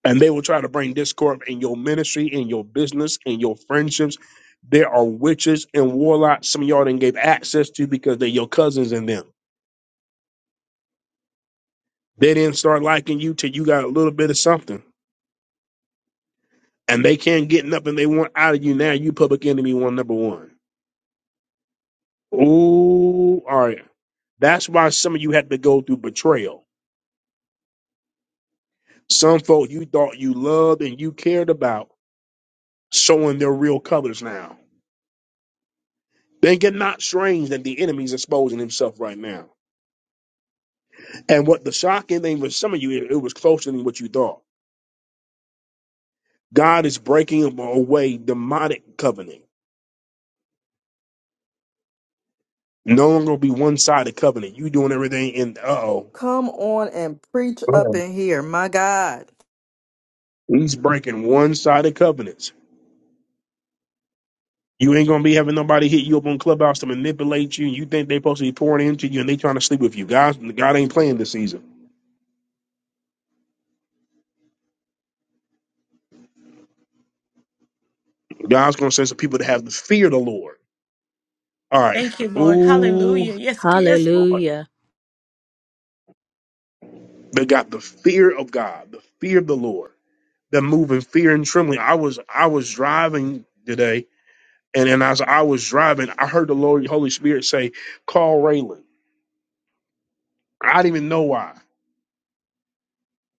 A: and they will try to bring discord in your ministry, in your business, in your friendships. There are witches and warlocks. Some of y'all didn't give access to because they're your cousins and them. They didn't start liking you till you got a little bit of something, and they can't get nothing they want out of you. Now you public enemy one number one. Ooh, all right. That's why some of you had to go through betrayal. Some folk you thought you loved and you cared about showing their real colors now. Think it not strange that the enemy's exposing himself right now. And what the shocking thing was, some of you, it, it was closer than what you thought. God is breaking away demonic covenant. No longer be one sided covenant. You doing everything in uh oh.
M: Come on and preach up in here, my God.
A: He's breaking one sided covenants. You ain't gonna be having nobody hit you up on clubhouse to manipulate you. You think they supposed to be pouring into you and they trying to sleep with you. God, God ain't playing this season. God's gonna send some people that have the fear of the Lord. All right.
N: Thank you, Lord.
A: Ooh,
N: Hallelujah. Yes, yes, Lord.
F: Hallelujah.
A: they got the fear of God, the fear of the Lord. that move in fear and trembling. I was I was driving today, and, and as I was driving, I heard the Lord Holy Spirit say, "Call Raylan." I didn't even know why,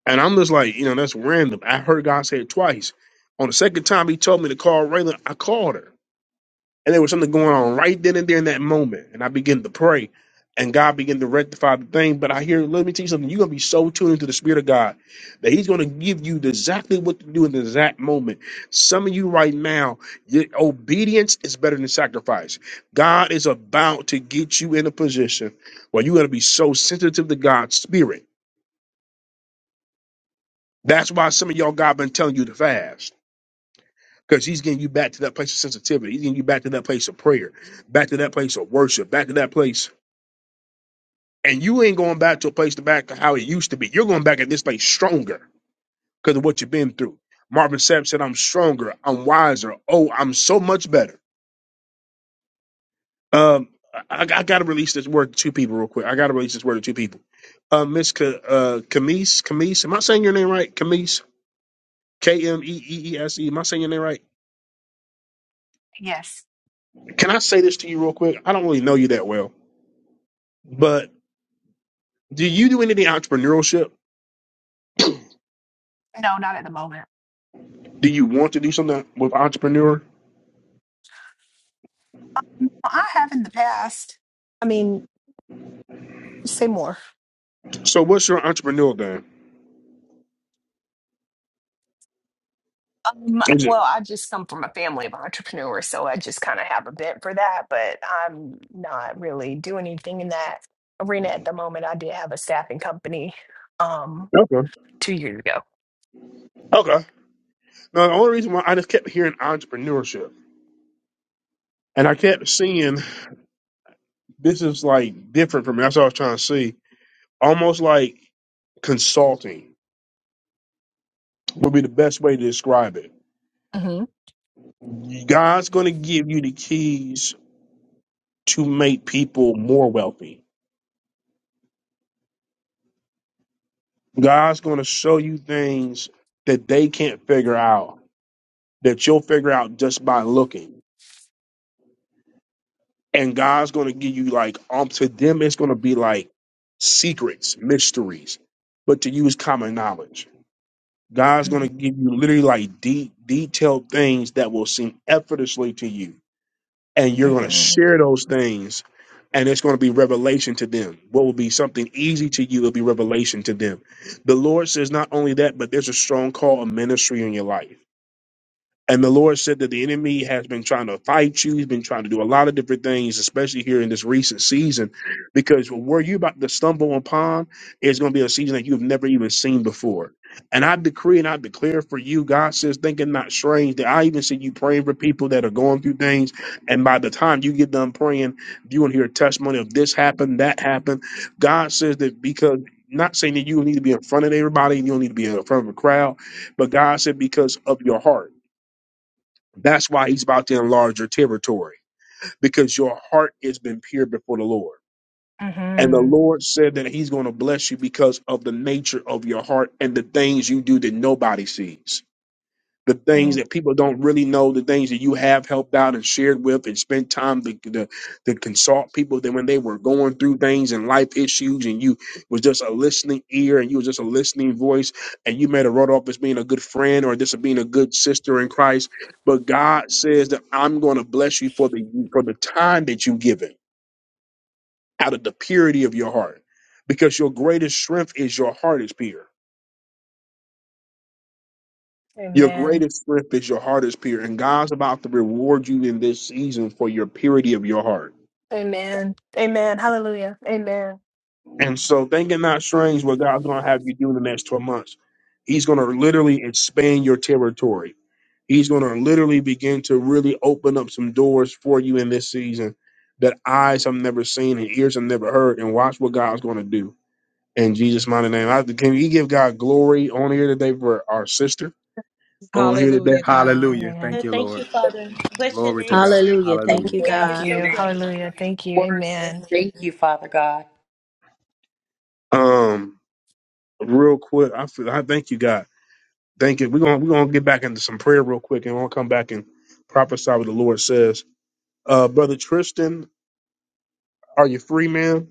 A: and I'm just like, you know, that's random. I heard God say it twice. On the second time He told me to call Raylan, I called her. And there was something going on right then and there in that moment. And I began to pray. And God began to rectify the thing. But I hear, let me tell you something. You're going to be so tuned into the Spirit of God that He's going to give you exactly what to do in the exact moment. Some of you right now, your obedience is better than sacrifice. God is about to get you in a position where you're going to be so sensitive to God's Spirit. That's why some of y'all God been telling you to fast. Because he's getting you back to that place of sensitivity. He's getting you back to that place of prayer, back to that place of worship, back to that place And you ain't going back to a place to back to how it used to be. You're going back at this place stronger because of what you've been through. Marvin Sapp said, I'm stronger. I'm wiser. Oh, I'm so much better. Um, I, I got to release this word to two people real quick. I got to release this word to two people. Uh, Miss Ka, uh, Kamise, Kamise, am I saying your name right? Kamise, K M E E E S E. Am I saying your name right?
H: Yes.
A: Can I say this to you real quick? I don't really know you that well, but do you do anything entrepreneurship?
H: No, not at the moment.
A: Do you want to do something with entrepreneur?
H: Well, I have in the past. I mean, Say more.
A: So, what's your entrepreneur then?
H: Um, well, I just come from a family of entrepreneurs, so I just kind of have a bent for that, but I'm not really doing anything in that arena at the moment. I did have a staffing company um
A: Okay.
H: two years ago.
A: Okay. Now, the only reason why I just kept hearing entrepreneurship and I kept seeing this is like different from me. That's what I was trying to see. Almost like consulting would be the best way to describe it.
H: Mm-hmm.
A: God's going to give you the keys to make people more wealthy. God's going to show you things that they can't figure out that you'll figure out just by looking. and God's gonna give you like um to them it's gonna be like secrets, mysteries, but to use common knowledge. God's gonna
H: Mm-hmm.
A: give you literally like deep, detailed things that will seem effortlessly to you, and you're gonna
H: Mm-hmm.
A: share those things, and it's gonna be revelation to them. What will be something easy to you will be revelation to them. The Lord says not only that, but there's a strong call of ministry in your life and the Lord said that the enemy has been trying to fight you. He's been trying to do a lot of different things, especially here in this recent season, because where you're about to stumble upon is going to be a season that you've never even seen before. And I decree and I declare for you, God says, thinking not strange, that I even see you praying for people that are going through things. And by the time you get done praying, you want to hear a testimony of this happened, that happened. God says that because not saying that you need to be in front of everybody and you don't need to be in front of a crowd, but God said because of your heart. That's why he's about to enlarge your territory because your heart has been pure before the Lord. And the
H: Mm-hmm.
A: Lord said that he's going to bless you because of the nature of your heart and the things you do that nobody sees the things that people don't really know, the things that you have helped out and shared with and spent time to, to, to consult people that when they were going through things and life issues and you was just a listening ear and you was just a listening voice and you made a wrote off as being a good friend or just being a good sister in Christ. But God says that I'm going to bless you for the, for the time that you've given out of the purity of your heart because your greatest strength is your heart is pure. Your
H: Amen.
A: greatest strength is your heart is pure, and God's about to reward you in this season for your purity of your heart.
H: Amen. Amen. Hallelujah. Amen.
A: And so, thinking not strange what God's going to have you do in the next 12 months. He's going to literally expand your territory. He's going to literally begin to really open up some doors for you in this season that eyes have never seen and ears have never heard. And watch what God's going to do in Jesus' mighty name. I, can we give God glory on here today for our sister on here today?
L: Hallelujah, God.
G: Hallelujah.
H: Amen.
N: Uh,
G: Thank you,
N: Thank you,
G: Lord.
N: Father. Bless your
G: Glory to
N: name,
G: God.
N: Lord.
F: Hallelujah.
E: Thank
F: Thank
G: Hallelujah.
F: you,
E: you
N: God, you're
H: Thank
F: God.
N: so
H: you.
N: great.
H: Hallelujah. Thank you.
E: for
H: Amen.
E: Thank you, Father God.
A: Um, real quick, I feel I thank you, God. Thank you. We're gonna we're gonna get back into some prayer real quick, and we'll come back and prophesy what the Lord says. Uh, brother Tristan, are you free, man?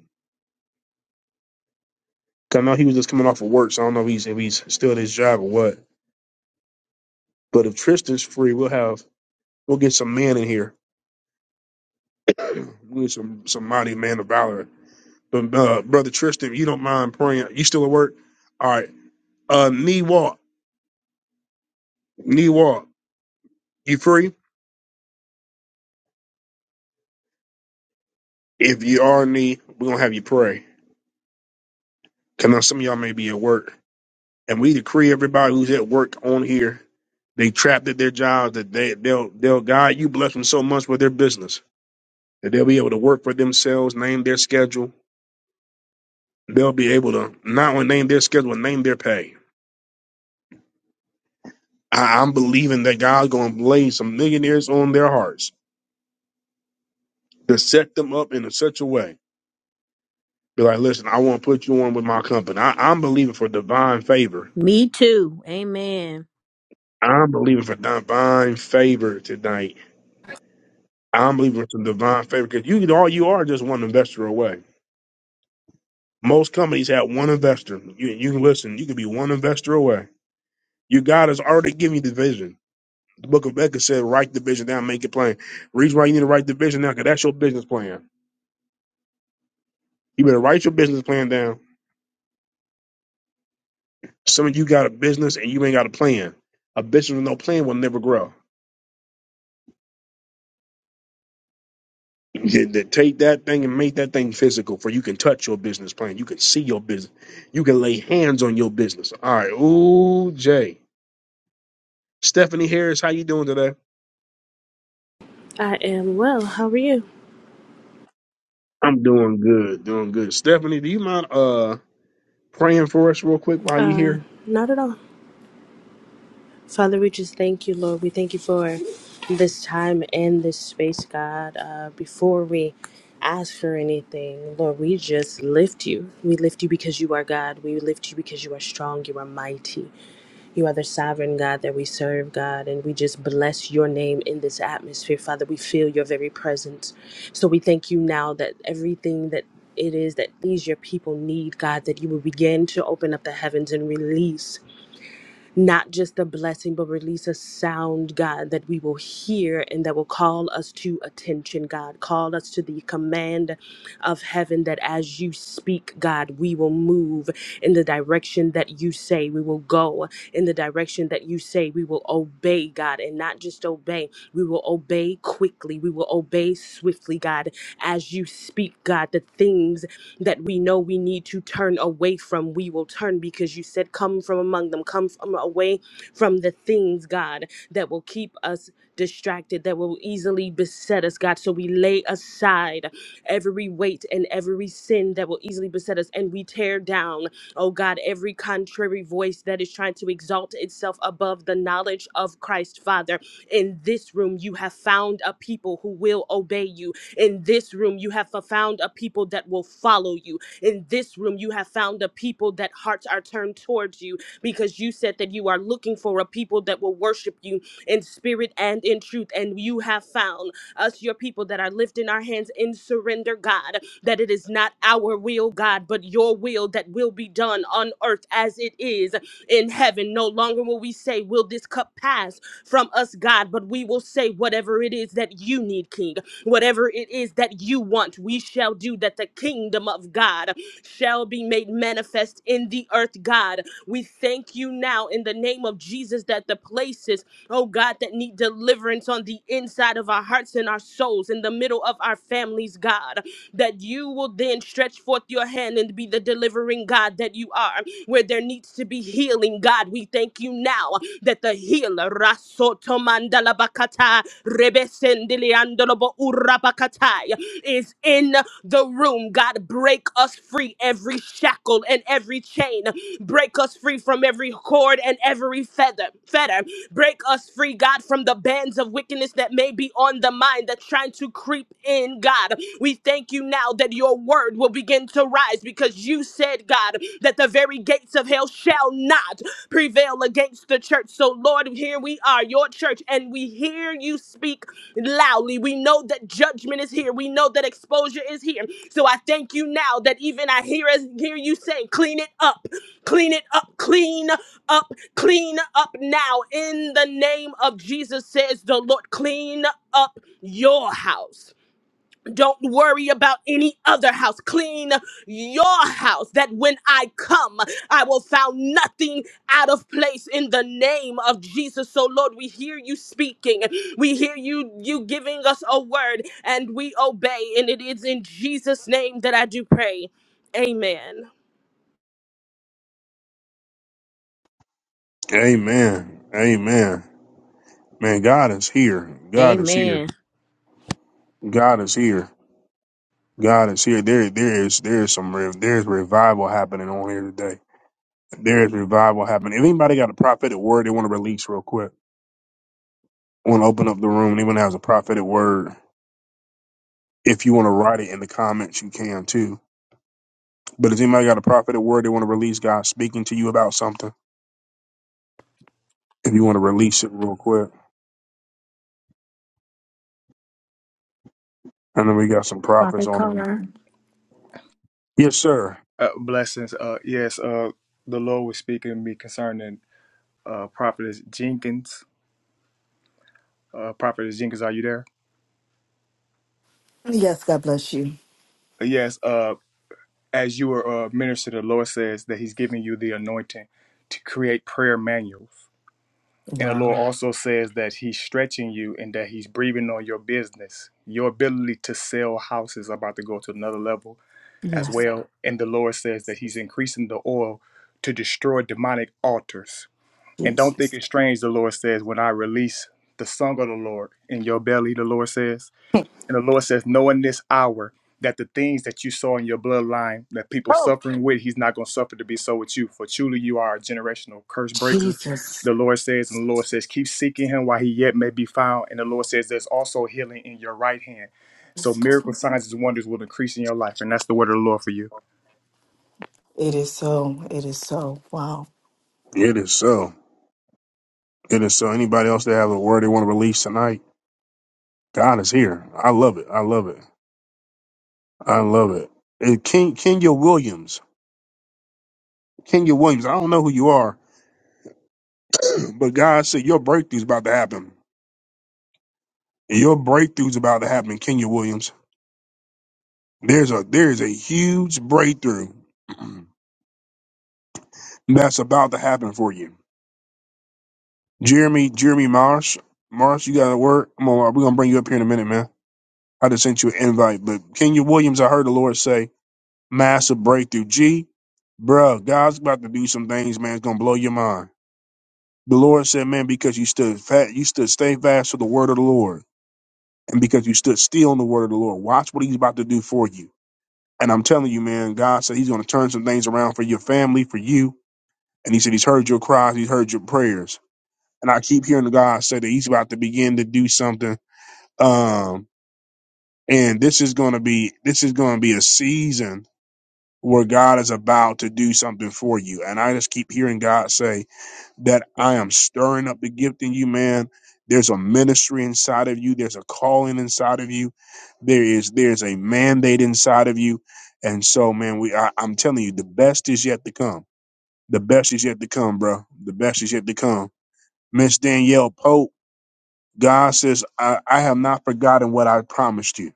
A: 'Cause I know he was just coming off of work, so I don't know if he's if he's still at his job or what. But if Tristan's free, we'll have we'll get some man in here. We need some some mighty man of valor. But uh, brother Tristan, if you don't mind praying, you still at work? All right. Uh, knee walk, knee walk. You free? If you are knee, we're gonna have you pray. 'Cause I know some of y'all may be at work and we decree everybody who's at work on here, they trapped at their jobs, that they they'll they'll God, you bless them so much with their business that they'll be able to work for themselves, name their schedule. They'll be able to not only name their schedule, but name their pay. I, I'm believing that God's going to lay some millionaires on their hearts to set them up in such a way. Be like, listen, I want to put you on with my company. I, I'm believing for divine favor.
F: Me too. Amen.
A: I'm believing for divine favor tonight. I'm believing for some divine favor because you all you are just one investor away. Most companies have one investor. You, you can listen. You can be one investor away. Your God has already given you the vision. The book of Becca said, write the vision down, make it plain. Reason why you need to write the vision down, because that's your business plan. You better write your business plan down. Some of you got a business and you ain't got a plan. A business with no plan will never grow. Th- th- Take that thing and make that thing physical, for you can touch your business plan. You can see your business. You can lay hands on your business. All right. Ooh, Jay. Stephanie Harris, how you doing today?
O: I am well. How are you?
A: I'm doing good, doing good. Stephanie, do you mind uh praying for us real quick while you're
O: Uh,
A: here?
O: not at all. Father, we just thank you, Lord. We thank you for this time and this space, God. Uh, before we ask for anything, Lord, we just lift you. We lift you because you are God. We lift you because you are strong. You are mighty. You are the sovereign God that we serve, God, and we just bless your name in this atmosphere, Father. We feel your very presence. So we thank you now that everything that it is that these your people need, God, that you will begin to open up the heavens and release not just a blessing, but release a sound, God, that we will hear and that will call us to attention, God. Call us to the command of heaven that as you speak, God, we will move in the direction that you say. We will go in the direction that you say. We will obey, God, and not just obey. We will obey quickly. We will obey swiftly, God, as you speak, God, the things that we know we need to turn away from, we will turn because you said, Come from among them, come from away from the things, God, that will keep us distracted, that will easily beset us, God. So we lay aside every weight and every sin that will easily beset us, and we tear down, oh God, every contrary voice that is trying to exalt itself above the knowledge of Christ, Father. In this room, you have found a people who will obey you. In this room, you have found a people that will follow you. In this room, you have found a people that hearts are turned towards you because you said that you are looking for a people that will worship you in spirit and in truth. And you have found us, your people that are lifting our hands in surrender, God, that it is not our will, God, but your will that will be done on earth as it is in heaven. No longer will we say, Will this cup pass from us, God, but we will say, Whatever it is that you need, King, whatever it is that you want, we shall do that the kingdom of God shall be made manifest in the earth, God God. We thank you now in the name of Jesus that the places, oh God, that need deliverance on the inside of our hearts and our souls, in the middle of our families, God, that you will then stretch forth your hand and be the delivering God that you are. Where there needs to be healing, God, we thank you now that the healer, Rasoto Mandalabakata, urabakatai is in the room. God, break us free every shackle and every chain. Break us free from every cord and every feather. Fetter. Break us free, God, from the bands of wickedness that may be on the mind that's trying to creep in, God. We thank you now that your word will begin to rise because you said, God, that the very gates of hell shall shall not prevail against the church. So, Lord, here we are, your church, and we hear you speak loudly. We know that judgment is here. We know that exposure is here. So I thank you now that even I hear hear you saying, clean it up, clean it up, clean up, clean up now. In the name of Jesus, says the Lord, clean up your house don't worry about any other house. Clean your house that when I come, I will found nothing out of place in the name of Jesus. So Lord, we hear you speaking. We hear you you giving us a word and we obey. And it is in Jesus' name that I do pray. Amen.
A: Amen. Amen. Man, God is here. God is here.
F: Amen.
A: God is here. God is here. There, there is, there is some, rev- there is revival happening on here today. There is revival happening. If anybody got a prophetic word they want to release real quick, want to open up the room, anyone has a prophetic word, if you want to write it in the comments, you can too. But if anybody got a prophetic word they want to release, God speaking to you about something, if you want to release it real quick. And then we got some prophets
C: Father
A: on him.
C: God,
A: Yes, sir.
G: Uh, blessings. Uh, yes, uh, the Lord was speaking to me concerning uh, Prophetess Jenkins. Uh, Prophetess Jenkins, are you there?
M: Yes, God bless you.
G: Uh, Yes. Uh, as you are a minister, the Lord says that He's giving you the anointing to create prayer manuals. And the
M: Wow.
G: Lord also says that He's stretching you and that He's breathing on your business. Your ability to sell houses is about to go to another level as
M: Yes,
G: well. And the Lord says that He's increasing the oil to destroy demonic altars. And don't
M: Jesus.
G: think it's strange, the Lord says, when I release the song of the Lord in your belly, the Lord says. And the Lord says, know in this hour that the things that you saw in your bloodline that people
M: Oh,
G: suffering with, He's not going to suffer to be so with you. For truly, you are a generational curse breaker.
M: Jesus.
G: The Lord says, and the Lord says, keep seeking Him while He yet may be found. And the Lord says, there's also healing in your right hand. So
M: Yes, God.
G: miracle signs and wonders will increase in your life. And that's the word of the Lord for you.
M: It is so. It is so. Wow.
A: It is so. It is so. Anybody else that have a word they want to release tonight? God is here. I love it. I love it. I love it. And King Kenya Williams. Kenya Williams. I don't know who you are, but God said your breakthrough's about to happen. Your breakthrough's about to happen, Kenya Williams. There's a there's a huge breakthrough that's about to happen for you. Jeremy, Jeremy Marsh. Marsh, you got a word? Come on, we're gonna bring you up here in a minute, man. I just sent you an invite. But Kenya Williams, I heard the Lord say, massive breakthrough. G, bro, God's about to do some things, man. It's gonna blow your mind. The Lord said, man, because you stood fat, you stood stay fast to the word of the Lord, and because you stood still in the word of the Lord, watch what He's about to do for you. And I'm telling you, man, God said He's gonna turn some things around for your family, for you. And He said He's heard your cries, He's heard your prayers. And I keep hearing God say that He's about to begin to do something. Um, and this is gonna be this is gonna be a season where God is about to do something for you. And I just keep hearing God say that I am stirring up the gift in you, man. There's a ministry inside of you. There's a calling inside of you. There is there's a mandate inside of you. And so, man, we I, I'm telling you, the best is yet to come. The best is yet to come, bro. The best is yet to come. Miss Danielle Pope, God says, I, I have not forgotten what I promised you.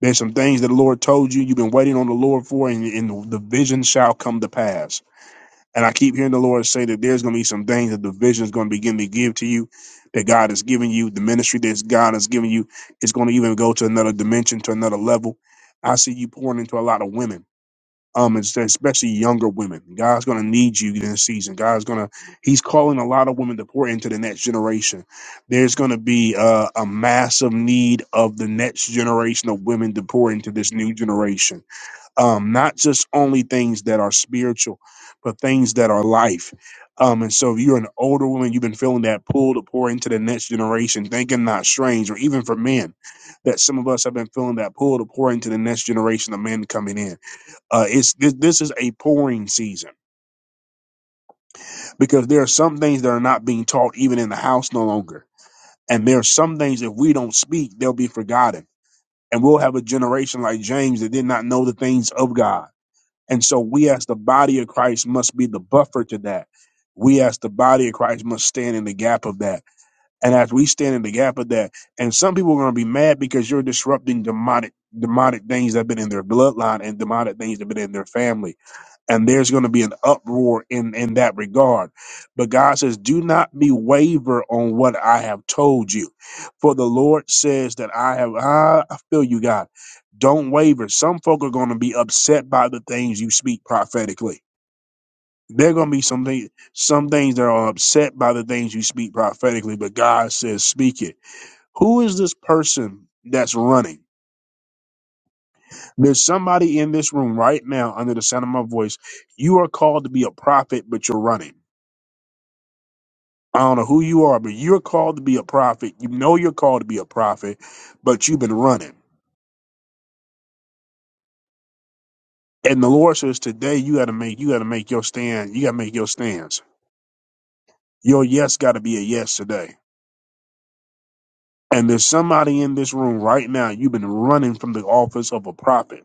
A: There's some things that the Lord told you you've been waiting on the Lord for, and, and the vision shall come to pass and I keep hearing the Lord say that there's going to be some things that the vision is going to begin to give to you, that God has given you, the ministry that God has given you is going to even go to another dimension, to another level. I see you pouring into a lot of women, um, es- especially younger women. God's going to need you in this season. God's going to, He's calling a lot of women to pour into the next generation. There's going to be a, a massive need of the next generation of women to pour into this new generation um, not just only things that are spiritual, but things that are life. Um, and so if you're an older woman, you've been feeling that pull to pour into the next generation, thinking not strange, or even for men, that some of us have been feeling that pull to pour into the next generation of men coming in. Uh, it's this, this is a pouring season because there are some things that are not being taught even in the house no longer. And there are some things if we don't speak, they'll be forgotten. And we'll have a generation like James that did not know the things of God And so we as the body of Christ must be the buffer to that. We as the body of Christ must stand in the gap of that. And as we stand in the gap of that, and some people are going to be mad because you're disrupting demonic demonic things that have been in their bloodline and demonic things that have been in their family and there's going to be an uproar in in that regard but god says do not be waver on what i have told you for the lord says that i have ah, i feel you god don't waver some folk are going to be upset by the things you speak prophetically there are going to be some things some things that are upset by the things you speak prophetically but god says speak it who is this person that's running there's somebody in this room right now under the sound of my voice you are called to be a prophet but you're running I don't know who you are, but you're called to be a prophet. You know you're called to be a prophet, but you've been running. And the Lord says today you gotta make you gotta make your stand. You gotta make your stands. Your yes gotta be a yes today. And there's somebody in this room right now, you've been running from the office of a prophet.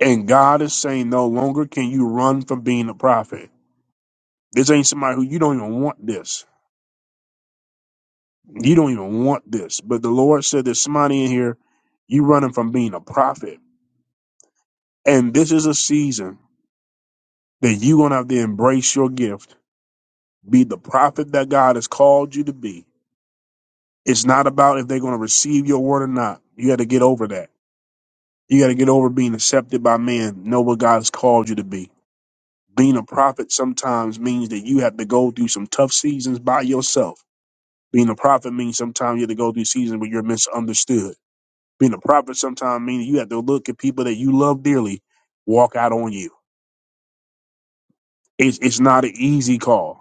A: And God is saying no longer can you run from being a prophet. This ain't somebody who you don't even want this. You don't even want this. But the Lord said there's somebody in here, you running from being a prophet. And this is a season that you're going to have to embrace your gift, be the prophet that God has called you to be. It's not about if they're going to receive your word or not. You got to get over that. You got to get over being accepted by man, know what God has called you to be. Being a prophet sometimes means that you have to go through some tough seasons by yourself. Being a prophet means sometimes you have to go through seasons where you're misunderstood. Being a prophet sometimes means you have to look at people that you love dearly walk out on you. It's, it's not an easy call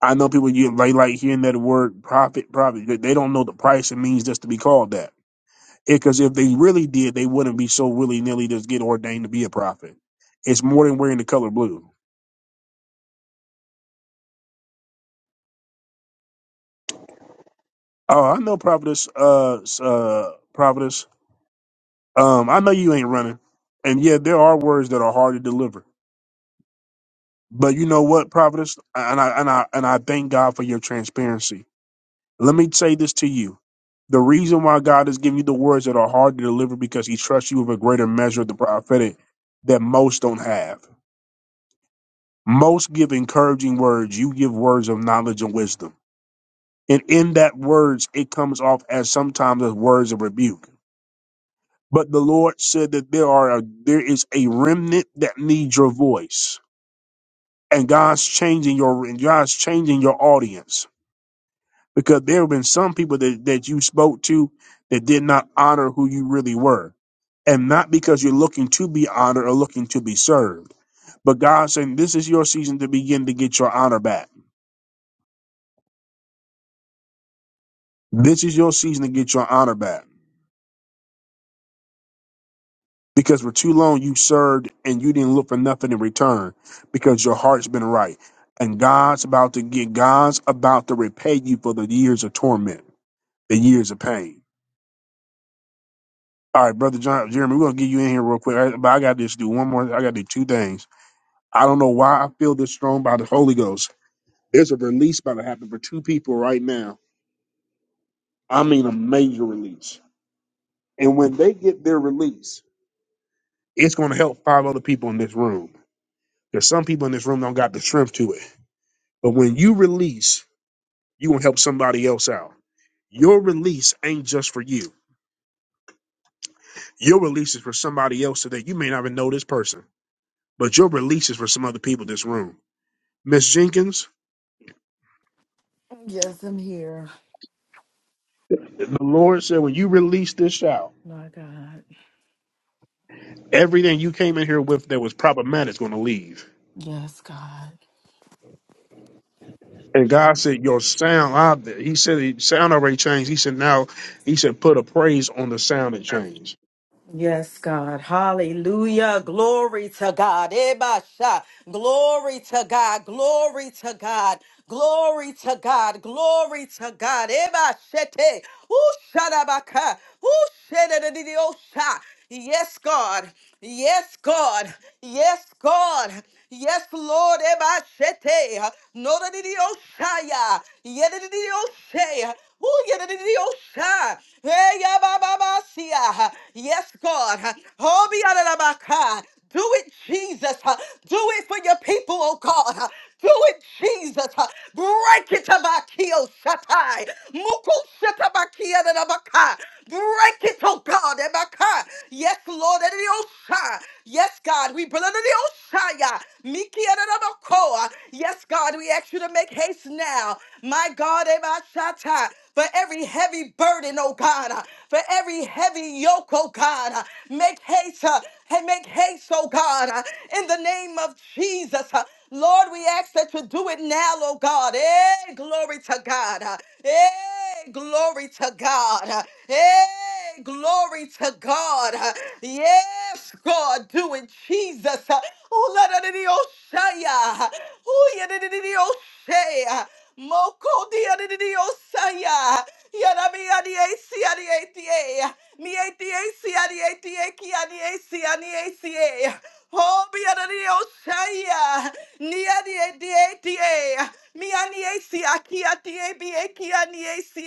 A: I know people you they like hearing that word profit, profit. They they don't know the price it means just to be called that. Because if they really did, they wouldn't be so willy nilly just get ordained to be a prophet. It's more than wearing the color blue. Oh, I know prophetess, uh, s- uh, prophetess. Um, I know you ain't running, and yeah, there are words that are hard to deliver. But you know what, prophetess, and I and I and I thank God for your transparency Let me say this to you. The reason why God has given you the words that are hard to deliver because he trusts you with a greater measure of the prophetic that most don't have. Most give encouraging words. You give words of knowledge and wisdom. And in that words, it comes off as sometimes as words of rebuke. But the Lord said that there are a, there is a remnant that needs your voice. And God's changing your and God's changing your audience because there have been some people that, that you spoke to that did not honor who you really were. And not because you're looking to be honored or looking to be served, but God's saying this is your season to begin to get your honor back. This is your season to get your honor back because for too long you served and you didn't look for nothing in return because your heart's been right. And God's about to get, God's about to repay you for the years of torment, the years of pain. All right, brother John Jeremy, we're gonna get you in here real quick. I, but I got to just do one more. I got to do two things. I don't know why I feel this strong by the Holy Ghost. There's a release about to happen for two people right now. I mean, a major release. And when they get their release, it's gonna help five other people in this room. There's some people in this room don't got the strength to it. But when you release, you gonna help somebody else out. Your release ain't just for you. Your release is for somebody else today. You may not even know this person, but your release is for some other people in this room. Miss Jenkins,
M: Yes, I'm here.
A: The Lord said, when you release this shout,
M: My God.
A: everything you came in here with that was problematic is going to leave.
M: Yes, God.
A: And God said, your sound out there. He said, the sound already changed. He said, now, he said, put a praise on the sound that changed.
M: Yes, God. Hallelujah. Glory to God. Ebasha. Glory to God. Glory to God. Glory to God. Glory to God. Ebashete. Ushadabaka. Ushedadadidiosha. Yes, God. Yes, God. Yes, God. Yes, Lord. Ebashete. No da di di oshaya. Ye da di di oshaya. Ooh, ye da di di oshaya. Hey, ya ba ba ba siya. Yes, God. Oh, be out of my car. Do it, Jesus. huh? Do it for your people, oh God. huh? Do it, Jesus. huh? Break it, Abakiyo Shatai. Muku Shatabakia Break it, oh God. Ebaka. Yes, Lord. Ede Yes, God. We bring under the Oshaya. Miki ede de Yes, God. We ask you to make haste now. My God, Ebashata. For every heavy burden, oh God. For every heavy yoke, oh God. Make haste. uh, And make haste, oh God. In the name of Jesus. Lord, we ask that you do it now, oh God. Eh, glory to God. Eh, Hey, glory to God. Hey, glory to God. Yes, God, do it, Jesus. Oh, la da di di oh, shaya. Oh, ya di di di di oh, shaya. Moko di ya di di di oh, saya. Ya da mi ya di eh, si ya di eh, di eh. Mi eh, di eh, si ya di eh, di eh, ki ya di eh, si ya di eh, si eh. Oh, be a de Oshaya. Nia de de de. Mia ni esi aki ati e bi eki ani esi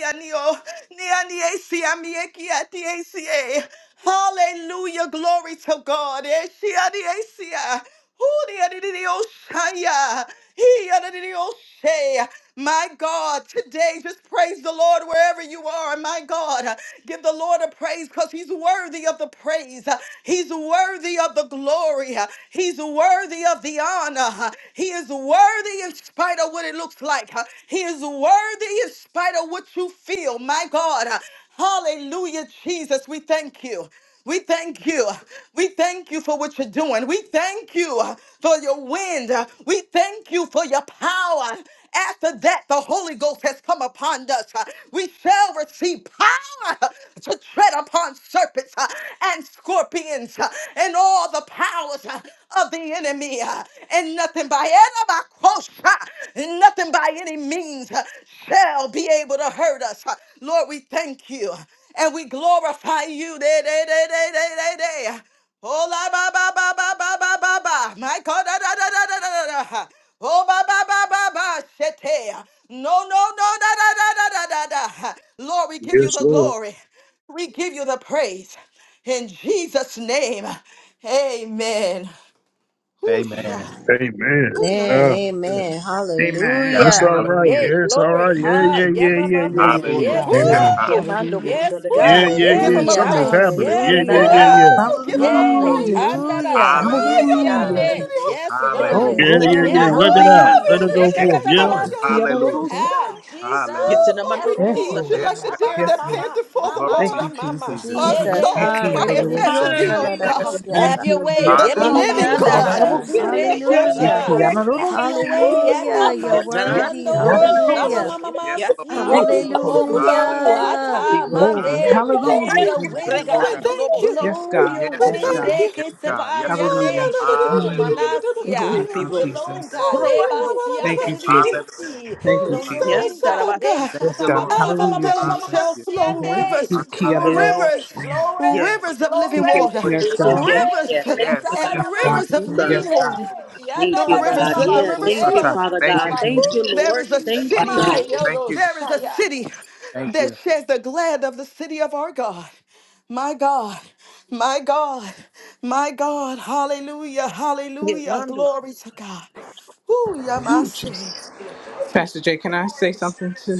M: Nia ni esi ami eki ati esi e. Hallelujah. Glory to God. Eh, Eshi ani esi hoo dee My God, today just praise the Lord wherever you are. My God, give the Lord a praise because He's worthy of the praise. He's worthy of the glory. He's worthy of the honor. He is worthy in spite of what it looks like. He is worthy in spite of what you feel. My God, hallelujah, Jesus, we thank you. We thank you. We thank you for what you're doing. We thank you for your wind. We thank you for your power. After that, the Holy Ghost has come upon us. We shall receive power to tread upon serpents uh, and scorpions uh, and all the powers uh, of the enemy. uh, And nothing by any coast, nothing by any means uh, shall be able to hurt us. Uh, Lord, we thank you and we glorify you. Day, day, day, day, day, day, day. Oh, la, ba, ba, ba, ba, ba, ba, ba, ba. My God, da, da, da, da, da, da, da, da. Oh, ba, ba, ba, ba, ba, shete. No, no, no, da, da, da, da, da, da, da. Lord, we give you
A: Yes,
M: the
A: Lord.
M: glory. We give you the praise. In Jesus' name, amen. Whoosh.
G: Amen.
A: Amen.
M: Ooh, la, da,
F: Amen.
M: da,
A: Uh,
M: da.
F: Amen.
B: Amen.
G: God.
A: that's
F: Hallelujah.
A: all
G: Halle-
A: right.
B: Hallelujah.
C: Yay,
A: Yes, all
C: glory.
A: right.
B: Thank
A: Yeah,
B: you,
C: Ha,
A: yeah,
C: yeah,
A: yeah,
B: Jesus.
A: yeah,
C: mama,
A: yeah,
C: mama.
B: Yes,
A: yeah,
B: Lord
A: yeah,
G: Hallelujah.
C: Yes,
B: God.
C: God.
P: Amen.
G: Hallelujah.
M: Ooh.
B: Hallelujah,
C: Yes,
A: yeah,
B: Jesus.
A: yeah,
C: God.
M: Woo!
A: yeah,
C: Yes,
M: Give
A: yeah.
M: him a
F: Hallelujah.
A: Something's
C: God.
M: praise.
A: happening.
C: Yes,
A: Yeah, yeah,
F: Hallelujah.
A: yeah,
C: God.
A: yeah,
M: Woo! Give him a
C: Yay.
B: Hallelujah,
M: praise.
C: Tanda
B: Jesus.
C: da da
F: Hallelujah.
C: da ba.
M: Ay,
F: Yes,
M: la,
G: Hallelujah.
M: la, la,
B: Hallelujah,
M: la,
F: God.
M: la,
C: Siande.
M: la, la,
B: Jesus.
C: Yes,
B: Oh,
C: Lord.
G: Hallelujah.
M: Shaya.
A: yeah, yeah,
G: Glory
B: glory.
G: to
A: yeah.
M: Woo!
F: Hallelujah.
G: God.
C: Yes,
A: Let it out.
B: Hallelujah,
A: Let
M: la,
C: Jesus.
A: it
M: la, la,
A: go
M: la,
G: Yes,
B: Jesus.
A: forth.
M: la,
A: Yeah,
G: Lord.
M: Shaya, la, la, la,
C: Ekatatataba-si.
M: la,
G: Hallelujah.
C: Ah,
M: Shaya.
C: Jesus.
M: Oh,
G: Hallelujah.
C: Yes,
M: Lord, we
B: Yes,
M: need
C: Lord.
M: you
B: Lord.
M: like
G: Yes,
M: the
C: Ba ba
G: God.
M: deer
C: ma
B: Yes,
M: that
C: ma
B: Lord.
C: ma
M: panteth for
C: ma
M: the
G: Glory
C: ma
G: to
B: Thank
G: you,
M: water.
C: ma
B: you,
C: ma ma.
B: Jesus.
G: Jesus.
M: Our
C: Yeah yeah
F: Jesus.
C: yeah
M: souls
F: Ha
C: yeah yeah
M: crieth
B: Ikiarorosha,
M: after thee,
F: ribbididiosha
B: yeah.
F: la
M: O
N: Hallelujah,
M: God,
N: Lord.
G: Yes.
N: Bless
F: yes.
C: have your
N: your
B: Mhm.
C: way.
N: name,
M: the
B: Yep.
G: Hallelujah.
N: God.
C: Yebababa
M: living
F: Hallelujah,
M: God.
N: Thank
F: God.
N: you,
C: sukure
N: Lord. You're
G: Yes,
N: so
F: Hallelujah.
C: shata.
M: Ooh,
N: worthy,
C: Have your
M: ooh,
G: Jehovah.
C: way.
N: God.
F: Hallelujah. You're
G: Thank you,
N: Hallelujah.
G: Lord.
F: worthy.
N: to
C: Adamasiando
N: Your name,
M: ooh,
F: Hallelujah.
G: Yes,
N: Lord.
G: Lord.
C: shabamamamasi.
B: Thank you,
N: Glory,
C: Oh,
M: ooh.
B: Jesus.
N: God.
G: Hallelujah.
C: blow
N: Thank
F: Hallelujah.
N: you,
C: ata
N: Jesus.
G: Ah,
B: Glory.
M: Ooh,
C: mande.
M: we
N: Hey,
C: Blow
M: thank
B: Hallelujah,
N: yes,
M: you.
C: your
G: Thank
N: God.
G: you,
B: Jesus.
C: wind,
G: Lord
N: Thank
M: We
C: God.
G: God.
M: thank you.
B: Yes,
N: you,
C: Blow
N: Lord.
B: God.
C: your
G: Yes,
M: We
B: Yes,
G: God.
N: Bless
C: wind.
N: you.
M: thank
B: God.
C: De
M: you.
G: Yes, God. Yes, God.
M: Ah, no,
C: kesepayande
B: Hallelujah.
M: no, no, no, no, no,
C: shato
B: Mm,
M: no, no,
G: Hallelujah.
M: no, no,
C: manasia.
B: Thank you,
M: Koya.
G: Hallelujah.
C: Blow,
B: Jesus.
G: Thank you,
C: God.
M: Oh, you
G: Jesus.
M: wa- wa- wa- wa-
B: Thank you,
M: wa- see.
C: Debasiande
B: Jesus.
G: Hallelujah.
C: see.
B: Thank
M: Oh,
B: you,
C: Blow your
M: stir
B: Jesus.
M: us
C: wind,
M: up,
C: God.
M: oh
C: They
M: God.
G: Thank
C: shut
B: Yes,
G: you,
C: up. Ba,
B: God.
G: Lord.
C: ba,
M: Out
C: ba,
M: of
C: ba,
M: our
C: ba,
B: Hallelujah,
C: ba, ba,
M: belly
C: ba,
G: Hallelujah.
C: ba, ba,
M: shall
B: Jesus.
M: flow
C: siende.
M: rivers,
B: Thank you,
G: Hallelujah.
B: Lord.
C: Glory,
M: rivers,
G: Yes,
C: glory,
M: rivers
G: Lord.
M: of living water,
C: glory,
B: Yes,
G: Yes,
B: God.
G: Lord.
M: rivers
C: glory. Yet da
G: Yes,
M: and
C: da
E: God.
G: God.
B: Yes,
C: ba
B: God.
E: Thank
M: rivers of
E: you,
C: see.
E: God.
B: Yes,
M: living
B: God.
G: Yes,
M: water.
G: Lord.
C: Yet
E: Thank
C: da
M: The
E: you,
C: da
G: Yes.
B: Hallelujah.
C: da da
M: rivers,
C: da
E: God.
M: let
C: ba
M: the
E: Yeah,
C: say.
M: rivers
E: thank you,
G: Kusata.
M: flow.
E: Father
C: Yet
G: Thank
C: da
E: God.
G: you,
C: ba
G: Jesus.
E: Thank you,
M: Ooh, there
E: Lord.
M: is
C: see.
M: a
G: Thank
E: Thank you,
G: you,
M: city.
C: My
G: Jesus.
E: God.
B: Hallelujah.
G: Thank
C: yodo
G: you, Jesus.
M: There is a
C: shaya.
M: city
G: Thank
M: that
G: you.
M: shares the glad of the city of our God. My God, my God, my God. Hallelujah, hallelujah. Glory to God. Ooh,
B: Ooh,
M: Yamase.
B: Jesus.
M: Jesus.
B: Pastor Jay, can I say something to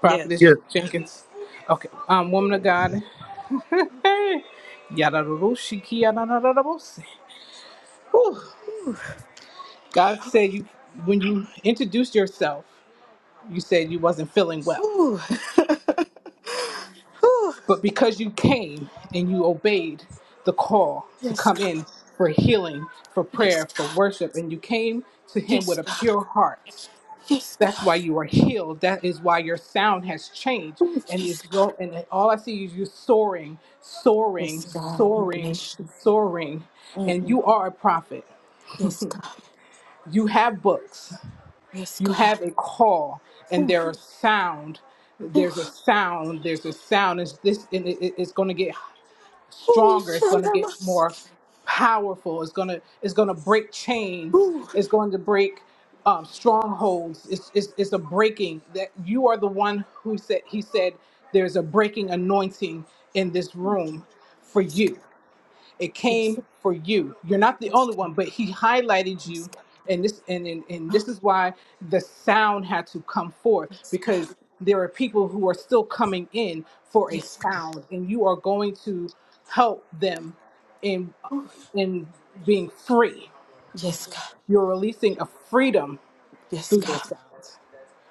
B: Prophetess
A: yeah.
B: Jenkins? Okay. Um, woman of God. Yadaroroshiki, yadadadadabose. Whew.
M: Ooh.
B: God said you when you introduce yourself. you said you wasn't feeling well.
M: Ooh. ooh.
B: But because you came and you obeyed the call to
M: Yes,
B: come
M: God.
B: in for healing, for
M: Yes,
B: prayer, for
M: God.
B: worship, and you came to him
M: Yes,
B: with a
M: God.
B: pure heart.
M: Yes,
B: That's
M: God.
B: why you are healed. That is why your sound has changed.
M: Ooh,
B: And
M: yes,
B: it's
M: God.
B: go and all I see is you soaring, soaring,
M: Yes, God. We
B: soaring,
M: bless you.
B: soaring. And
M: Mm-mm.
B: you are a prophet.
M: Yes, God.
B: You have books.
M: Yes,
B: you
M: God.
B: have a call and
M: Ooh,
B: there are sound
M: ooh,
B: there's a sound there's a sound it's this and it, it- it's going to get
M: ooh.
B: stronger it's going to
M: Shalom.
B: get more powerful it's going to it's going to break chains it's going to break um, strongholds it's, it's it's a breaking that you are the one who said he said there's a breaking anointing in this room for
M: Ooh.
B: you it
M: Yes,
B: came for you you're not the only one but he highlighted
M: yes,
B: you
M: God. Yes,
B: and this and, and and
M: God. Oh,
B: this is why the sound had to come forth
M: yes, God.
B: because there are people who are still coming in for a
M: Yes, God.
B: sound and you are going to help them in
M: Oh,
B: in being free
M: yes, God.
B: you're releasing a freedom
M: Yes,
B: through your
M: God.
B: sound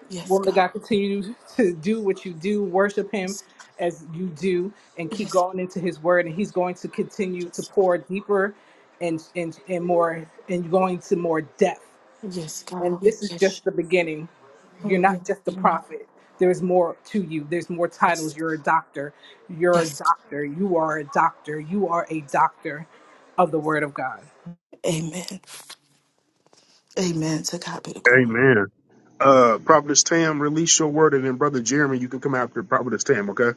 M: Yes,
B: woman of
M: God.
B: God, continue to do what you do, worship Him
M: Yes,
B: as you do, and keep
M: yes,
B: going into His Word. And He's going to continue to
M: yes, God.
B: pour deeper and and and more, and going to more depth.
M: Yes,
B: And
M: God. We
B: this is
M: bless
B: just
M: you.
B: the beginning. You're
M: Oh, we
B: not just a
M: honor you.
B: prophet. There is more to you. There's more
M: Yes,
B: titles. You're a doctor. You're a
M: yes.
B: doctor. You are a doctor. You are a doctor of the Word of God.
M: Amen. Amen. To God be the glory.
A: Amen. Uh, Prophetess Tam, release your word, and then Brother Jeremy, you can come after Prophetess Tam, okay?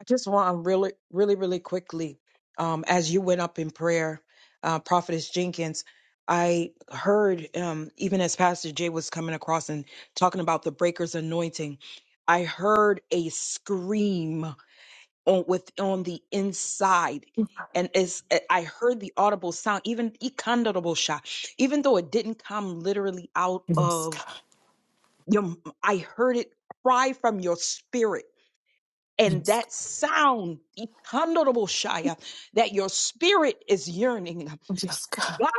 L: I just want to really, really, really quickly, um, as you went up in prayer, uh, Prophetess Jenkins, I heard, um, even as Pastor Jay was coming across and talking about the breaker's anointing, I heard a scream on with on the inside. And it's, eh, I heard the audible sound, even ikandadable sha, even though it didn't come literally out
M: Yes,
L: of
M: God.
L: your, I heard it cry from your spirit and
M: Yes,
L: that
M: God.
L: sound Ikandoroboshaya, that your spirit is yearning.
M: Yes, God.
L: God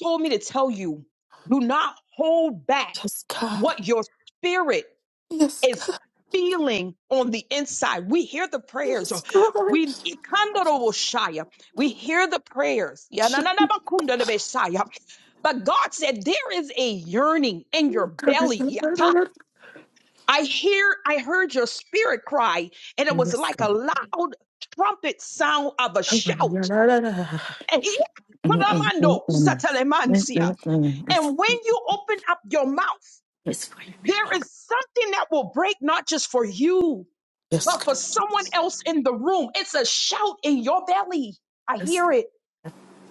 L: told me to tell you do not hold back
M: Yes, God.
L: what your spirit
M: Yes,
L: is
M: God.
L: feeling on the inside. We hear the prayers.
M: Yes, God.
L: We Ikandoroboshaya, we hear the prayers. Yananabakundalebeshaya. But God said there is a yearning in your belly. I hear I heard your spirit cry, and it was
M: Yes,
L: like a
M: God.
L: loud trumpet sound of a shout. And he- Ramando, Satalemancia.
M: Mm-mm-mm-mm.
L: And when you open up your mouth,
M: Yes, for your
L: there
M: people.
L: is something that will break not just for you,
M: Yes,
L: but for
M: God.
L: someone else in the room. It's a shout in your belly. I
M: Yes,
L: hear
M: God.
L: it.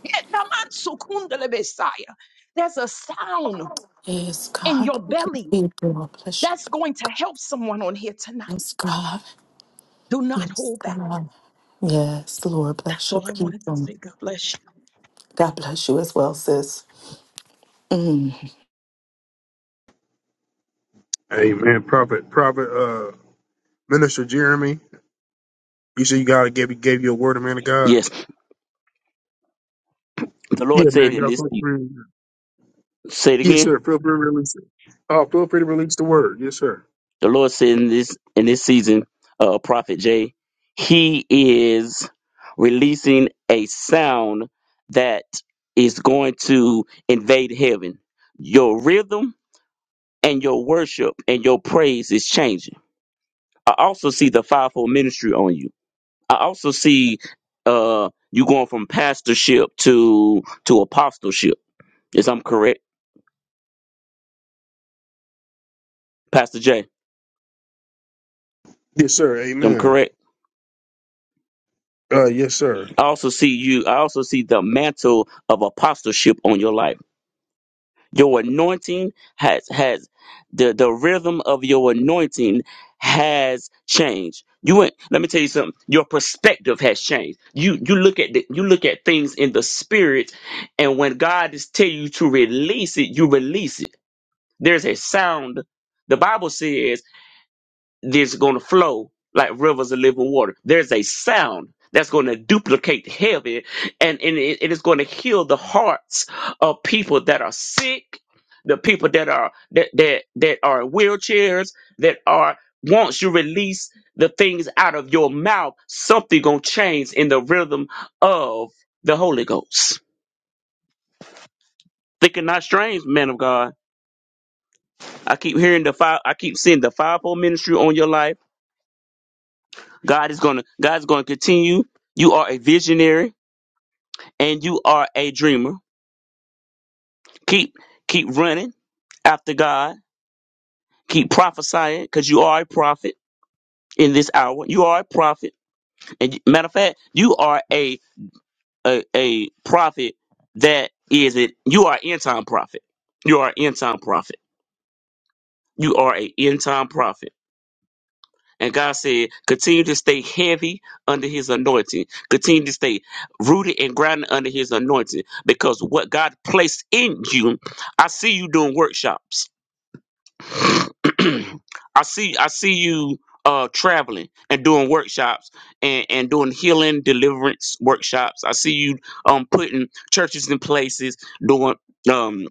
L: Yetamansu kundelebesaya. There's a sound
M: Yes,
L: in your
M: God. Thank you,
L: belly
M: people. Bless you.
L: that's going to help someone on here tonight.
M: Yes, God.
L: Do not
M: Yes,
L: hold back.
M: God. Yes, Lord.
L: That's
M: Bless your
L: all I wanted to
M: people.
L: say. God bless you.
M: God bless you as well, sis. Mm.
A: Amen. Prophet, Prophet, uh, Minister Jeremy, you said you God gave, gave you a word, man of God.
Q: Yes, the Lord
A: Yeah, man
Q: said
A: of
Q: in
A: God,
Q: this.
A: feel free.
Q: Say it
A: Yes,
Q: again.
A: sir. Feel free to release it. Oh, feel free to release the word. Yes, sir.
Q: The Lord said in this in this season, uh, Prophet Jay, He is releasing a sound that is going to invade heaven. Your rhythm and your worship and your praise is changing. I also see the fivefold ministry on you. I also see uh, you going from pastorship to to apostleship. Is I'm correct, Pastor Jay?
A: Yes, sir.
Q: I'm
A: Amen.
Q: correct.
A: Uh, yes, sir.
Q: I also see you. I also see the mantle of apostleship on your life. Your anointing has has the the rhythm of your anointing has changed. You went. Let me tell you something. Your perspective has changed. You you look at the, you look at things in the spirit, and when God is telling you to release it, you release it. There's a sound. The Bible says that's going to flow like rivers of living water. There's a sound that's going to duplicate heaven, and, and it it is going to heal the hearts of people that are sick, the people that are that that that are in wheelchairs, that are once you release the things out of your mouth, something gonna change in the rhythm of the Holy Ghost. Thinking not strange, man of God. I keep hearing the five. I keep seeing the fivefold ministry on your life God is gonna God's gonna continue. You are a visionary and you are a dreamer. Keep keep running after God. Keep prophesying because you are a prophet in this hour. You are a prophet, and matter of fact, you are a a, a prophet that is it. You are an end time prophet. You are an end time prophet. You are a end time prophet. And God said, continue to stay heavy under his anointing. Continue to stay rooted and grounded under his anointing. Because what God placed in you, I see you doing workshops. I see I see you uh traveling and doing workshops and, and doing healing deliverance workshops. I see you um putting churches in places, doing um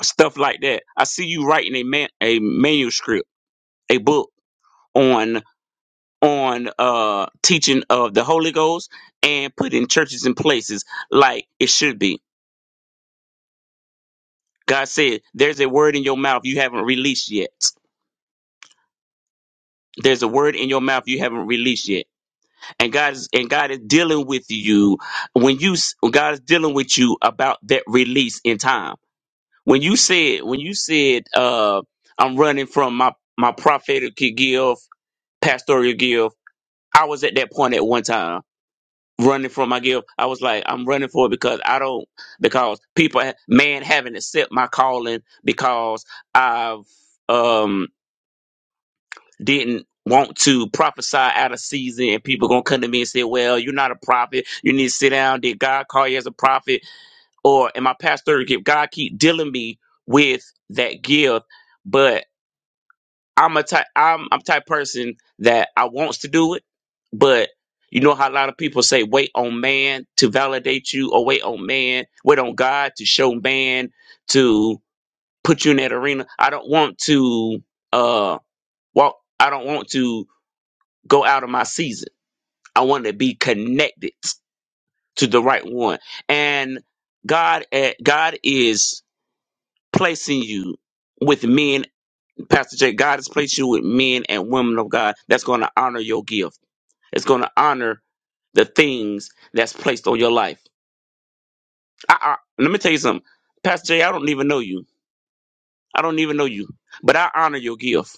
Q: stuff like that. I see you writing a man a manuscript, a book on on uh teaching of the Holy Ghost and putting churches in places like it should be. God said, There's a word in your mouth you haven't released yet. There's a word in your mouth you haven't released yet. And God is and God is dealing with you when you s- God is dealing with you about that release in time. When you said, when you said uh I'm running from my my prophetic gift, pastoral gift, I was at that point at one time running for my gift. I was like, I'm running for it because I don't because people ha- man haven't accept my calling because I've um didn't want to prophesy out of season and people gonna come to me and say, Well, you're not a prophet, you need to sit down, did God call you as a prophet? Or am I pastor gift? God keep dealing me with that gift, but I'm a type I'm I'm type person that I wants to do it, but you know how a lot of people say wait on man to validate you or wait on man, wait on God to show man to put you in that arena. I don't want to uh walk I don't want to go out of my season. I want to be connected to the right one. And God eh, God is placing you with men Pastor Jay, God has placed you with men and women of God that's going to honor your gift. It's going to honor the things that's placed on your life. I, I, let me tell you something. Pastor Jay, I don't even know you. I don't even know you. But I honor your gift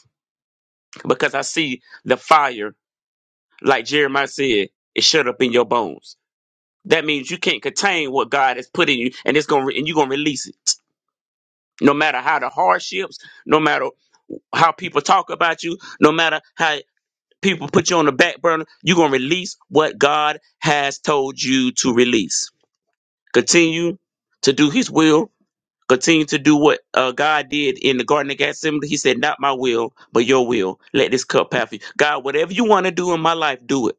Q: because I see the fire, like Jeremiah said, is shut up in your bones. That means you can't contain what God has put in you, and it's going and you're gonna release it. No matter how the hardships, no matter how people talk about you, no matter how people put you on the back burner, you're going to release what God has told you to release. Continue to do His will. Continue to do what uh, God did in the Garden of Gethsemane. He said, Not my will, but your will. Let this cup pass you. God, whatever you want to do in my life, do it.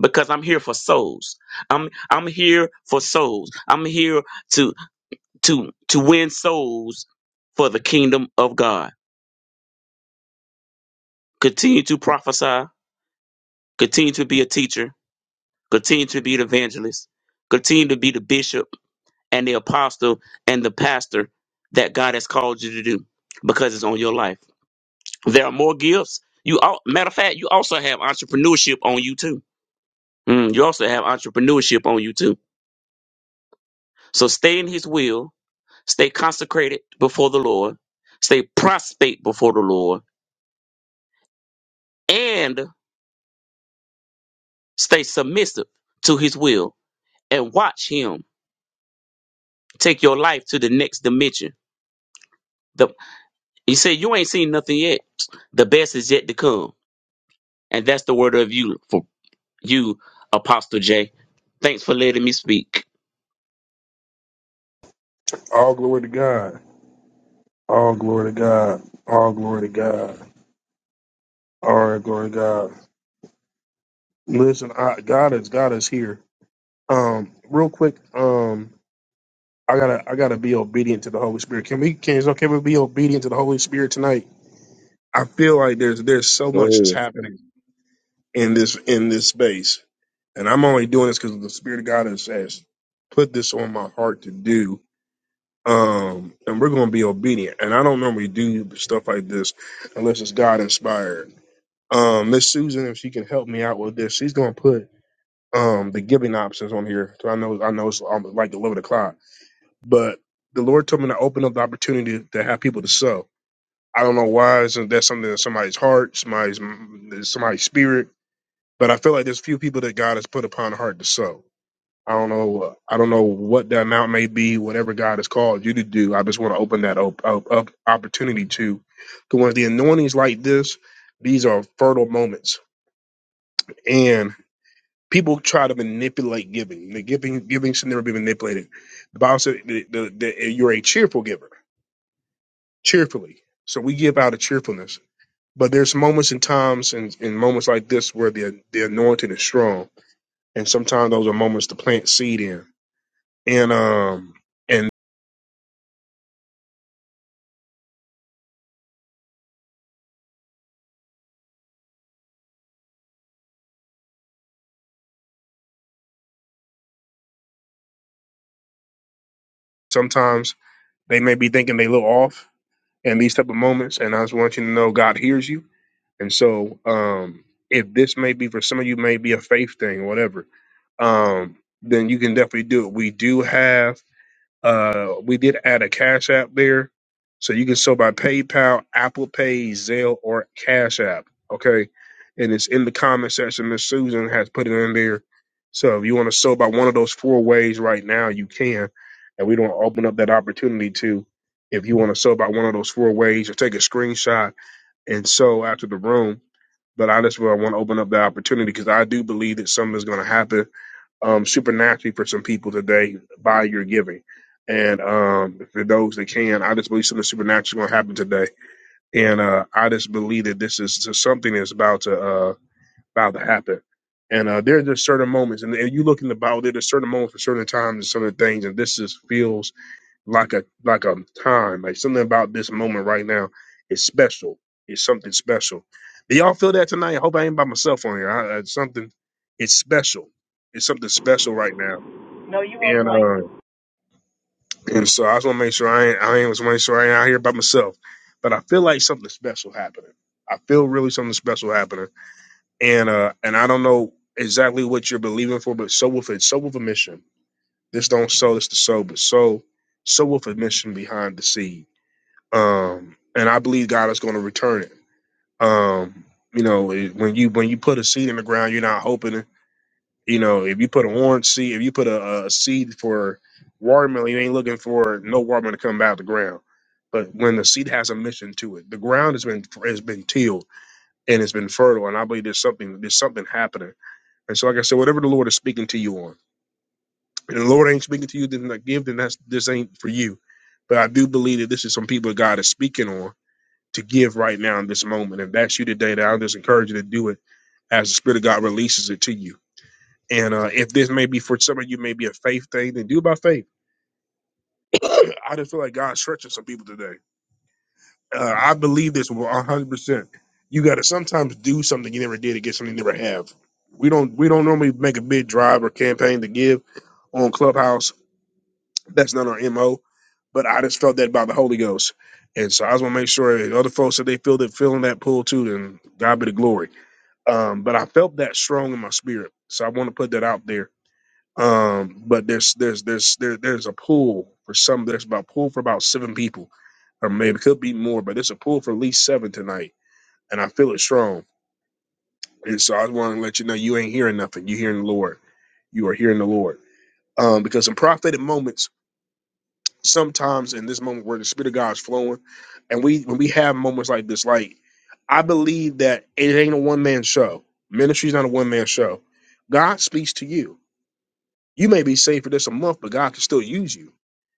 Q: Because I'm here for souls. I'm I'm here for souls. I'm here to to to win souls for the kingdom of God. Continue to prophesy. Continue to be a teacher Continue to be the evangelist. Continue to be the bishop and the apostle and the pastor that God has called you to do because it's on your life. There are more gifts. You all, matter of fact, you also have entrepreneurship on you too. Mm, you also have entrepreneurship on you too. So stay in His will. Stay consecrated before the Lord. Stay prostrate before the Lord, and stay submissive to His will. And watch Him take your life to the next dimension He said, You ain't seen nothing yet. The best is yet to come. And that's the word of you for you, Apostle J. Thanks for letting me speak.
A: Listen, I, God is God is here. Um, real quick, um, I gotta I gotta be obedient to the Holy Spirit. Can we can, can we be obedient to the Holy Spirit tonight? I feel like there's there's so
Q: Go
A: much that's
Q: ahead.
A: happening. in this in this space. And I'm only doing this because the Spirit of God has, has put this on my heart to do. Um, and we're going to be obedient. And I don't normally do stuff like this unless it's God inspired. Um, Miss Susan, if she can help me out with this, she's going to put um the giving options on here. So I know I know it's almost like eleven o'clock, but the Lord told me to open up the opportunity to have people to sow. I don't know why. Is that something in somebody's heart, somebody's somebody's spirit? but I feel like there's few people that God has put upon heart to sow. I don't know. uh, I don't know what the amount may be. Whatever God has called you to do, I just want to open that up, up, up opportunity to. Because when the anointings like this, these are fertile moments, and people try to manipulate giving. The giving giving should never be manipulated. The Bible said that that- that you're a cheerful giver, cheerfully. So we give out of cheerfulness. But there's moments and times and, and moments like this where the the anointing is strong and sometimes those are moments to plant seed in and um and sometimes they may be thinking they look off in these type of moments and i just want you to know god hears you and so um if this may be for some of you may be a faith thing whatever um then you can definitely do it we do have Uh, we did add a Cash App there, so you can sell by PayPal, Apple Pay, Zelle, or Cash App. Okay, and it's in the comment section. Miss Susan has put it in there. So if you want to sell by one of those four ways right now, you can, and we don't open up that opportunity to. If you want to sell by one of those four ways, or take a screenshot and sell after the room. But I just want to open up the opportunity because I do believe that something is going to happen um, supernaturally for some people today by your giving. And um, for those that can, I just believe something supernatural is going to happen today. And uh, I just believe that this is just something that's about to uh, about to happen. And uh, there are just certain moments, and, and you look in the Bible, there are certain moments for certain times and certain things, and this just feels like a like a time, like something about this moment right now is special. It's something special. Do y'all feel that tonight? I hope I ain't by myself on here. I, I, something, it's special. It's something special right now
R: No, you on
A: and
R: point.
A: uh, and so I just want to make sure I ain't I ain't was make sure I ain't out here by myself. But I feel like something special happening. I feel really something special happening. And uh, and I don't know exactly what you're believing for, but so with it, so with a mission. This don't sow, this the sow, but so so with a mission behind the seed. Um, and I believe God is going to return it. Um, you know, it- when you when you put a seed in the ground, you're not hoping. You know, if you put an orange seed, if you put a, a seed for watermelon, you ain't looking for no watermelon to come out of the ground. But when the seed has a mission to it, the ground has been has been tilled and it's been fertile, and I believe there's something there's something happening. And so, like I said, whatever the Lord is speaking to you on, and the Lord ain't speaking to you, then like give, then that's this ain't for you. But I do believe that this is some people God is speaking on to give right now in this moment. If that's you today, then I'll just encourage you to do it as the Spirit of God releases it to you and uh, if this may be for some of you, maybe a faith thing, then do it by faith. I just feel like God's stretching some people today. Uh, I believe this 100%. You got to sometimes do something you never did to get something you never have. We don't we don't normally make a big drive or campaign to give on Clubhouse. That's not our MO. But I just felt that by the Holy Ghost. And so I just want to make sure that other folks that they feel that feeling that pull too, then God be the glory. Um, but I felt that strong in my spirit. So I want to put that out there Um, but there's there's there's there, there's a pool for some. There's about pool for about seven people, or maybe could be more. But there's a pool for at least seven tonight, and I feel it strong. And so I want to let you know you ain't hearing nothing. you hearing the Lord. You are hearing the Lord. Um, because in prophetic moments, sometimes in this moment where the Spirit of God is flowing, and we when we have moments like this, like I believe that it ain't a one man show. Ministry's not a one man show. God speaks to you. You may be saved for this a month, but God can still use you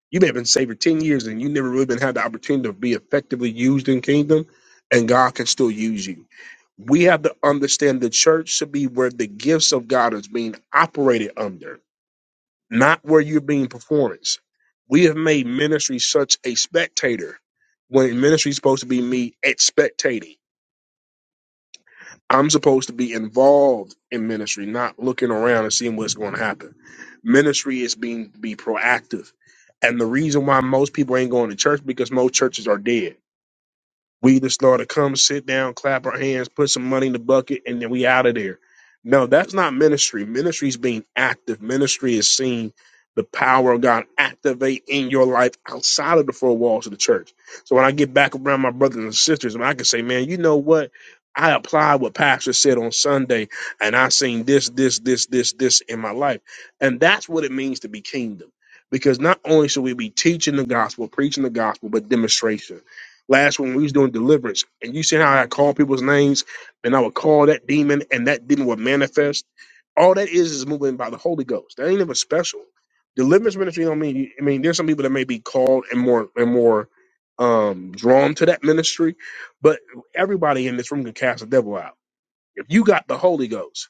A: You may have been saved for 10 years and you never really been had the opportunity to be effectively used in kingdom, and God can still use you. We have to understand the church should be where the gifts of God is being operated under, not where you're being performance. We have made ministry such a spectator when ministry is supposed to be me expectating. I'm supposed to be involved in ministry, not looking around and seeing what's going to happen. Ministry is being be proactive. And the reason why most people ain't going to church because most churches are dead. We the Lord to come sit down, clap our hands, put some money in the bucket, and then we out of there. No, that's not ministry. Ministry is being active. Ministry is seeing the power of God activate in your life outside of the four walls of the church. So when I get back around my brothers and sisters, and I can say, man, you know what? I applied what Pastor said on Sunday, and I seen this, this, this, this, this in my life. And that's what it means to be kingdom. Because not only should we be teaching the gospel, preaching the gospel, but demonstration. Last one, we was doing deliverance, and you see how I call people's names, and I would call that demon, and that demon would manifest. All that is is moving by the Holy Ghost. That ain't even special. Deliverance ministry don't mean. I mean, there's some people that may be called and more and more um drawn to that ministry, but everybody in this room can cast the devil out. If you got the Holy Ghost,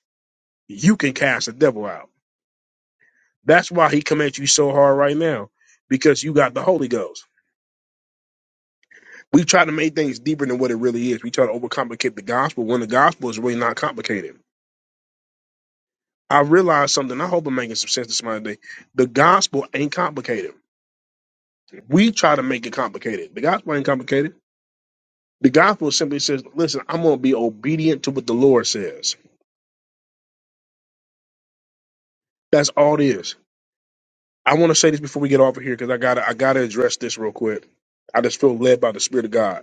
A: you can cast the devil out. That's why he commands you so hard right now, because you got the Holy Ghost. We try to make things deeper than what it really is. We try to overcomplicate the gospel when the gospel is really not complicated. I realized something. I hope I'm making some sense to somebody today. The gospel ain't complicated. We try to make it complicated. The gospel ain't complicated. The gospel simply says, listen, I'm going to be obedient to what the Lord says. That's all it is. I want to say this before we get off of here because I got to I gotta address this real quick. I just feel led by the Spirit of God.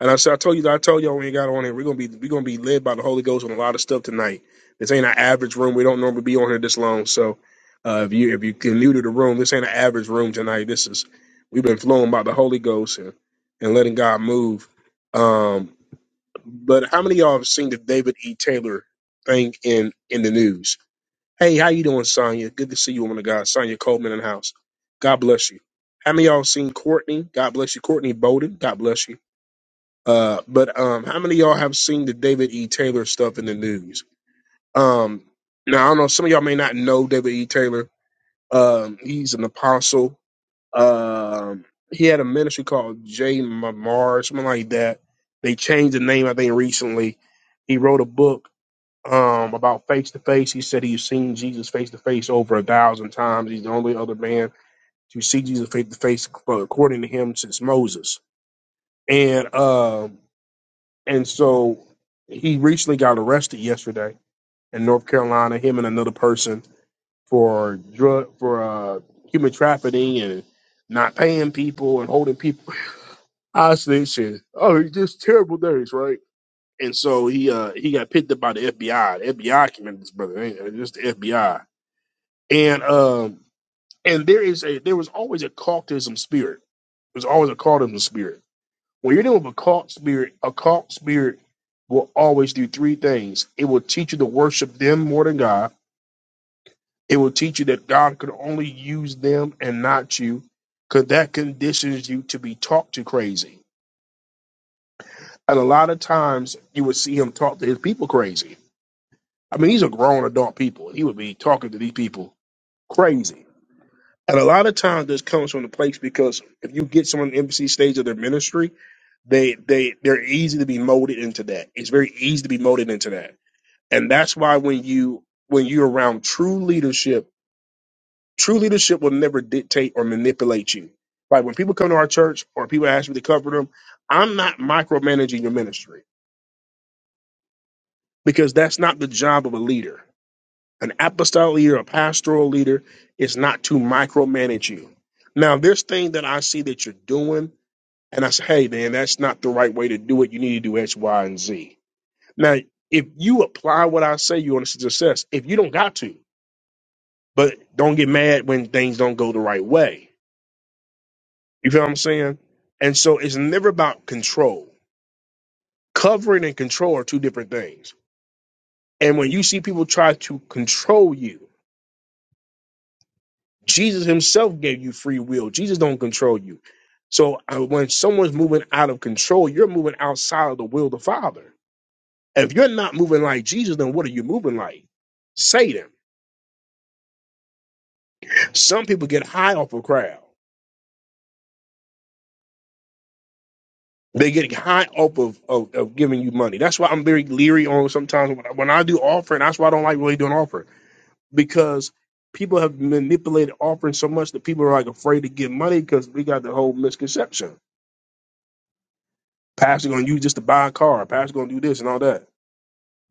A: And I said, I told you, I told y'all when we got on here, we're gonna be we're gonna be led by the Holy Ghost on a lot of stuff tonight. This ain't an average room. We don't normally be on here this long. So uh, if you if you can new to the room, this ain't an average room tonight. This is we've been flowing by the Holy Ghost and, and letting God move. Um, but how many of y'all have seen the David E. Taylor thing in in the news? Hey, how you doing, Sonya? Good to see you, woman of God. Sonya Coleman in the house. God bless you. How many of y'all seen Courtney? God bless you, Courtney Bowden. God bless you uh, but um, how many of y'all have seen the David E. Taylor stuff in the news? Um, now I don't know. Some of y'all may not know David E. Taylor. Um, he's an apostle. Um, he had a ministry called J. Mamar, something like that. They changed the name, I think, recently. He wrote a book um, about face to face. He said he's seen Jesus face to face over a thousand times. He's the only other man to see Jesus face to face, according to him, since Moses. And um, And so he recently got arrested yesterday in North Carolina, him and another person for drug for uh human trafficking and not paying people and holding people hostage and oh it's just terrible days, right? And so he uh he got picked up by the FBI. The FBI came in this brother, ain't it? just the FBI. And um and there is a there was always a cultism spirit. There's always a cultism spirit When you're dealing with a cult spirit, a cult spirit will always do three things. It will teach you to worship them more than God. It will teach you that God could only use them and not you, because that conditions you to be talked to crazy. And a lot of times you would see him talk to his people crazy. I mean, these are grown adult people. He would be talking to these people crazy. And a lot of times this comes from the place because if you get someone in the embassy stage of their ministry, they they they're easy to be molded into that. It's very easy to be molded into that. And that's why when you when you're around true leadership, true leadership will never dictate or manipulate you. Like when people come to our church or people ask me to cover them, I'm not micromanaging your ministry because that's not the job of a leader. An apostolic leader, a pastoral leader, is not to micromanage you. Now, this thing that I see that you're doing, and I say, hey, man, that's not the right way to do it. You need to do X, Y, and Z. Now, if you apply what I say, you're on success. If you don't got to, but don't get mad when things don't go the right way. You feel what I'm saying? And so it's never about control. Covering and control are two different things. And when you see people try to control you, Jesus himself gave you free will. Jesus don't control you. So uh, when someone's moving out of control, you're moving outside of the will of the Father. If you're not moving like Jesus, then what are you moving like? Satan. Some people get high off a crowd. They getting high up of, of, of giving you money. That's why I'm very leery on sometimes when I, when I do offering. That's why I don't like really doing offering because people have manipulated offering so much that people are like afraid to give money because we got the whole misconception. Pastor going to use just to buy a car. Pastor going to do this and all that.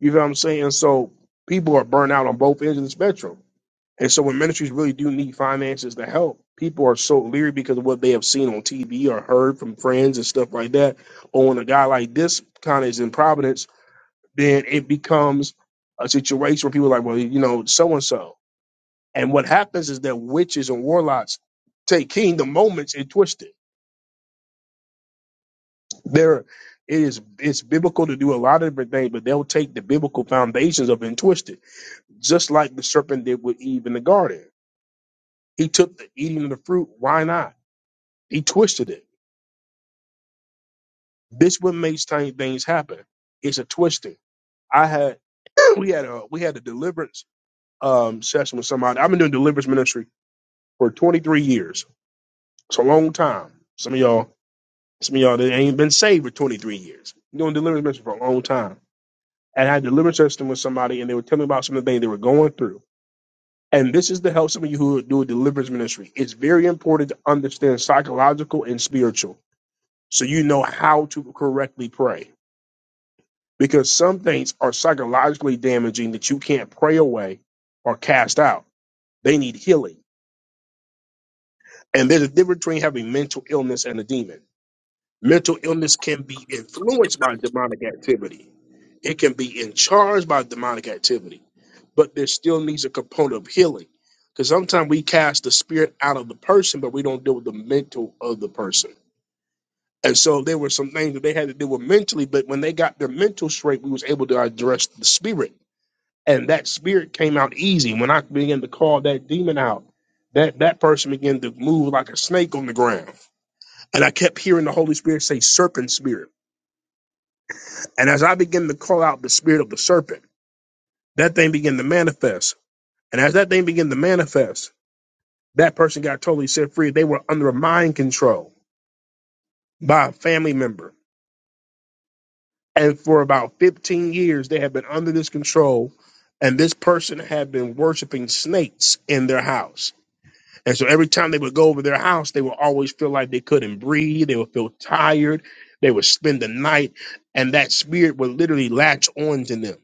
A: You know what I'm saying? So people are burnt out on both ends of the spectrum. And so when ministries really do need finances to help, people are so leery because of what they have seen on TV or heard from friends and stuff like that. Or when a guy like this kind of is in Providence then it becomes a situation where people are like, well, you know, so and so. And what happens is that witches and warlocks take kingdom moments and twist it. There, it is it's biblical to do a lot of different things, but they'll take the biblical foundations of it and twist it, just like the serpent did with Eve in the garden. He took the eating of the fruit. Why not? He twisted it. This what makes tiny things happen. It's a twisting. I had we had a we had a deliverance um session with somebody. I've been doing deliverance ministry for 23 years It's a long time. Some of y'all, some of y'all that ain't been saved for 23 years. You're doing deliverance ministry for a long time. And I had a deliverance session with somebody and they were telling me about some of the things they were going through. And this is to help some of you who do a deliverance ministry. It's very important to understand psychological and spiritual so you know how to correctly pray. Because some things are psychologically damaging that you can't pray away or cast out. They need healing. And there's a difference between having mental illness and a demon. Mental illness can be influenced by demonic activity. It can be in charge by demonic activity, but there still needs a component of healing. Because sometimes we cast the spirit out of the person, but we don't deal with the mental of the person. And so there were some things that they had to deal with mentally, but when they got their mental straight, we was able to address the spirit. And that spirit came out easy. When I began to call that demon out, that, that person began to move like a snake on the ground. And I kept hearing the Holy Spirit say serpent spirit. And as I began to call out the spirit of the serpent, that thing began to manifest. And as that thing began to manifest, that person got totally set free. They were under mind control by a family member. And for about 15 years, they had been under this control. And this person had been worshiping snakes in their house. And so every time they would go over their house, they would always feel like they couldn't breathe. They would feel tired. They would spend the night. And that spirit would literally latch on to them.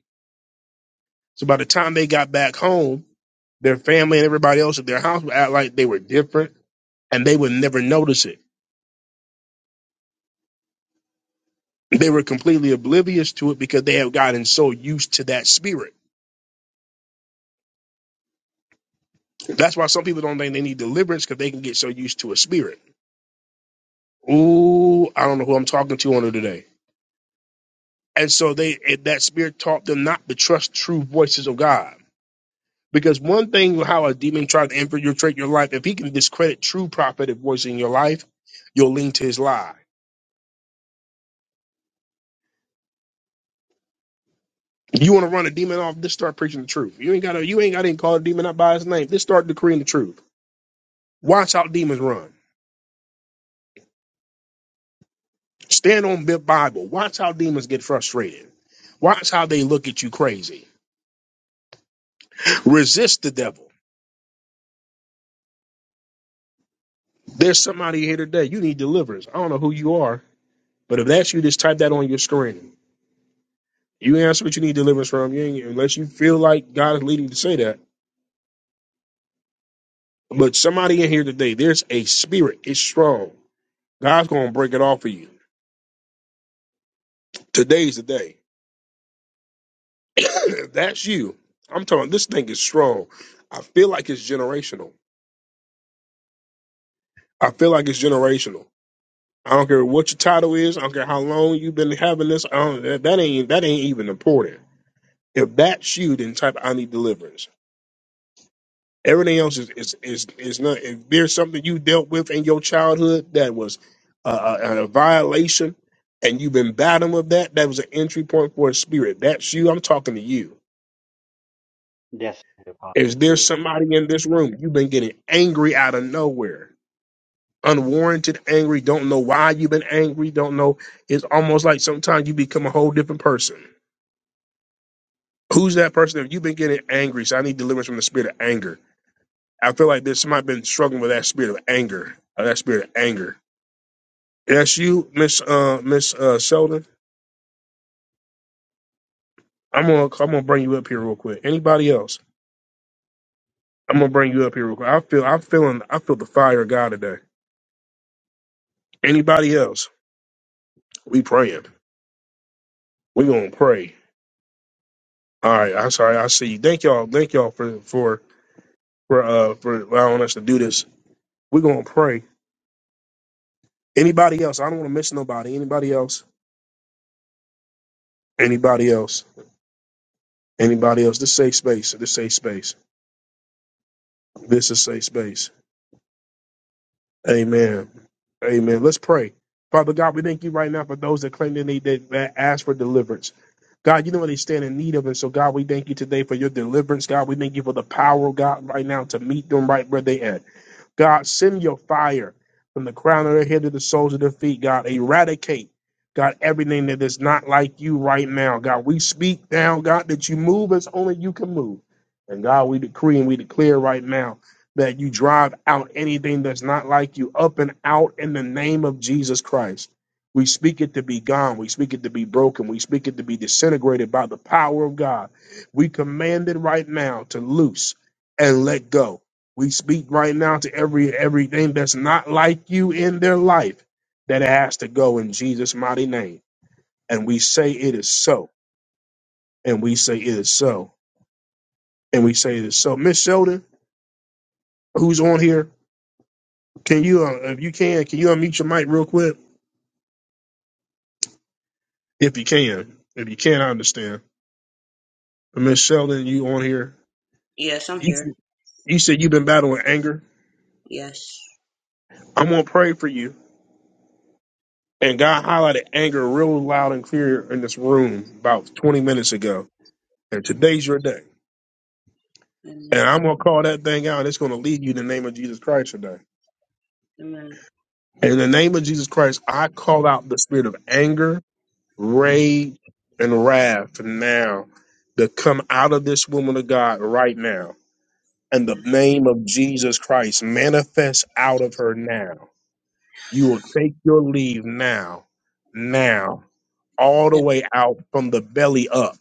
A: So by the time they got back home, their family and everybody else at their house would act like they were different and they would never notice it. They were completely oblivious to it because they have gotten so used to that spirit. That's why some people don't think they need deliverance because they can get so used to a spirit. Ooh, I don't know who I'm talking to on it today. And so they that spirit taught them not to trust true voices of God. Because one thing how a demon tries to infiltrate your life, if he can discredit true prophetic voice in your life, you'll lean to his lie You want to run a demon off? Just start preaching the truth. You ain't got to. You ain't got to even call a demon out by his name. Just start decreeing the truth. Watch how demons run. Stand on the Bible. Watch how demons get frustrated. Watch how they look at you crazy. Resist the devil. There's somebody here today. You need deliverance. I don't know who you are, but if that's you, just type that on your screen. You answer what you need deliverance from. You ain't, unless you feel like God is leading you to say that. But somebody in here today, there's a spirit. It's strong. God's gonna break it off for you. Today's the day. If that's you, I'm telling this thing is strong. I feel like it's generational. I feel like it's generational. I don't care what your title is. I don't care how long you've been having this. I don't, that, that ain't that ain't even important. If that's you, then type I need deliverance. Everything else is is is, is not. If there's something you dealt with in your childhood that was uh, a, a violation, and you've been battling with that, that was an entry point for a spirit. That's you. I'm talking to you.
S: Yes,
A: Is
S: Apostle
A: there
S: J.
A: somebody in this room you've been getting angry out of nowhere? unwarranted angry, don't know why you've been angry, don't know. It's almost like sometimes you become a whole different person. Who's that person? If you've been getting angry, so I need deliverance from the spirit of anger. I feel like there's somebody been struggling with that spirit of anger, or that spirit of anger. That's you, Miss uh, Miss uh, Sheldon. I'm gonna I'm gonna bring you up here real quick. Anybody else? I'm gonna bring you up here real quick. I feel I'm feeling I feel the fire of God today. Anybody else? We praying. We gonna pray. All right. I'm sorry. I see. you. Thank y'all. Thank y'all for for for uh for allowing us to do this. We're gonna pray. Anybody else? I don't want to miss nobody. Anybody else? Anybody else? Anybody else? This safe space. This safe space. This is safe space. Amen. Amen. Let's pray. Father God, we thank you right now for those that claim they need that that ask for deliverance. God, you know what they stand in need of, and so God, we thank you today for your deliverance. God, we thank you for the power, God, right now to meet them right where they at. God, send your fire from the crown of their head to the soles of their feet. God, eradicate, God, everything that is not like you right now. God, we speak now, God, that you move as only you can move. And God, we decree and we declare right now that you drive out anything that's not like you up and out in the name of Jesus Christ. We speak it to be gone. We speak it to be broken. We speak it to be disintegrated by the power of God. We command it right now to loose and let go we speak right now to every everything that's not like you in their life that it has to go in Jesus' mighty name. And we say it is so. And we say it is so. And we say it is so. Miss Sheldon, who's on here? Can you, uh, if you can, can you unmute your mic real quick? If you can, if you can, I understand. But Miss Sheldon, you on here?
T: Yes, I'm
A: You,
T: here.
A: you said you've been battling anger.
T: Yes.
A: I'm gonna pray for you. And God highlighted anger real loud and clear in this room about 20 minutes ago. And today's your day And
T: Amen.
A: I'm going to call that thing out. It's going to lead you in the name of Jesus Christ today.
T: Amen.
A: In the name of Jesus Christ, I call out the spirit of anger, rage, and wrath
T: Amen.
A: now to come out of this woman of God right now. And the
T: Yes. I'm
A: name
T: here.
A: of Jesus Christ manifests out of her now. You will take your leave now, now, all the
T: Yes.
A: way out from the belly up.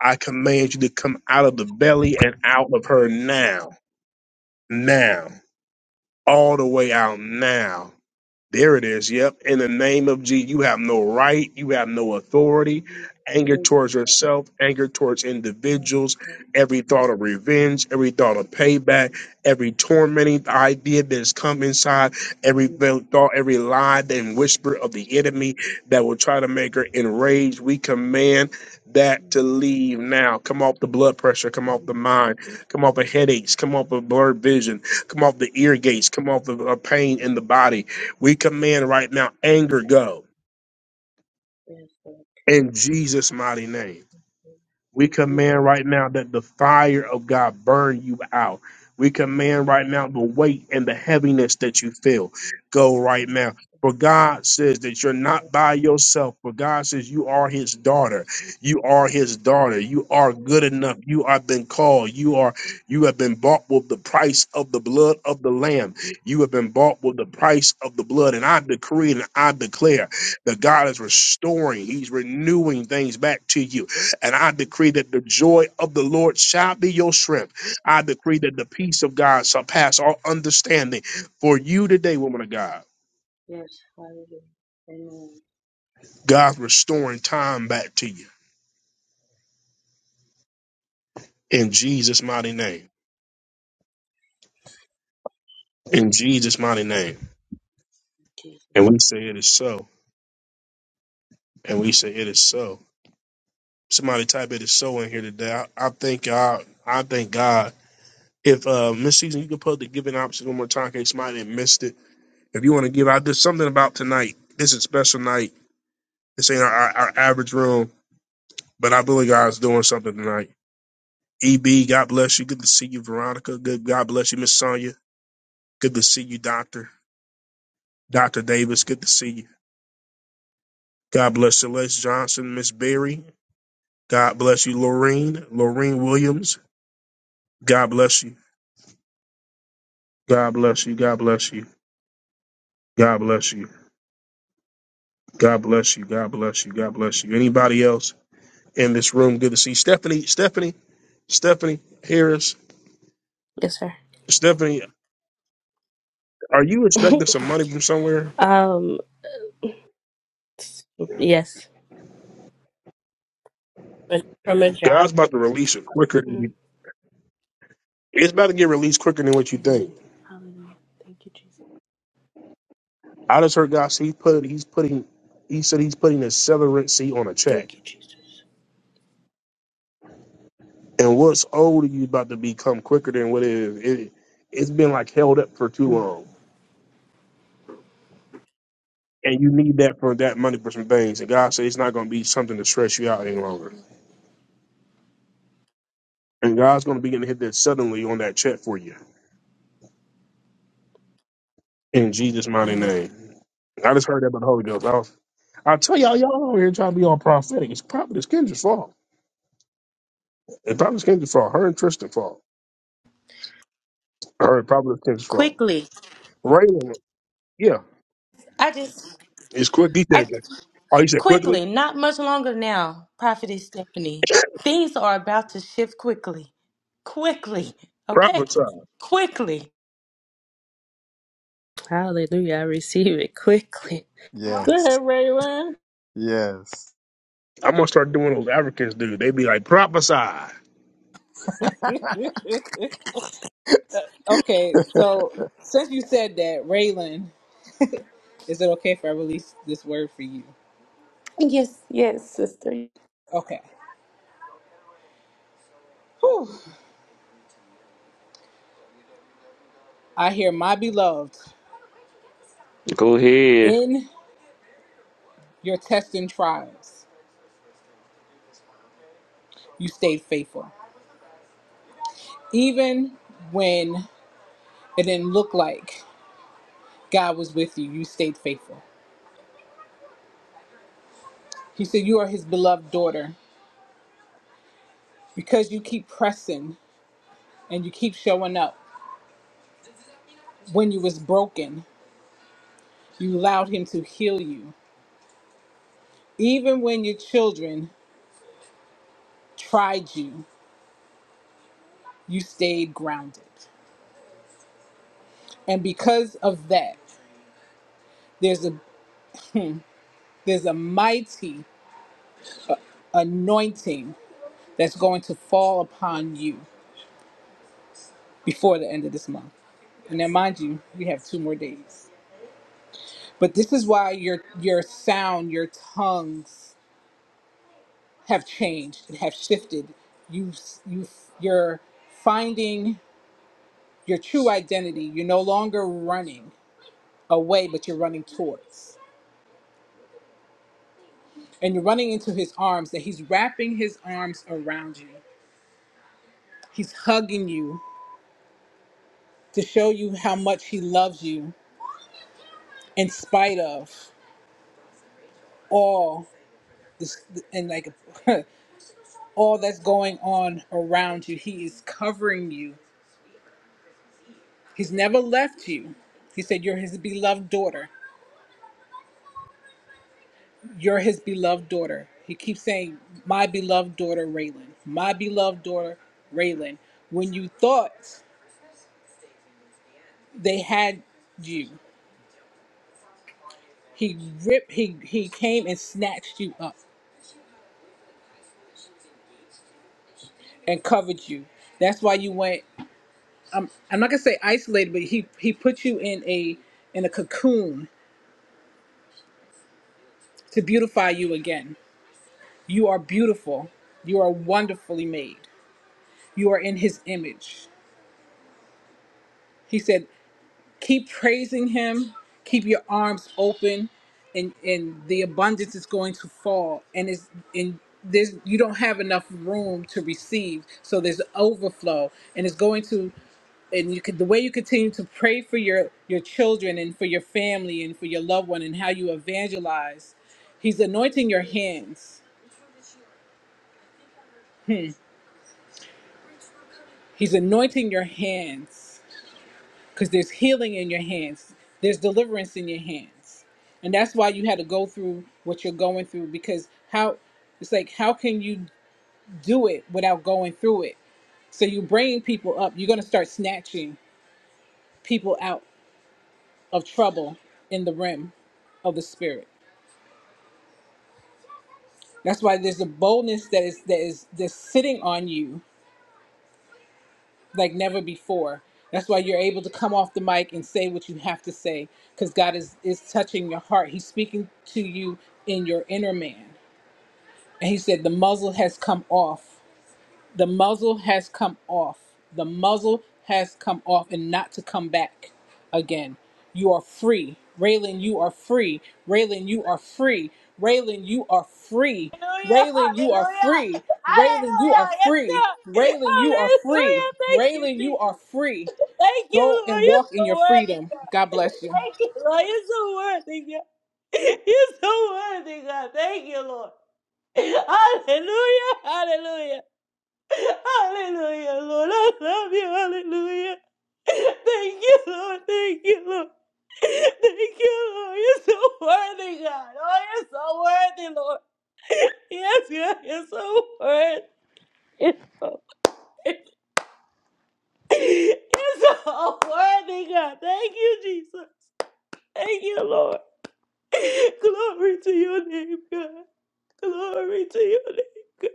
A: I command you to come out of the belly and out of her now, now. all the way out now. There it is. Yep. In the name of Jesus, you have no right. You have no authority.
T: Amen.
A: Anger
T: Thank
A: towards yourself, anger towards individuals, every thought of revenge, every thought of payback, every tormenting idea that has come inside, every
T: you.
A: th- thought, every lie and whisper of the enemy that will try to make her enraged. We command that to leave now. Come off the blood pressure, come off the mind, come off the headaches, come off the blurred vision, come off the ear gates, come off the uh, pain in the body we command right now anger go
T: Yes, Lord.
A: in Jesus' mighty name. We
T: Thank you.
A: command right now that the fire of God burn you out. We command right now the weight and the heaviness that you feel go right now. For God says that you're not by yourself. For God says you are his daughter. You are his daughter. You are good enough. You have been called. You are you have been bought with the price of the blood of the lamb. You have been
T: Yes,
A: bought with the price of the blood. And I decree and I
T: Lord.
A: declare that God is restoring. He's renewing things back to you. And I decree that the joy of the Lord shall be your strength. I decree that the peace of God surpass all understanding for you today, woman of God.
T: Yes, hallelujah. Amen.
A: God's restoring time back to you in James. In James.
T: Jesus.
A: And we say it is so. And we so. Somebody, t- I think God, I thank God. If uh Miss Season, you could put the giving option one more time in case somebody had missed it. If you want to give out, there's something about tonight. This is a special night. This ain't our, our, our average room, but I believe God's doing something tonight. EB, God bless you. Good to see you, Veronica. Good. God bless you, Miss Sonia. Good to see you, Doctor. Doctor Davis. Good to see you. God bless Celeste Johnson, Miss Berry. God bless you, Lorene. Lorene Williams. God bless you. God bless you. God bless you. God bless you. God bless you. God bless you. God bless you. Anybody else in this room? Good to see Stephanie. Stephanie. Stephanie Harris.
O: Yes, sir.
A: Stephanie, are you expecting some money, bro?
O: Um, yes. But From a
A: God's
O: job. Yeah.
A: about to release it quicker. Than
O: Mhm.
A: you. It's about to get released quicker than what you think.
O: Amen. Hallelujah. Thank you, Jesus.
A: Out of that.
O: Thank you, Jesus.
A: And what's come quick. It, it's been like held up for too
O: Mm.
A: long. And you need that for that money for some things. It's going to be something to
O: Thank
A: sort.
O: you,
A: And God for you. In Jesus' mighty
O: Lord.
A: name. I just heard that about the Holy Ghost. I was, I tell y'all, y'all over here trying to be all prophetic. It's probably this Kendra's fault. It's probably this Kendra's fault. Her and Tristan's fault. Her and probably this Kendra's fault.
N: Quickly.
A: Raylan, yeah,
N: I just.
A: it's quick. He
N: I
A: said, that.
N: just
A: oh, he said quickly?
N: Quickly, not much longer now, Prophetess Stephanie. Things are about to shift quickly. Quickly. Okay?
A: Prophesy.
N: Quickly.
O: Hallelujah. I receive it quickly.
B: Go
G: Yes.
B: ahead, Raylan.
G: Yes.
A: I'm going to start doing those Africans do. They be like, prophesy.
B: okay, so since you said that, Raylan. Is it okay if I release this word for you?
N: Yes, yes, sister.
B: Okay. Whew. I hear my beloved
Q: Go ahead.
B: in your tests and trials, you stayed faithful. Even when it didn't look like God was with you, you stayed faithful. He said, You are his beloved daughter. Because you keep pressing and you keep showing up. When you was broken, you allowed him to heal you. Even when your children tried you, you stayed grounded. And because of that, there's a. There's a mighty anointing that's going to fall upon you before the end of this month. And now, mind you, we have two more days. But this is why your your sound, your tongues have changed and have shifted. You you you're finding your true identity. You're no longer running away, but you're running towards. And you're running into his arms, that he's wrapping his arms around you. He's hugging you to show you how much he loves you in spite of all this and like all that's going on around you he is covering you he's never left you he said you're his beloved daughter you're his beloved daughter he keeps saying my beloved daughter raylan my beloved daughter raylan when you thought they had you he ripped he he came and snatched you up and covered you that's why you went um, I'm not gonna say isolated, but he he put you in a in a cocoon to beautify you again. You are beautiful. You are wonderfully made. You are in His image. He said, keep praising Him. Keep your arms open, and and the abundance is going to fall. And it's and there's you don't have enough room to receive, so there's overflow, and it's going to and you could the way you continue to pray for your your children and for your family and for your loved one and how you evangelize he's anointing your hands hmm. he's anointing your hands because there's healing in your hands there's deliverance in your hands and that's why you had to go through what you're going through because how it's like how can you do it without going through it so you bringing people up you're going to start snatching people out of trouble in the realm of the spirit That's why there's a boldness that is that is that's sitting on you like never before. That's why you're able to come off the mic and say what you have to say because God is is touching your heart. He's speaking to you in your inner man. And he said the muzzle has come off. The muzzle has come off. The muzzle has come off and not to come back again. You are free. Raylan, you are free. Raylan, you are free. Raylan, you are free.
N: Hallelujah.
B: Raylan, you are
N: Hallelujah.
B: free. Raylan, you
N: Hallelujah.
B: are
N: Yes,
B: free.
N: God.
B: Raylan, you are free.
N: Hallelujah. Thank you,
B: Raylan, you
N: Jesus.
B: are free.
N: Thank
B: Go
N: you, Lord.
B: and
N: You're
B: walk in
N: so
B: your
N: worthy,
B: freedom. God
N: God.
B: bless you.
N: Thank you, Lord. You're so worthy, God. You're so worthy, God. Thank you, Lord. Hallelujah. Hallelujah. Hallelujah, Lord. I love you. Hallelujah. Thank you, Lord. Thank you, Lord. Thank you, Lord. You're so worthy, God. Oh, you're so worthy, Lord. Yes, God, you're so worthy. You're so worthy. You're so worthy, God. Thank you, Jesus. Thank you, Lord. Glory to your name, God. Glory to your name, God.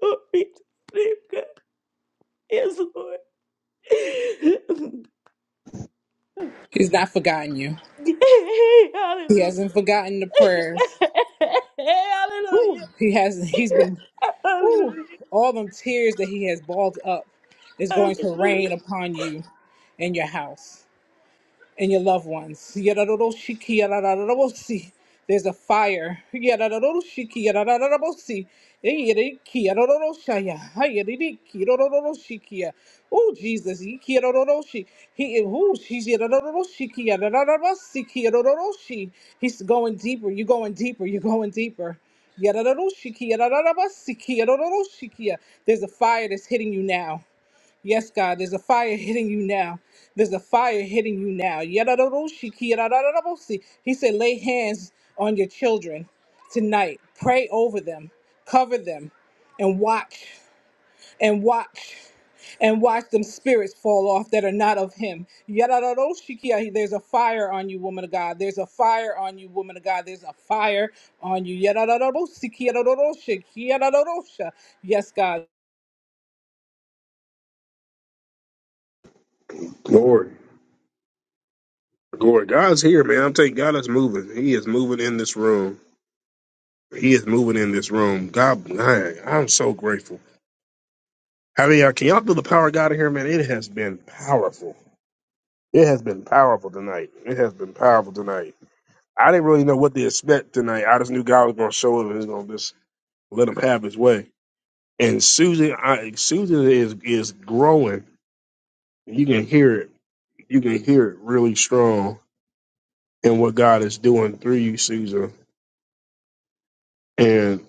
N: Glory to your name, God. Yes, Lord.
B: He's not forgotten you. He
N: Hallelujah.
B: hasn't forgotten the prayers. Whew.
N: Hallelujah.
B: He hasn't. He's been. Whew,
N: Hallelujah.
B: all them tears that he has balled up is going to
N: Hallelujah.
B: rain upon you and your house and your loved ones. Yadadoroshiki, yadadadorobosi. There's a fire. Yadadadoroshiki, yadadadorobosi. Yadadiki, yadadadoroshaya. Hayadidiki, yadadadoroshikiya. Oh, Jesus. Yiki, yadadadoroshi. He, oh, she's yadadadoroshiki, yadadadorosiki, yadadadoroshi. He's going deeper. You're going deeper. You're going deeper. Yadadadoroshiki, yadadadorosiki, yadadadoroshikiya. There's a fire that's hitting you now. Yes, God, there's a fire hitting you now. There's a fire hitting you now. Yadadadoshiki, yadadadadabosi. He said, lay hands on your children tonight. Pray over them, cover them, and watch, and watch, and watch them spirits fall off that are not of him. Yadadadoshiki. There's a fire on you, woman of God. There's a fire on you, woman of God. There's a fire on you. Yadadadadosiki, yadadadadoshiki, yadadadadosha. Yes, God.
A: Glory. Glory. God's here, man. I'm telling you, God is moving. He is moving in this room. He is moving in this room. God, man, I'm so grateful. How many y'all, can y'all feel the power of God in here, man? It has been powerful. It has been powerful tonight. It has been powerful tonight. I didn't really know what to expect tonight. I just knew God was going to show up and He's going to just let him have his way. And Susan, I, Susan is is growing. You can hear it. You can hear it really strong in what God is doing through you, Susan. And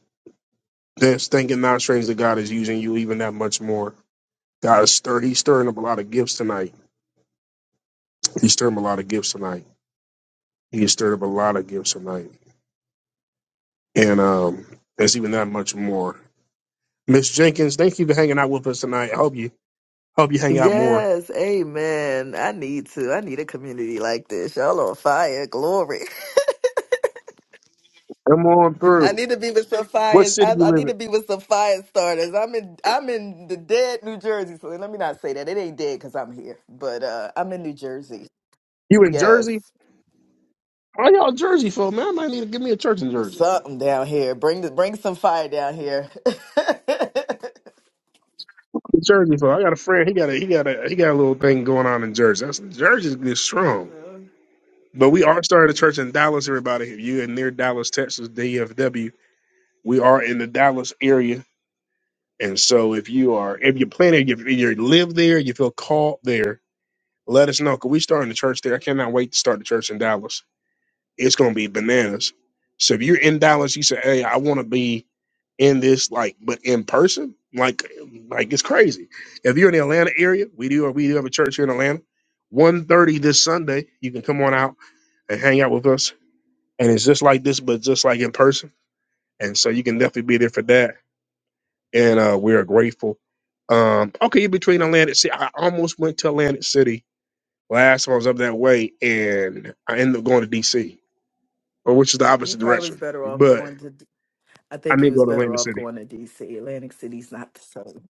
A: that's thinking not strange that God is using you even that much more God is stir. He's stirring up a lot of gifts tonight. He's stirring up a lot of gifts tonight. He has stirred up a lot of gifts tonight, and um, there's even that much more. Miss Jenkins, thank you for hanging out with us tonight. I hope you hope you hang out more.
M: Yes, amen. I need to. I need a community like this. Y'all on fire, glory.
A: Come on
M: I
A: through.
M: need to be with some
A: What
M: fires.
A: city
M: I,
A: you
M: I
A: live
M: need
A: in?
M: to be with some fire starters. I'm in. I'm in the dead New Jersey. So let me not say that it ain't dead because I'm here, but uh, I'm in New Jersey.
A: You in Jersey?
M: Yes.
A: Why y'all Jersey folk, man? I might need to give me a church in Jersey.
M: Something down here. Bring the bring some fire down here.
A: I'm Jersey folk. I got a friend. He got a he got a he got a little thing going on in Jersey. That's Jersey's good strong.
M: Well,
A: But we are starting a church in Dallas, everybody. If you in near Dallas, Texas, debut, we are in the Dallas area And so if you are, if you're planning, if you live there, you feel called there, let us know. Cause we starting the church there. I cannot wait to start the church in Dallas. It's going to be bananas. So if you're in Dallas, you say, Hey, I want to be in this, like, but in person, like, like it's crazy. If you're in the Atlanta area, we do, we do have a church here in Atlanta. One thirty this Sunday, you can come on out and hang out with us. And it's just like this, but just like in person. And so you can definitely be there for that and uh, we are grateful. Um, okay, between Atlantic City, I almost went to Atlantic City last time I was up that way, and I ended up going to DC, or which is the
M: you
A: opposite
M: probably was
A: direction.
M: better off
A: But
M: going to. D- I
A: I
M: think
A: need
M: you
A: to
M: was
A: go to
M: better
A: Atlantic
M: off
A: City.
M: going to D.C. Atlantic City's not the same.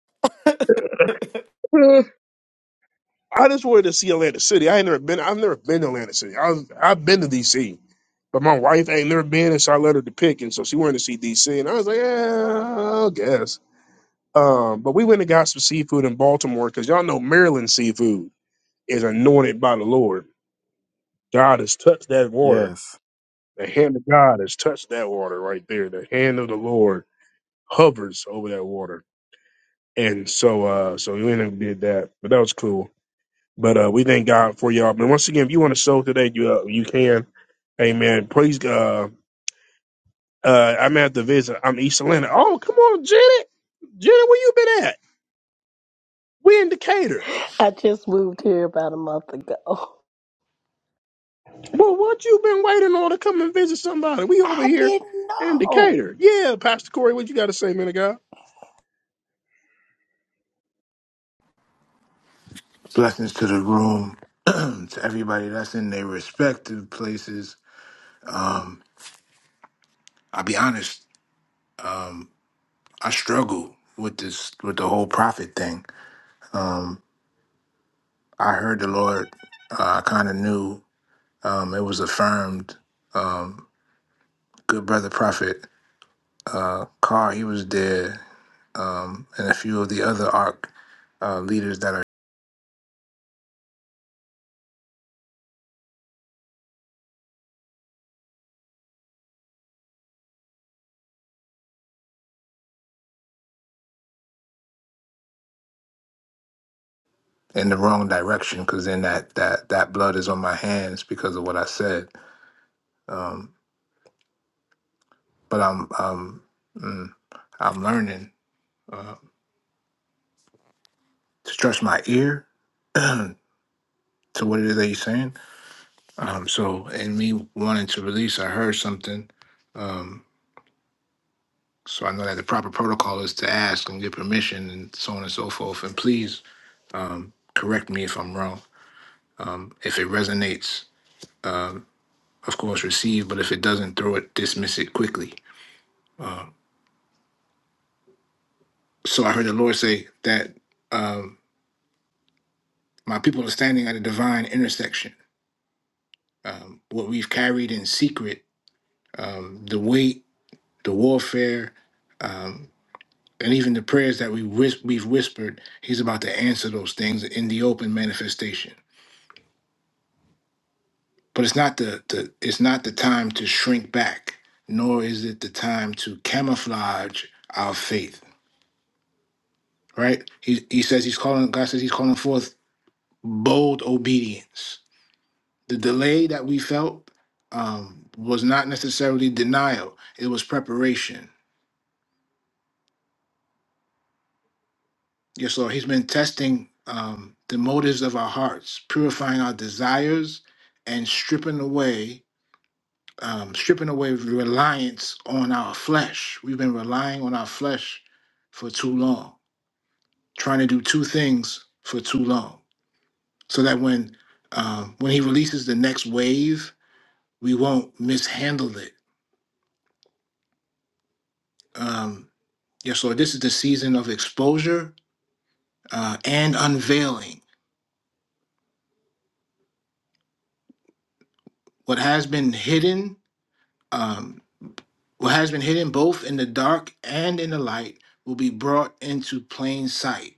A: I just wanted to see Atlantic City. I ain't never been. I've never been to Atlantic City. I was, I've been to DC, but my wife ain't never been, and so I let her to pick, and so she wanted to see DC, and I was like, yeah, I guess. Um, but we went and got some seafood in Baltimore because y'all know Maryland seafood is anointed by the Lord. God has touched that water
G: Yes.
A: The hand of God has touched that water right there. The hand of the Lord hovers over that water. And so uh so we went and did that. But that was cool. But uh we thank God for y'all. But once again, if you want to sow today, you uh, you can. Amen. Praise God. Uh uh, I'm at the visit. I'm East Atlanta. Oh, come on, Janet. Janet, where you been at? We in Decatur.
U: I just moved here about a month ago.
A: Well, what you been waiting on to come and visit somebody? We over
U: I
A: here
U: didn't
A: in
U: know.
A: Decatur. Yeah, Pastor Corey, what you gotta say, man of God?
P: Blessings to the room, to everybody that's in their respective places. I'll be honest, I struggle with this, with the whole prophet thing. I heard the Lord, uh, I kind of knew um, it was affirmed. Good brother prophet, uh, Carr, he was there, um, and a few of the other ARC uh, leaders that are in the wrong direction because then that, that, that blood is on my hands because of what I said. Um, but I'm, um, mm, I'm learning. uh, to stretch my ear to what it is that he's saying. Um, so, in me wanting to release, I heard something. Um, so I know that the proper protocol is to ask and get permission and so on and so forth. And please um, correct me if I'm wrong. Um, if it resonates, um, of course, receive. But if it doesn't, throw it, dismiss it quickly. Um, so I heard the Lord say that um, my people are standing at a divine intersection. Um, what we've carried in secret, um, the weight the warfare, um, and even the prayers that we whis- we've whispered. He's about to answer those things in the open manifestation. But it's not the, the it's not the time to shrink back, nor is it the time to camouflage our faith. Right? He he says he's calling. God says he's calling forth bold obedience. The delay that we felt um, was not necessarily denial; it was preparation Yes, Lord. He's been testing um, the motives of our hearts, purifying our desires, and stripping away, um, stripping away reliance on our flesh. We've been relying on our flesh for too long, trying to do two things for too long, so that when um, when He releases the next wave, we won't mishandle it. Um, yes, Lord. This is the season of exposure uh, and unveiling. What has been hidden. Um, What has been hidden both in the dark and in the light will be brought into plain sight.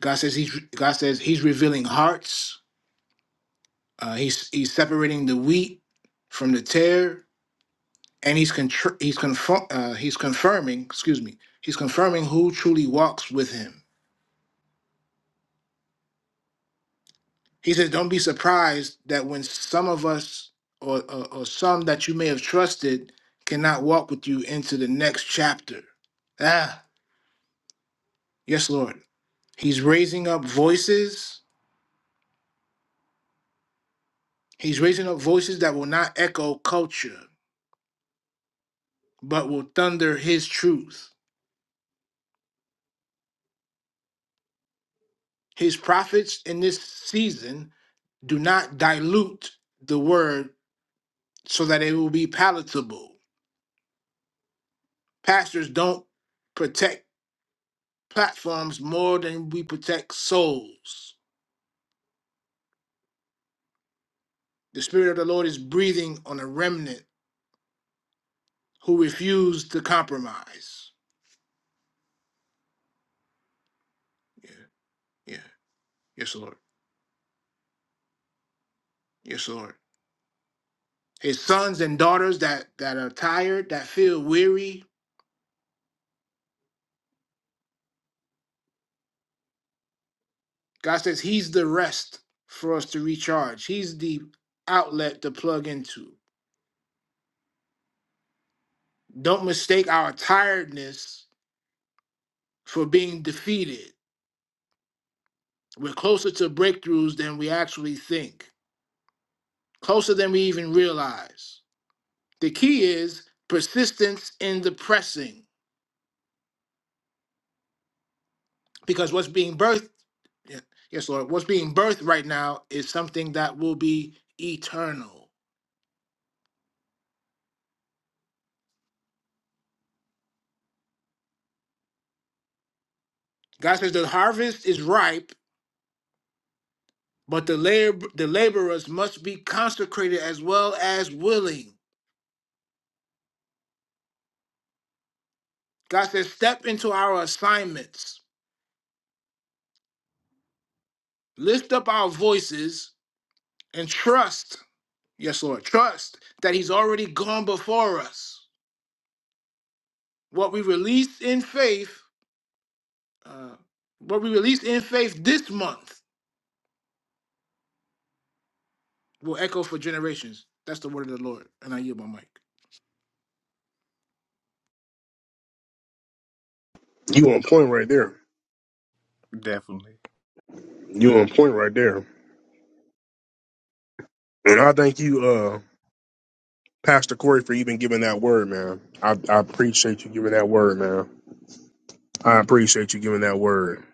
P: God says he's God says he's revealing hearts. Uh, he's he's separating the wheat from the tare, and he's contr- he's confirm uh, he's confirming. Excuse me. He's confirming who truly walks with him. He says, "Don't be surprised that when some of us or, or, or some that you may have trusted cannot walk with you into the next chapter." Ah, yes, Lord. He's raising up voices. He's raising up voices that will not echo culture, but will thunder his truth. His prophets in this season do not dilute the word so that it will be palatable. Pastors don't protect platforms more than we protect souls. The Spirit of the Lord is breathing on a remnant who refuse to compromise. Yeah, yeah. Yes, Lord. Yes, Lord. His sons and daughters that, that are tired, that feel weary. God says He's the rest for us to recharge. He's the outlet to plug into. Don't mistake our tiredness for being defeated. We're closer to breakthroughs than we actually think, closer than we even realize. The key is persistence in the pressing, because what's being birthed yeah. Yes, Lord. What's being birthed right now is something that will be eternal. God says the harvest is ripe, but the lab- the laborers must be consecrated as well as willing. God says, step into our assignments, lift up our voices, and trust. Yes, Lord, trust that He's already gone before us. What we release in faith, uh, what we release in faith this month, will echo for generations. That's the word of the Lord, and I yield my mic.
A: You on point right there.
G: Definitely.
A: You on point right there. And I thank you, uh, Pastor Corey, for even giving that word, man. I, I appreciate you giving that word, man. I appreciate you giving that word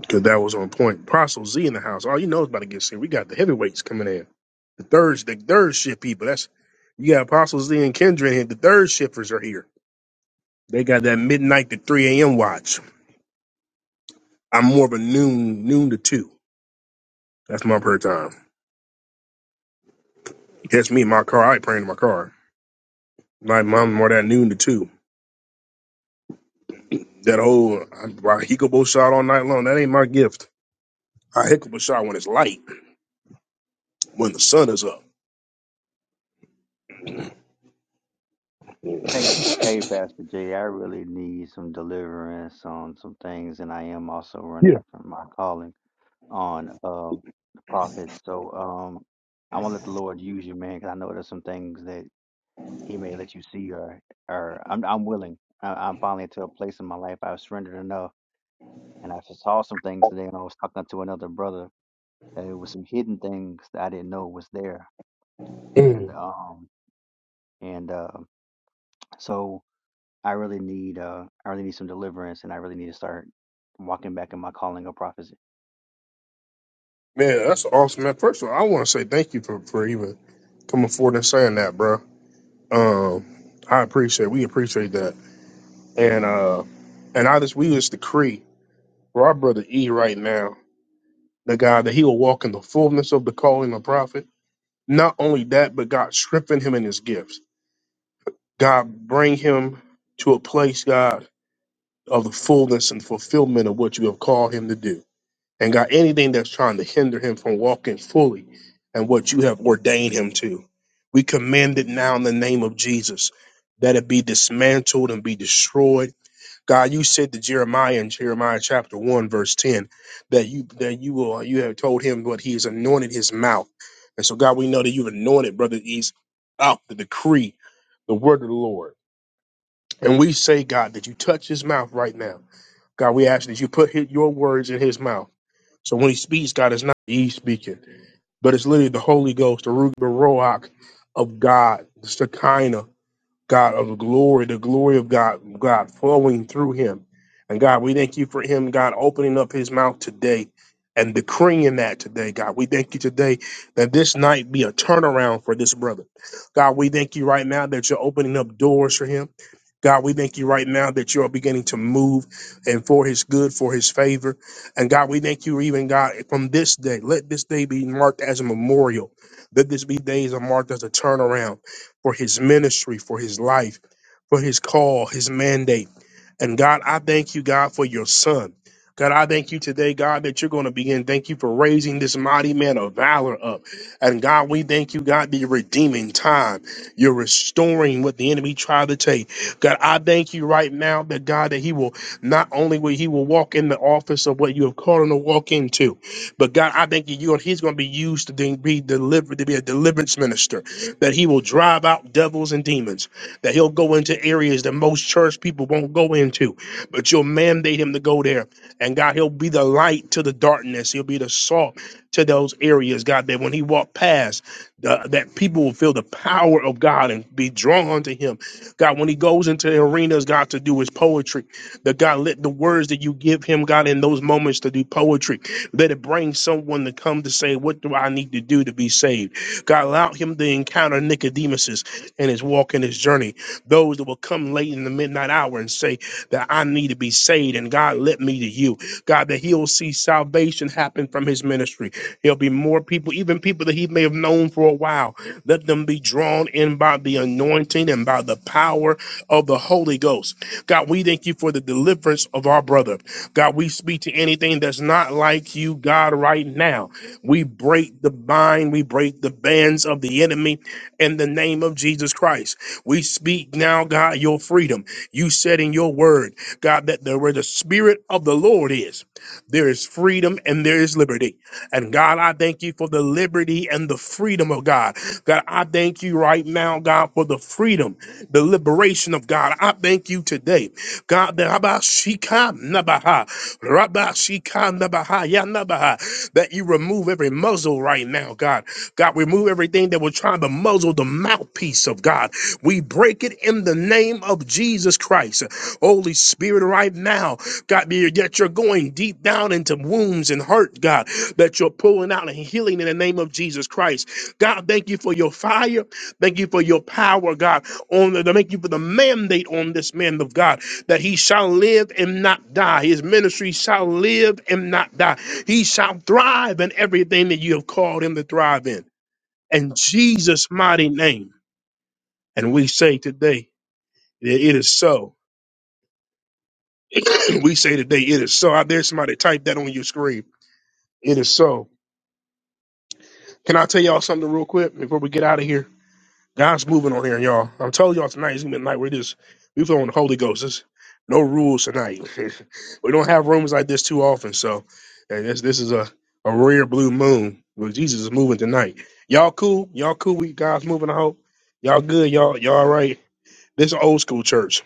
A: because that was on point. Apostle Z in the house. All you know is about to get serious. We got the heavyweights coming in. The third, the third ship people. That's you got Apostle Z and Kendra in here. The third shifters are here. They got that midnight to three a.m. watch. I'm more of a noon noon to two. That's my prayer time. That's me in my car. I ain't praying in my car. Like, My mom more that noon to two. That old I rock Hikobo shot all night long. That ain't my gift. I Hikobo shot when it's light, when the sun is up.
S: Hey, hey, Pastor J. I really need some deliverance on some things, and I am also
A: Yeah.
S: running from my calling on um the prophets. So um, I want to let the Lord use you, man, because I know there's some things that He may let you see, or or I'm I'm willing. I, I'm finally to a place in my life I've surrendered enough, and I just saw some things today, and I was talking to another brother that it was some hidden things that I didn't know was there, and um and uh, so. I really need uh I really need some deliverance and I really need to start walking back in my calling of prophecy.
A: Man, that's awesome, man. First of all, I want to say thank you for, for even coming forward and saying that, bro. Um, I appreciate. We appreciate that, and uh, and I just we just decree for our brother E right now, the guy that he will walk in the fullness of the calling of prophet. Not only that, but God strengthen him in his gifts. God bring him to a place, God. of the fullness and fulfillment of what you have called him to do. And God, anything that's trying to hinder him from walking fully and what you have ordained him to, we command it now in the name of Jesus that it be dismantled and be destroyed. God, you said to Jeremiah in Jeremiah chapter one verse ten that you that you will you have told him what he has anointed his mouth. And so God, we know that you've anointed Brother East out the decree, the word of the Lord. And we say, God, that you touch his mouth right now God, we ask that you put hi- your words in his mouth. So when he speaks, God, it's not he speaking, but it's literally the Holy Ghost, the Ruach the of God, the Shekinah, God of glory, the glory of God, God flowing through him. And God, we thank you for him, God, opening up his mouth today and decreeing that today, God. We thank you today that this night be a turnaround for this brother. God, we thank you right now that you're opening up doors for him. God, we thank you right now that you are beginning to move and for his good, for his favor. And God, we thank you even, God, from this day, let this day be marked as a memorial. Let this be days are marked as a turnaround for his ministry, for his life, for his call, his mandate. And God, I thank you, God, for your son. God, I thank you today, God, that you're going to begin. Thank you for raising this mighty man of valor up. And God, we thank you, God, that you're redeeming time. You're restoring what the enemy tried to take. God, I thank you right now that God, that he will not only will he will water no two, but God, I, you, he's going to be used to then be delivered. this- He will out people won't go into, but you'll mandate him to go there. And God, he'll be the light to the darkness. He'll be the salt to those areas, God, that when he walked past, the, that people will feel the power of God and be drawn to him God, when he goes into the arenas, God, to do his poetry, that God, let the words that you give him, God, in those moments to do poetry, let it bring someone to come to say, What do I need to do to be saved? God, allow him to encounter Nicodemuses in his walk and his journey, those that will come late in the midnight hour and say that I need to be saved, and God, let me to you. God, that he'll see salvation happen from his ministry. There'll be more people, even people that he may have known for a while. Let them be drawn in by the anointing and by the power of the Holy Ghost. God, we thank you for the deliverance of our brother. God, we speak to anything that's not like you, God, right now. We break the bind, we break the bands of the enemy in the name of Jesus Christ. We speak now, God, your freedom. You said in your word, God, that there where the spirit of the Lord is, there is freedom and there is liberty. And God, I thank you for the liberty and the freedom of God. out and healing in the name of Jesus Christ. God, thank you for your fire. Thank you for your power, God. On the, thank you for the mandate on this man of God that he shall live and not die. His ministry shall live and not die. He's alive and in Jesus' mighty name. And we say today, it it is so. We say today, it is so. Out there, somebody type that on your screen. It is so. Can I tell y'all something real quick before we get out of here? God's moving on here, y'all. I'm telling y'all tonight, it's gonna be a night where this we flowing the Holy Ghost. There's no rules tonight. we don't have rooms like this too often, so and this this is a, a rare blue moon. where Jesus is moving tonight. Y'all cool? Y'all cool? We God's moving. I hope y'all good. Y'all y'all all right? This is an old school church.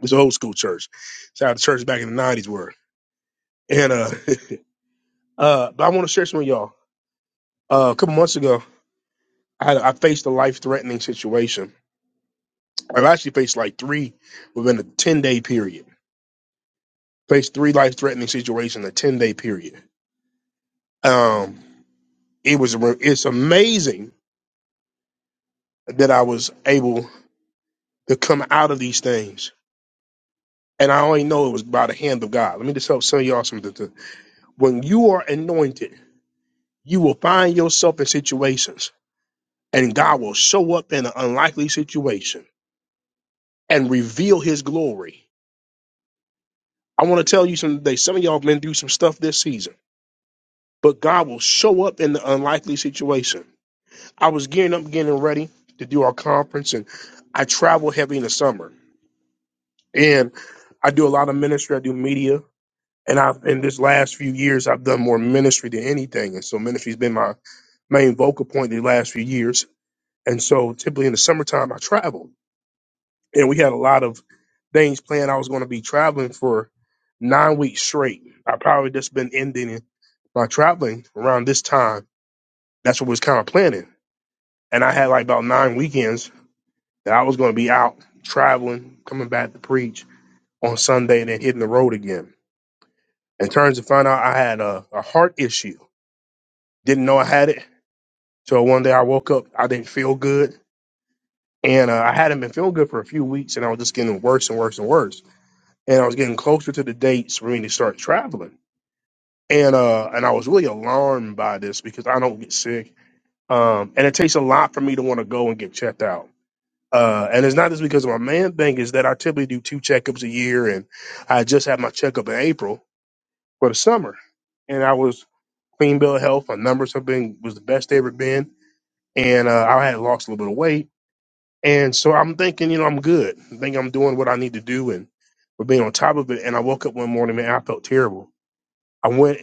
A: This is an old school church. It's how the church back in the '90s were. And uh, uh, but I want to share some with y'all. Uh, a couple months ago, I had, I faced a life threatening situation I've actually faced like three within a 10 day period. Faced three life threatening situations in a 10 day period. Um, it was it's amazing that I was able to come out of these things. And I only know it was by the hand of God. Let me just help some of y'all something. to- When you are anointed, you will find yourself in situations, and God will show up in an unlikely situation and reveal his glory. I want to tell you something today. Some of y'all have been through some stuff this season but God will show up in the unlikely situation. I was gearing up, getting ready to do our conference, and I travel heavy in the summer. And I do a lot of ministry. I do media, and I've in this last few years I've done more ministry than anything, and so ministry's been my main vocal point the last few years. And so typically in the summertime I travel, and we had a lot of things planned. I was going to be traveling for nine weeks straight. I probably just been ending my traveling around this time. That's what we was kind of planning. and I had like about nine weekends that I was going to be out traveling, coming back to preach on Sunday, and then hitting the road again. And turns to find out I had a, a heart issue. Didn't know I had it. So one day I woke up, I didn't feel good, and uh, I hadn't been feeling good for a few weeks, and I was just getting worse and worse and worse. And I was getting closer to the dates for me to start traveling. And uh, and I was really alarmed by this because I don't get sick, um, and it takes a lot for me to want to go and get checked out. Uh, and it's not just because of my man thing, is that I typically do two checkups a year and I just had my checkup in April for the summer. And I was clean bill of health. My numbers have been was the best they ever been. And uh, I had lost a little bit of weight. And so I'm thinking, you know, I'm good. I think I'm doing what I need to do and we're being on top of it. And I woke up one morning, man, I felt terrible. I went,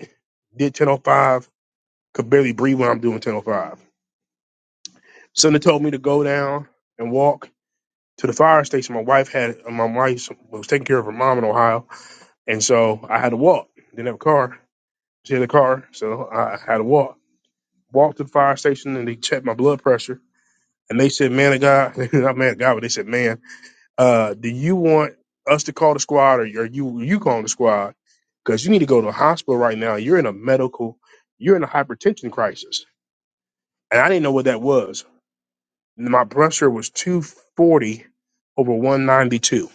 A: did 1005, could barely breathe when I'm doing 1005. Somebody told me to go down and walk to the fire station. My wife had my wife was taking care of her mom in Ohio And so I had to walk. Didn't have a car. She had a car, so I had to walk. Walked to the fire station and they checked my blood pressure. And they said, "Man of God, not man of God, but they said, man, uh, do you want us to call the squad or are you you calling the squad? Because you need to go to the hospital right now. You're in a medical, you're in a hypertension crisis." And I didn't know what that was. My pressure was 240 over 192,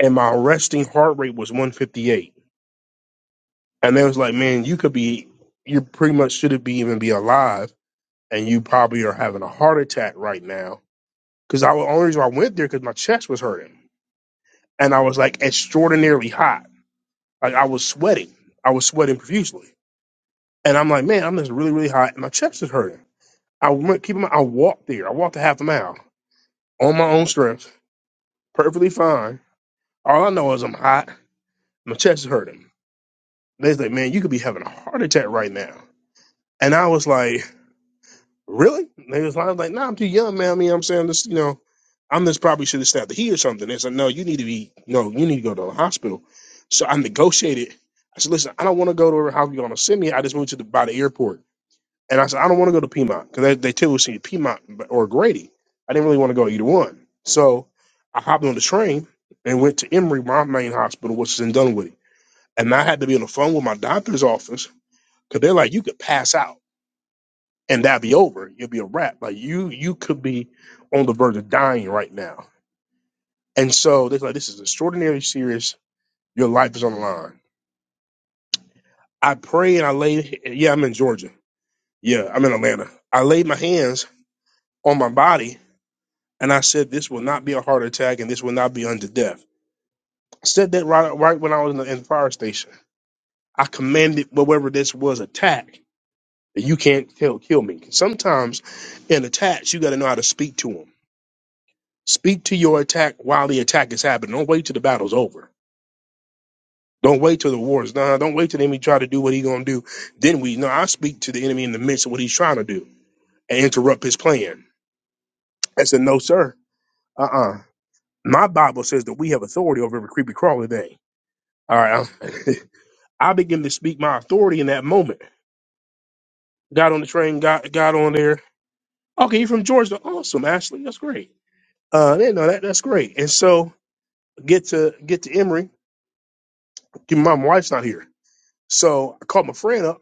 A: and my resting heart rate was 158 And they was like, man, you could be, you pretty much shouldn't be even be alive, and you probably are having a heart attack right now. Because I the only reason I went there because my chest was hurting, and I was like extraordinarily hot. Like I was sweating, I was sweating profusely, and I'm like, man, I'm just really really hot, and my chest is hurting. I went, keep in mind, I walked there. I walked a half a mile on my own strength, perfectly fine. All I know is I'm hot. My chest is hurting. They was like, man, you could be having a heart attack right now. And I was like, Really? They was lying, like, nah, I'm too young, man. I mean, I'm saying this, you know, I'm just probably should have stabbed the heat or something. They said, no, you need to be, no, you need to go to the hospital. So I negotiated. I said, listen, I don't want to go to how you're going to send me. I just moved to the, by the airport. And I said, I don't want to go to Piedmont because they, they typically send you Piedmont or Grady. I didn't really want to go either one. So I hopped on the train and went to Emory, my main hospital, which is in Dunwoody. And I had to be on the phone with my doctor's office because they're like, you could pass out and that'd be over. You'll be a wrap. Like you, you could be on the verge of dying right now. And so they're like, this is extraordinarily serious. Your life is on the line. I pray and I lay. Yeah, I'm in Georgia. Yeah, I'm in Atlanta. I laid my hands on my body and I said, this will not be a heart attack and this will not be unto death. I said that right, right when I was in the, in the fire station. I commanded whatever this was attack. You can't kill, kill me. Sometimes in attacks, you got to know how to speak to them. Speak to your attack while the attack is happening. Don't wait till the battle's over. Don't wait till the war is done. Don't wait till the enemy try to do what he's gonna do. Then we no, I speak to the enemy in the midst of what he's trying to do and interrupt his plan. I said, no, sir. Uh-uh. My Bible says that we have authority over every creepy crawly thing. All right. I'm- I begin to speak my authority in that moment. Got on the train, got got on there. Okay, you're from Georgia. Awesome, Ashley. That's great. Uh, I didn't know that. That's great. And so get to get to Emory. My wife's not here. So I called my friend up.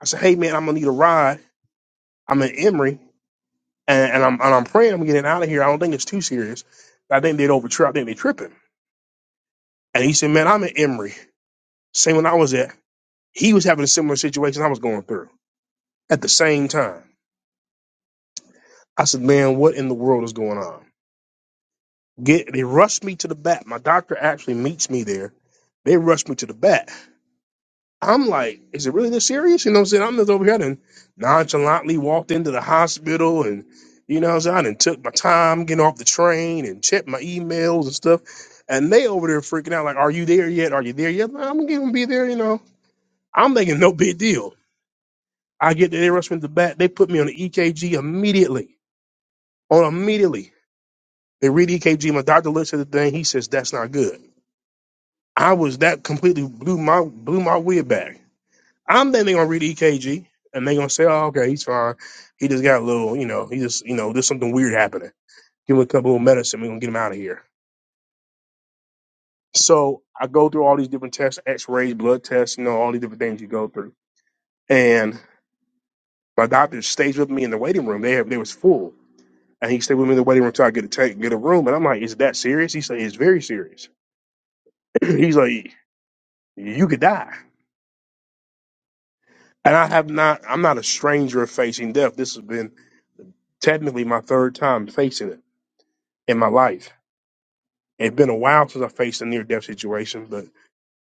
A: I said, "Hey man, I'm gonna need a ride. I'm in Emory, and, and I'm and I'm praying I'm getting out of here. I don't think it's too serious. I think they'd over I think they tripping." And he said, "Man, I'm in Emory. Same when I was at. He was having a similar situation I was going through at the same time. I said, "Man, what in the world is going on?" Get they rushed me to the bat. My doctor actually meets me there. They rushed me to the bat. I'm like, is it really this serious? You know what I'm saying? I'm just over here and nonchalantly walked into the hospital and, you know what I'm saying? And took my time getting off the train and checked my emails and stuff. And they over there freaking out, like, are you there yet? Are you there yet? "Nah, I'm going to be there, you know. I'm thinking no big deal. I get there, they rush me to the back. They put me on the EKG immediately. On immediately. They read EKG. My doctor looks at the thing. He says, that's not good. I was, that completely blew my blew my wig back. I'm thinking they are going to read it and they are going to sign. He just got a little These are happening. Give him a couple of medicine. We're gonna get him out of here. So I go through all these different temperatures, and my dad put me in the room. They, they was full, and he stayed with me in the waiting room till I get a tank, get a room. And I'm like, is that serious? He said, it's very serious. He's like, you could die. And I have not. I'm not a stranger of facing death. This has been technically my third time facing it in my life. It's been a while since I faced a near death situation, but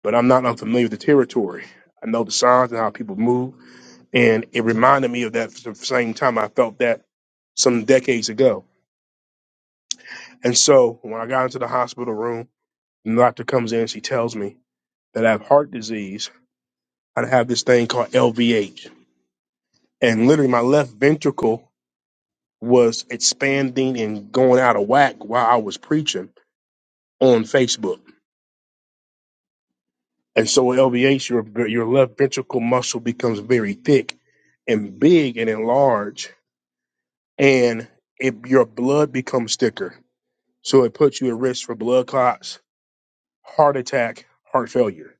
A: but I'm not unfamiliar with the territory. I know the signs and how people move. And it reminded me of that The same time I felt that some decades ago. And so when I got into the hospital room, the doctor comes in, she tells me that I have heart disease. I have this thing called LVH. And literally my left ventricle was expanding and going out of whack while I was preaching on Facebook. And so with LVH, your, your left ventricle muscle becomes very thick and big and enlarged, and it, your blood becomes thicker So it puts you at risk for blood clots, heart attack, heart failure.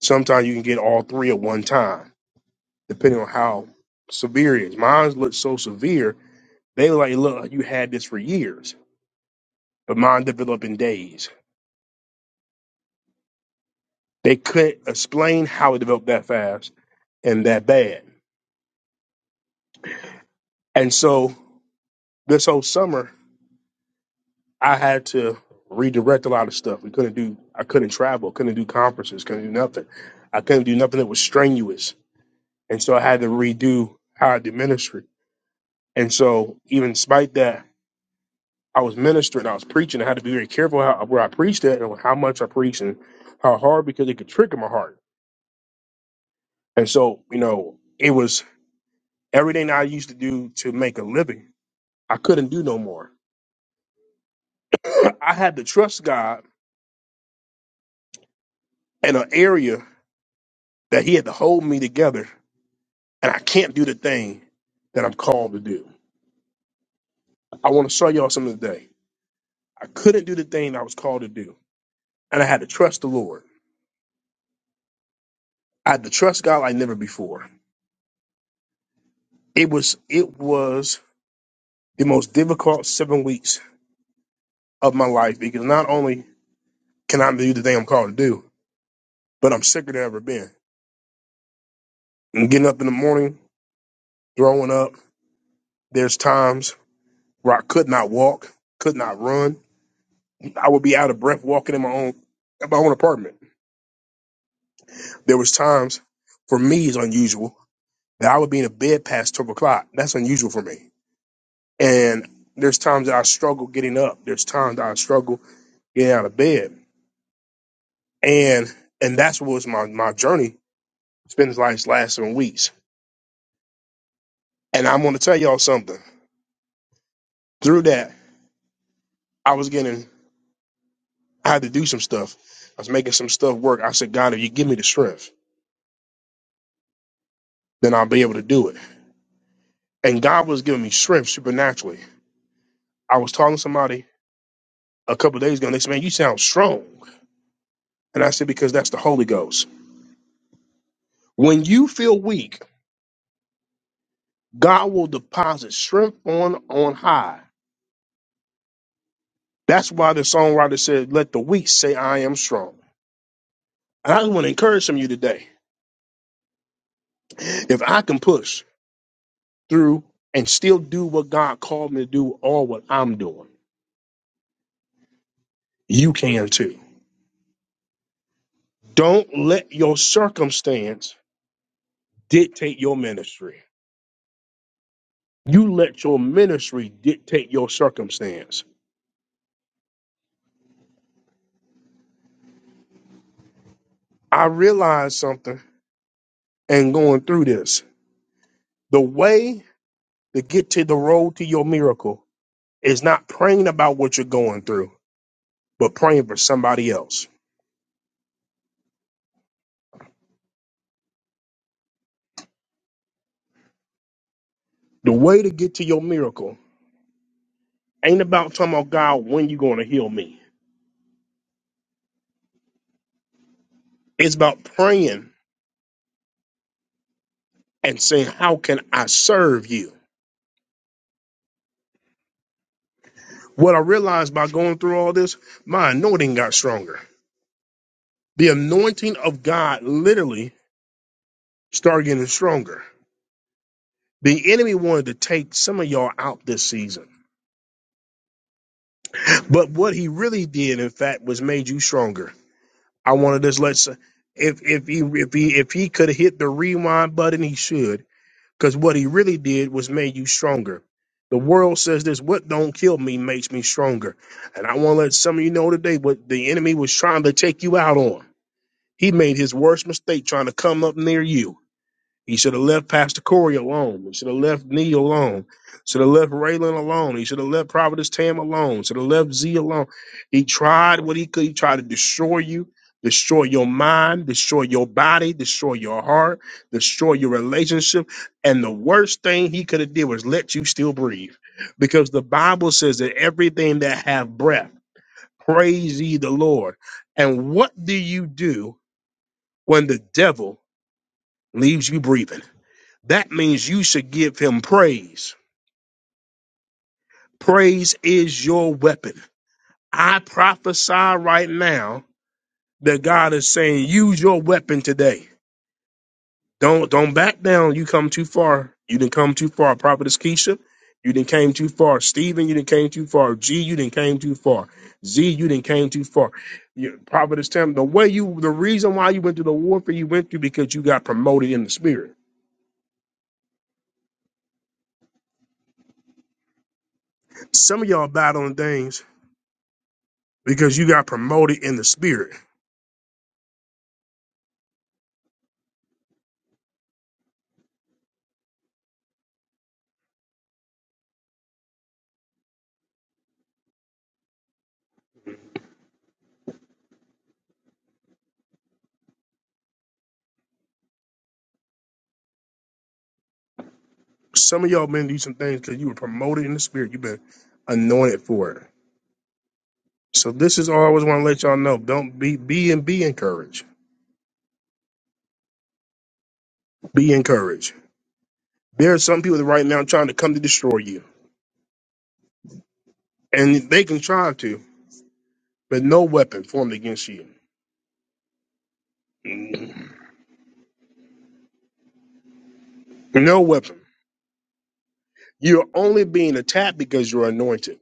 A: Sometimes you can get all three at one time, depending on how severe it is. Mine looked so severe, they were like, look, you had this for years, but mine developed in days. They couldn't explain how it developed that fast and that bad. And so this whole summer, I had to redirect a lot of stuff. We couldn't do, I couldn't travel, couldn't do conferences, couldn't do nothing. I couldn't do nothing that was strenuous And so I had to redo how I did ministry. And so even despite that, I was ministering, I was preaching. I had to be very careful how, where I preached at and how much I preached and how hard because it could trigger my heart. And so, you know, it was everything I used to do to make a living. I couldn't do no more. I had to trust God in an area that He had to hold me together, and I can't do the thing that I'm called to do. I want to show y'all something today. I couldn't do the thing I was called to do, and I had to trust the Lord. I had to trust God like never before. It was it was the most difficult seven weeks of my life because not only can I do the thing I'm called to do, but I'm sicker than I've ever been. And getting up in the morning, throwing up. There's times where I could not walk, could not run. I would be out of breath walking in my own in my own apartment. There was times for me is unusual that I would be in a bed past twelve o'clock. That's unusual for me. And there's times that I struggle getting up. There's times that I struggle getting out of bed And and that's what was my, my journey. It's been like last seven weeks. And I'm gonna tell y'all something. Through that, I was getting I had to do some stuff. I was making some stuff work. I said, God, if you give me the strength, then I'll be able to do it. And God was giving me strength supernaturally. I was talking to somebody a couple of days ago and they said, Man, you sound strong. And I said, Because that's the Holy Ghost. When you feel weak, God will deposit strength on on high. That's why the songwriter said, Let the weak say I am strong. And I just want to encourage some of you today If I can push through and still do what God called me to do or what I'm doing, you can too. Don't let your circumstance dictate your ministry. You let your ministry dictate your circumstance. I read the- and the miracle is through. But the way to get to your miracle ain't about talking about God when you are going to heal me. It's about praying and saying, How can I serve you? What I realized by going through all this, my anointing got stronger The anointing of God literally started getting stronger. The enemy wanted to take some of y'all out this season. But what he really did, in fact, was made you stronger. I want to just let if if he if he if he could have hit the rewind button, he should. Because what he really did was made you stronger. The world says this: "What don't kill me makes me stronger." And I want to let some of you know today what the enemy was trying to take you out on. He made his worst mistake trying to come up near you He should have left Pastor Corey alone. He should have left Nee alone. Should have left Raylan alone. He should have left Providence Tam alone. Should have left Z alone. He tried what he could. He tried to destroy you, destroy your mind, destroy your body, destroy your heart, destroy your relationship. And the worst thing he could have did was let you still breathe. Because the Bible says that everything that have breath, praise ye the Lord. And what do you do when the devil leaves you breathing? That means you should give him praise. Praise is your weapon. I prophesy right now that God is saying, use your weapon today. Don't don't back down. You come too far. You didn't come too far. Prophetess Keisha, you didn't came too far. Stephen, you didn't came too far. G, you didn't came too far. Z, you didn't came too far. You, Prophetess Tim, the way you, the reason why you went through the warfare you went through because you got promoted in the spirit. Some of y'all battling things because you got promoted in the spirit Some of y'all been through some things because you were promoted in the spirit. You've been anointed for it. So this is all I always want to let y'all know. Don't be be and be encouraged. Be encouraged. There are some people that right now trying to come to destroy you. And they can try to, but no weapon formed against you. No weapon. You're only being attacked because you're anointed.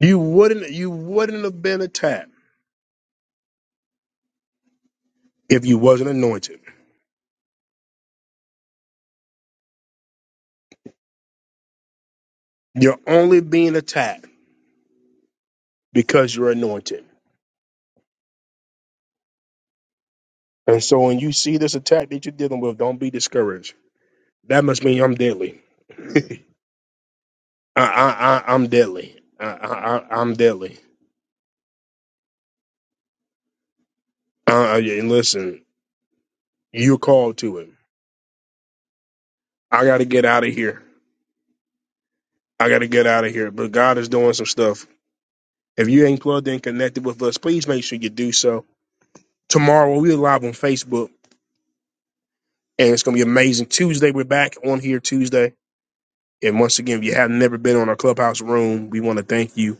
A: You wouldn't you wouldn't have been attacked if you wasn't anointed. You're only being attacked because you're anointed. And so when you see this attack that you're dealing with, don't be discouraged That must mean I'm deadly. I, I, I I'm deadly. I, I, I- am deadly. Uh, uh, yeah, and listen, you called to it. I got to get out of here. I got to get out of here. But God is doing some stuff. If you ain't plugged in, connected with us, please make sure you do so. Tomorrow we're live on Facebook, and it's gonna be amazing. Tuesday we're back on here Tuesday. And once again, if you have never been on our clubhouse room, we want to thank you.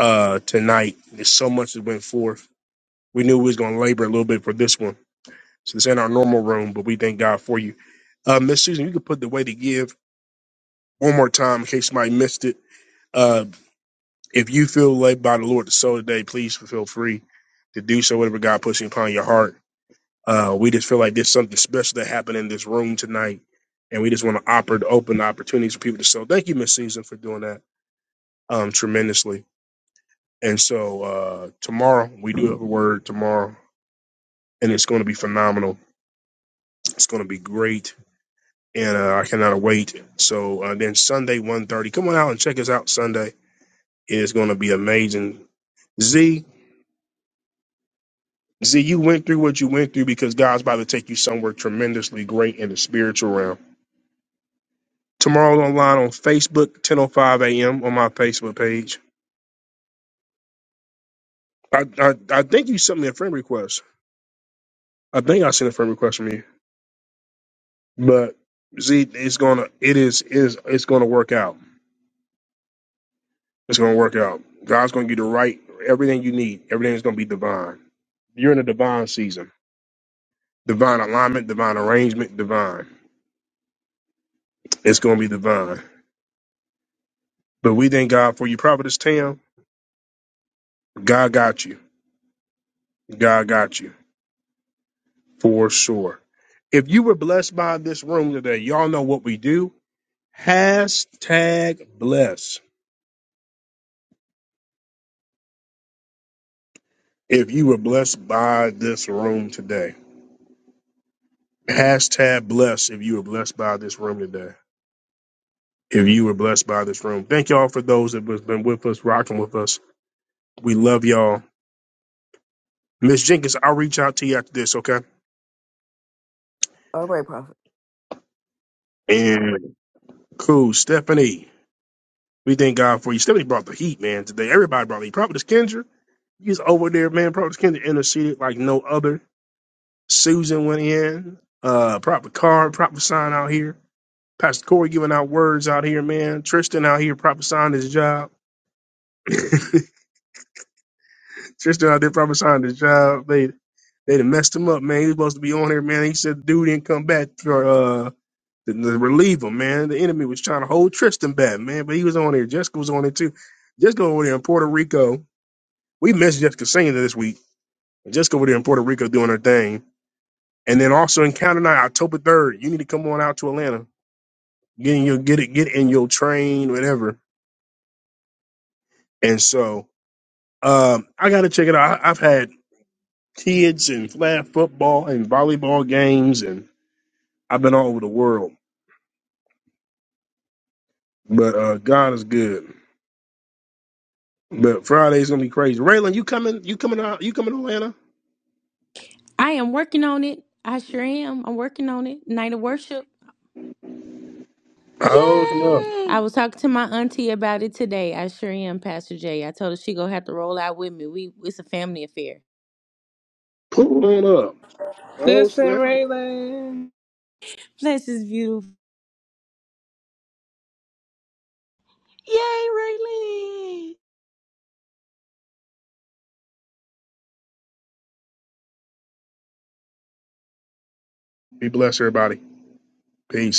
A: Uh, tonight, there's so much that went forth. We knew we was gonna labor a little bit for this one So this ain't our normal room, but we thank God for you. Uh, Miss Susan, you can put the way to give one more time in case somebody missed it. Uh, if you feel led by the Lord to sow today, please feel free to do so, whatever God puts upon your heart. Uh, we just feel like there's something special that happened in this room tonight, and we just want to offer to open opportunities for people to sow. Thank you, Miss Susan, for doing that um, tremendously. And so uh, tomorrow, we do have a word tomorrow, and it's going to be phenomenal. It's going to be great and uh, I cannot wait. So uh, then Sunday, one thirty, come on out and check us out Sunday. It is going to be amazing. Z, Z, you went through what you went through because God's about to take you somewhere tremendously great in the spiritual realm. Tomorrow online on Facebook, 10.05 a.m. on my Facebook page. I, I, I think you sent me a friend request. I think I sent a friend request from you. But Z, it's gonna, it is, it is, it's gonna work out. It's gonna work out. God's gonna give you the right, everything you need. Everything is gonna be divine. You're in a divine season Divine alignment, divine arrangement, divine. It's going to be divine. But we thank God for you, Providence Tam. God got you. God got you for sure. If you were blessed by this room today, y'all know what we do. Hashtag bless. If you were blessed by this room today, hashtag bless. If you were blessed by this room today, if you were blessed by this room, thank y'all for those that has been with us, rocking with us. We love y'all. Miss Jenkins, I'll reach out to you after this, okay?
M: All right, prophet.
A: And. Cool. Stephanie, we thank God for you. Stephanie brought the heat, man, today. Everybody brought the heat. Prophetess Kendra, he's over there, man. Prophetess Kendra interceded like no other. Susan went in. Uh, Prophet Card, prophesying out here. Pastor Corey giving out words out here, man. Tristan out here prophesying his job. Tristan out there prophesying his job. They they done messed him up, man. Be on here, come back for uh to, to relieve him, man. The enemy was trying to hold that man. On here, Jessica was on it too. Jessica over there in Puerto Rico. We missed Jessica singing this week Jessica over there in Puerto Rico doing her thing. And then also Encounter Night, October 3rd. You need to come on out to Atlanta. You can get in your train, whatever. And so um, I got to check it out. I, I've had kids and flag football and volleyball games, and I've been all over the world. But uh, God is good. But Friday's gonna be crazy. Raylan, you coming? You coming out? You coming to Atlanta?
N: I am working on it. I sure am. I'm working on it. Night of worship.
A: Oh snap!
N: I
U: Yay!
N: was talking to my auntie about it today. I sure am, Pastor Jay. I told her she gonna have to roll out with me. We it's a family affair.
A: Oh
B: Listen,
A: snap!
B: Raylan.
N: Bless is beautiful.
U: Yay, Raylene!
A: Be blessed, everybody. Peace.